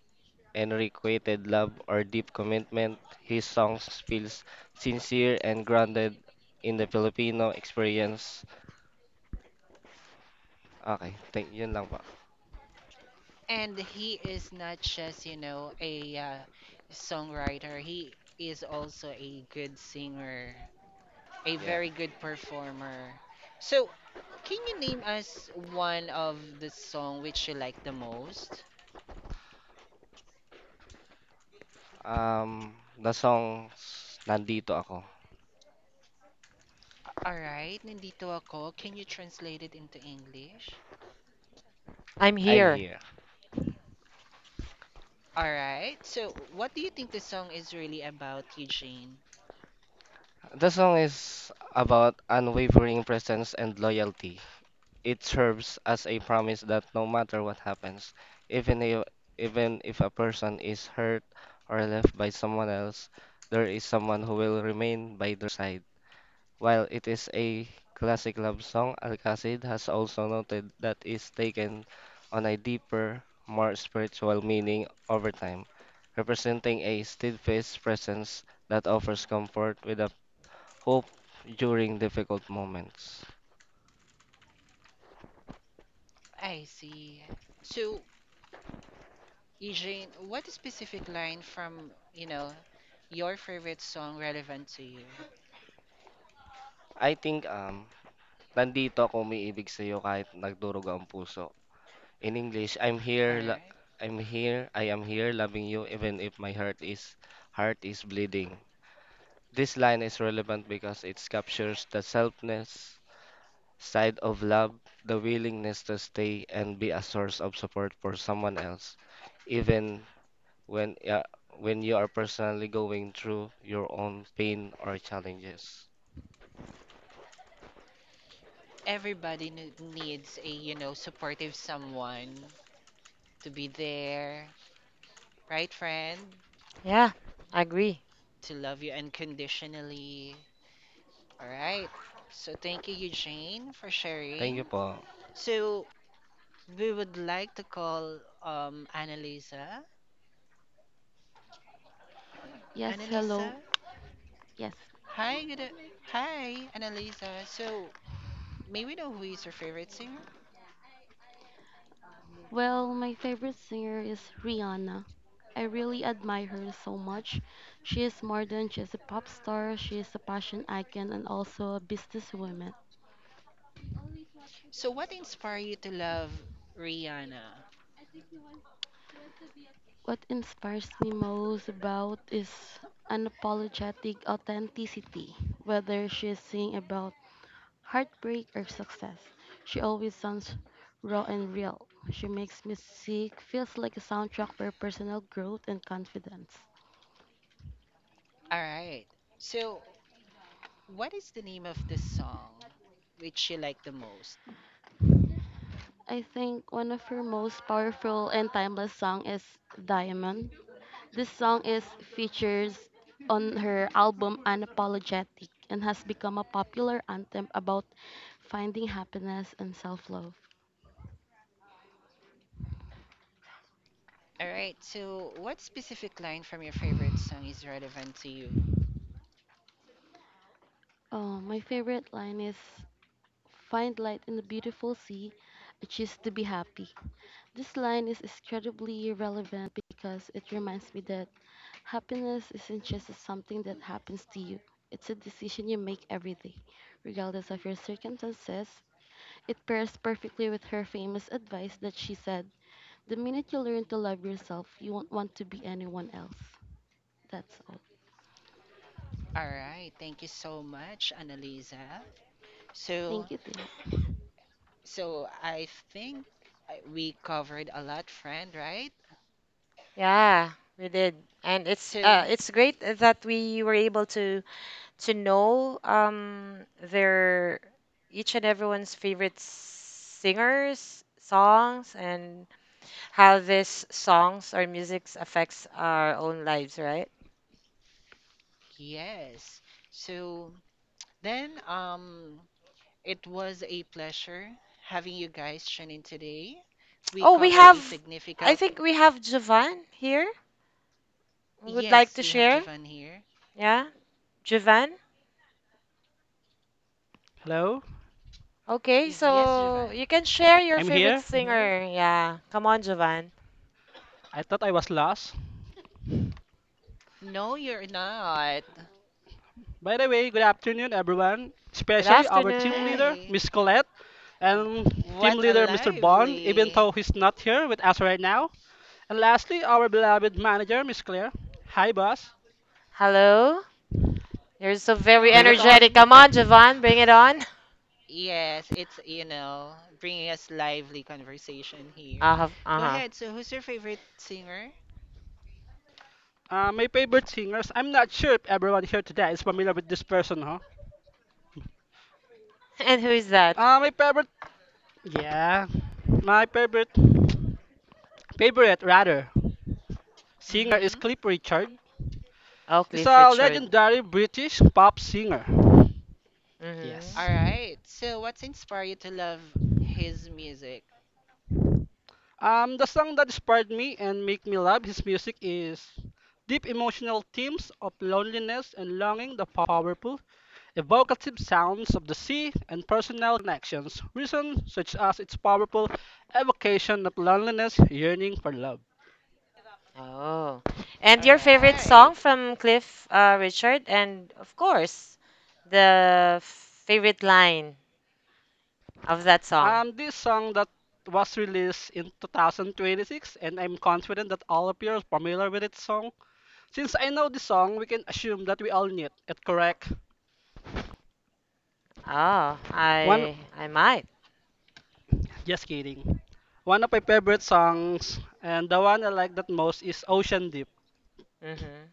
Speaker 27: unrequited love, or deep commitment, his songs feels sincere and grounded in the Filipino experience. Okay, thank yun lang po.
Speaker 6: And he is not just, a songwriter. He is also a good singer, a
Speaker 27: Yeah.
Speaker 6: very good performer. So, can you name us one of the song which you like the most?
Speaker 27: Um, the song's Nandito Ako.
Speaker 6: All right, nandito ako. Can you translate it into English?
Speaker 2: I'm
Speaker 27: I'm
Speaker 2: here.
Speaker 27: here.
Speaker 6: All right. So, what do you think the song is really about, Eugene?
Speaker 27: The song is about unwavering presence and loyalty. It serves as a promise that no matter what happens, even if, even if a person is hurt or left by someone else, there is someone who will remain by their side. While it is a classic love song, Alcacid has also noted that it's taken on a deeper, more spiritual meaning over time, representing a steadfast presence that offers comfort with a hope during difficult moments.
Speaker 6: I see. So, Eugene, what specific line from, your favorite song relevant to you?
Speaker 27: I think nandito ako umiibig sa iyo kahit nagdurog ang puso. In English, I'm
Speaker 6: All
Speaker 27: here,
Speaker 6: right.
Speaker 27: I'm here, I am here loving you even if my heart is bleeding. This line is relevant because it captures the selfless side of love, the willingness to stay and be a source of support for someone else, even when uh, when you are personally going through your own pain or challenges.
Speaker 6: Everybody needs a, supportive someone to be there, right, friend?
Speaker 2: Yeah, I agree.
Speaker 6: To love you unconditionally. All right. So thank you, Eugene, for
Speaker 27: Thank
Speaker 6: sharing.
Speaker 27: you po.
Speaker 6: So we would like to call Annalisa.
Speaker 28: Yes, hello.
Speaker 6: Annalisa,
Speaker 28: Yes.
Speaker 6: hi, good. Hi, Annalisa. So may we know who is your favorite singer?
Speaker 28: Well, my favorite singer is Rihanna. I really admire her so much. She is more than just a pop star, she is a fashion icon and also a businesswoman.
Speaker 6: So, what inspired you to love Rihanna?
Speaker 28: What inspires me most about is unapologetic authenticity, whether she is singing about heartbreak or success. She always sounds raw and real. She makes music feels like a soundtrack for personal growth and confidence.
Speaker 6: All right. So, what is the name of the song which you like the most?
Speaker 28: I think one of her most powerful and timeless song is Diamond. This song is features on her album Unapologetic and has become a popular anthem about finding happiness and self-love.
Speaker 6: All right. So, what specific line from your favorite song is relevant to you?
Speaker 28: Oh, my favorite line is find light in the beautiful sea, I choose to be happy. This line is incredibly relevant because it reminds me that happiness isn't just something that happens to you, it's a decision you make every day, regardless of your circumstances. It pairs perfectly with her famous advice that she said, "The minute you learn to love yourself, you won't want to be anyone else." That's all.
Speaker 6: All right. Thank you so much, Annalisa. So,
Speaker 28: Thank you, Tia.
Speaker 6: so I think we covered a lot, friend, right?
Speaker 2: Yeah, we did. And
Speaker 6: So,
Speaker 2: it's great that we were able to know their each and everyone's favorite singers songs, and how these songs or musics affects our own lives, right?
Speaker 6: yes. So, then, it was a pleasure having you guys tune in today. We
Speaker 2: Oh, we
Speaker 6: covered
Speaker 2: have,
Speaker 6: a
Speaker 2: I
Speaker 6: significant.
Speaker 2: think we have Javan here would like
Speaker 6: Yes,
Speaker 2: to
Speaker 6: we have
Speaker 2: share,
Speaker 6: Javan here.
Speaker 2: yeah, Javan.
Speaker 29: Hello,
Speaker 2: Okay,
Speaker 6: Yes,
Speaker 2: so
Speaker 6: Javan.
Speaker 2: you can share your
Speaker 29: I'm
Speaker 2: favorite
Speaker 29: here.
Speaker 2: hmm singer. Yeah, come on, Javan.
Speaker 29: I thought I was lost.
Speaker 6: No, you're not.
Speaker 29: By the way, good afternoon, everyone,
Speaker 2: Good
Speaker 29: especially our team
Speaker 2: afternoon.
Speaker 29: leader,
Speaker 6: Hey,
Speaker 29: Miss Colette, and team
Speaker 6: what a
Speaker 29: leader, Mr. Bond, even
Speaker 6: lively.
Speaker 29: though he's not here with us right now. And lastly, our beloved manager, Miss Claire. Hi, boss.
Speaker 2: Hello, you're so
Speaker 6: Go
Speaker 2: very
Speaker 29: Bring it on.
Speaker 2: energetic.
Speaker 6: on.
Speaker 2: Come on, Javan, bring it on.
Speaker 6: Yes, it's, you know, bringing us lively conversation here.
Speaker 2: Uh-huh,
Speaker 6: Go
Speaker 2: uh-huh.
Speaker 6: ahead. So, who's your favorite singer?
Speaker 29: My favorite singers. I'm not sure if everyone here today is familiar with this person, huh?
Speaker 2: And who is that?
Speaker 29: My favorite. Yeah, my favorite. Favorite, rather. Singer is
Speaker 6: Mm-hmm.
Speaker 29: Cliff Richard.
Speaker 2: Oh,
Speaker 29: Is
Speaker 2: Cliff
Speaker 29: a
Speaker 2: Richard.
Speaker 29: legendary British pop singer.
Speaker 2: Mm-hmm.
Speaker 6: All
Speaker 29: Yes.
Speaker 6: right. So, what's inspired you to love his music?
Speaker 29: The song that inspired me and make me love his music is deep emotional themes of loneliness and longing, the powerful, evocative sounds of the sea, and personal connections, reasons such as its powerful evocation of loneliness, yearning for love.
Speaker 2: Oh. And
Speaker 6: All
Speaker 2: your favorite
Speaker 6: right.
Speaker 2: song from Cliff, Richard, and of course, the favorite line of that song.
Speaker 29: This song that was released in 2026, and I'm confident that all of you are familiar with its song. Since I know the song, we can assume that we all need it, correct?
Speaker 2: Oh,
Speaker 29: One,
Speaker 2: I might.
Speaker 29: just kidding. One of my favorite songs, and the one I like that most is Ocean Deep.
Speaker 2: Mm-hmm.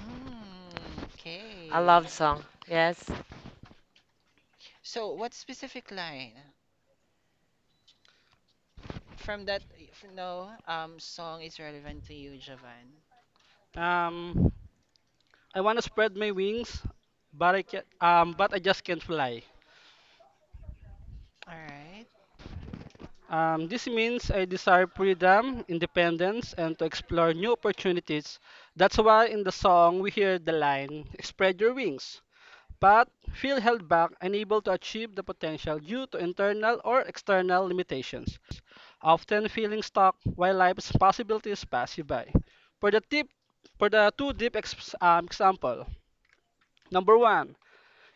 Speaker 6: Mm,
Speaker 2: I
Speaker 6: okay.
Speaker 2: love song. Yes,
Speaker 6: So, what specific line from that from no song is relevant to you, Javan?
Speaker 29: Um, I want to spread my wings, but I can, but I just can't fly.
Speaker 6: All right.
Speaker 29: This means I desire freedom, independence, and to explore new opportunities. That's why in the song we hear the line, "Spread your wings," but feel held back and able to achieve the potential due to internal or external limitations, often feeling stuck while life's possibilities pass you by. For the tip, for the two deep example, number one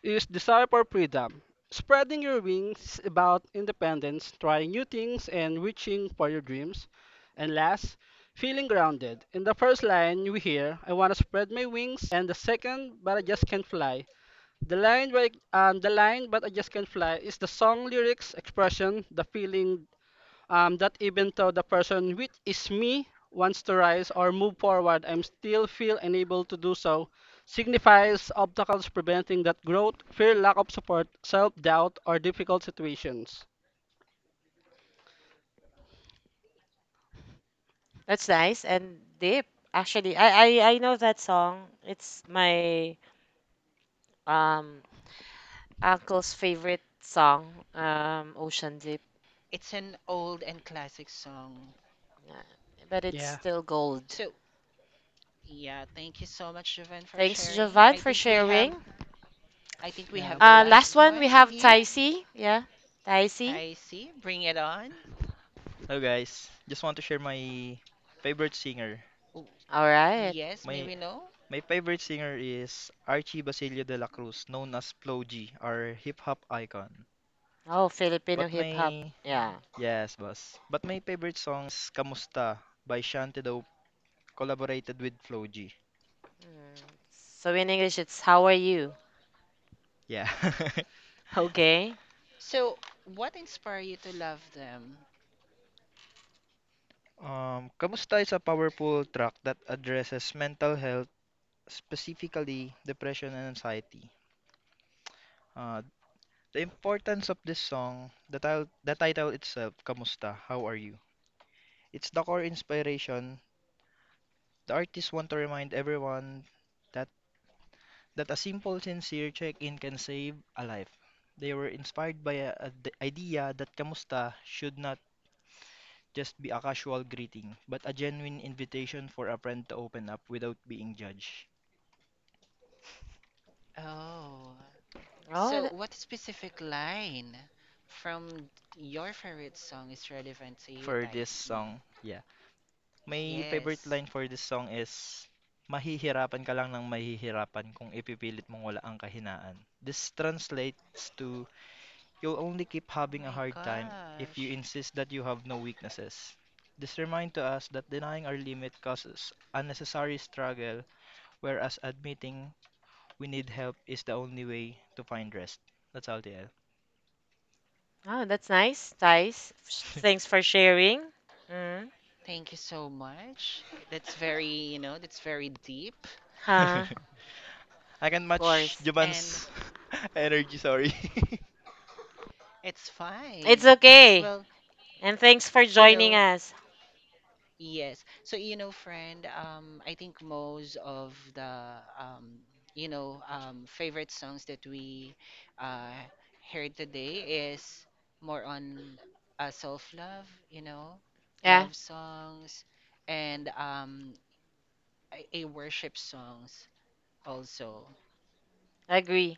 Speaker 29: is desire for freedom. Spreading your wings about independence, trying new things, and reaching for your dreams. And last, feeling grounded. In the first line, you hear, I want to spread my wings, and the second, but I just can't fly the line where the line "But I just can't fly" is the song lyrics expression, the feeling that even though the person, which is me, wants to rise or move forward, I'm still feel unable to do so. Signifies obstacles preventing that growth, fear, lack of support, self-doubt, or difficult situations.
Speaker 2: that's nice and deep. Actually, I know that song. It's my um uncle's favorite song. Ocean Deep,
Speaker 6: It's an old and classic song.
Speaker 2: Uh, but it's
Speaker 29: Yeah,
Speaker 2: still gold.
Speaker 6: So, yeah, thank you so much, Javan, for
Speaker 2: Thanks,
Speaker 6: sharing.
Speaker 2: Jovan,
Speaker 6: I
Speaker 2: for
Speaker 6: think we have
Speaker 2: sharing.
Speaker 6: I think we
Speaker 29: yeah.
Speaker 6: have the
Speaker 2: Last
Speaker 6: last
Speaker 2: one, we
Speaker 6: one
Speaker 2: have
Speaker 6: here.
Speaker 2: Taisi. Yeah, Taisi.
Speaker 6: Taisi, bring it on.
Speaker 30: Hello guys, just want to share my favorite singer.
Speaker 6: Oh,
Speaker 2: All right.
Speaker 6: yes,
Speaker 30: My
Speaker 6: maybe no.
Speaker 30: my favorite singer is Archie Basilio de la Cruz, known as Plo G, our hip hop icon.
Speaker 2: Oh,
Speaker 30: But
Speaker 2: Filipino hip hop.
Speaker 30: my
Speaker 2: Yeah.
Speaker 30: yes, boss. But my favorite song is Kamusta by Shante Dope, collaborated with Flo G.
Speaker 2: Mm. So in English, it's how are you?
Speaker 30: Yeah.
Speaker 2: Okay.
Speaker 6: So, what inspired you to love them?
Speaker 30: Kamusta is a powerful track that addresses mental health, specifically depression and anxiety. Uh, the importance of this song, the title, the title itself, Kamusta, how are you? It's the core inspiration. The artists want to remind everyone that, a simple, sincere check-in can save a life. They were inspired by a d- idea that kamusta should not just be a casual greeting, but a genuine invitation for a friend to open up without being judged.
Speaker 6: Oh.
Speaker 2: Oh,
Speaker 6: So, what specific line from your favorite song is relevant to you,
Speaker 30: For this
Speaker 6: Taisi?
Speaker 30: song, yeah. My favorite
Speaker 6: Yes.
Speaker 30: line for this song is, Mahihirapan ka lang ng mahihirapan kung ipipilit mong wala ang kahinaan. This translates to you'll only keep
Speaker 6: Oh
Speaker 30: having a
Speaker 6: my
Speaker 30: hard time if you
Speaker 6: gosh.
Speaker 30: insist that you have no weaknesses. This reminds to us that denying our limit causes unnecessary struggle, whereas admitting we need help is the only way to find rest. That's all, TL.
Speaker 2: oh that's nice, Thais. Thanks for sharing. Mm.
Speaker 6: Thank you so much. That's very, you know, that's very deep
Speaker 2: Huh.
Speaker 30: I can
Speaker 2: Of
Speaker 30: match
Speaker 2: course.
Speaker 6: and
Speaker 30: Juman's energy, sorry.
Speaker 6: it's
Speaker 2: It's
Speaker 6: fine.
Speaker 2: okay.
Speaker 6: Well,
Speaker 2: And thanks for
Speaker 6: you
Speaker 2: joining
Speaker 6: know,
Speaker 2: us.
Speaker 6: yes. So, you know, friend, I think most of the, um, you know, favorite songs that we uh, heard today is more on self-love, you know,
Speaker 2: Yeah,
Speaker 6: love songs and a worship songs also.
Speaker 2: I agree.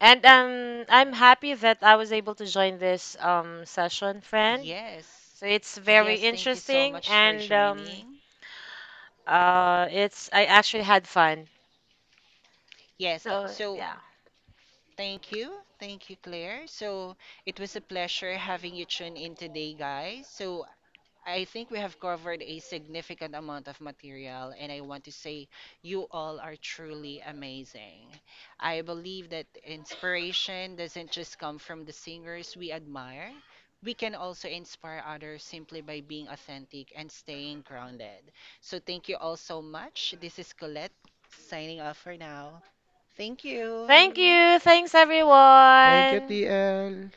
Speaker 2: And I'm
Speaker 6: Right?
Speaker 2: happy that I was able to join this session, friend.
Speaker 6: Yes.
Speaker 2: So it's very
Speaker 6: Yes, thank you so
Speaker 2: interesting
Speaker 6: much for
Speaker 2: and
Speaker 6: joining.
Speaker 2: it's I actually had fun.
Speaker 6: Yes.
Speaker 2: So
Speaker 6: So,
Speaker 2: yeah.
Speaker 6: thank you. Thank you, Claire. So it was a pleasure having you tune in today, guys. So I think we have covered a significant amount of material, and I want to say you all are truly amazing. I believe that inspiration doesn't just come from the singers we admire. We can also inspire others simply by being authentic and staying grounded. So thank you all so much. This is Colette signing off for now. Thank you.
Speaker 2: Thank Mm. you. Thanks
Speaker 21: Thank you,
Speaker 2: everyone.
Speaker 21: TL.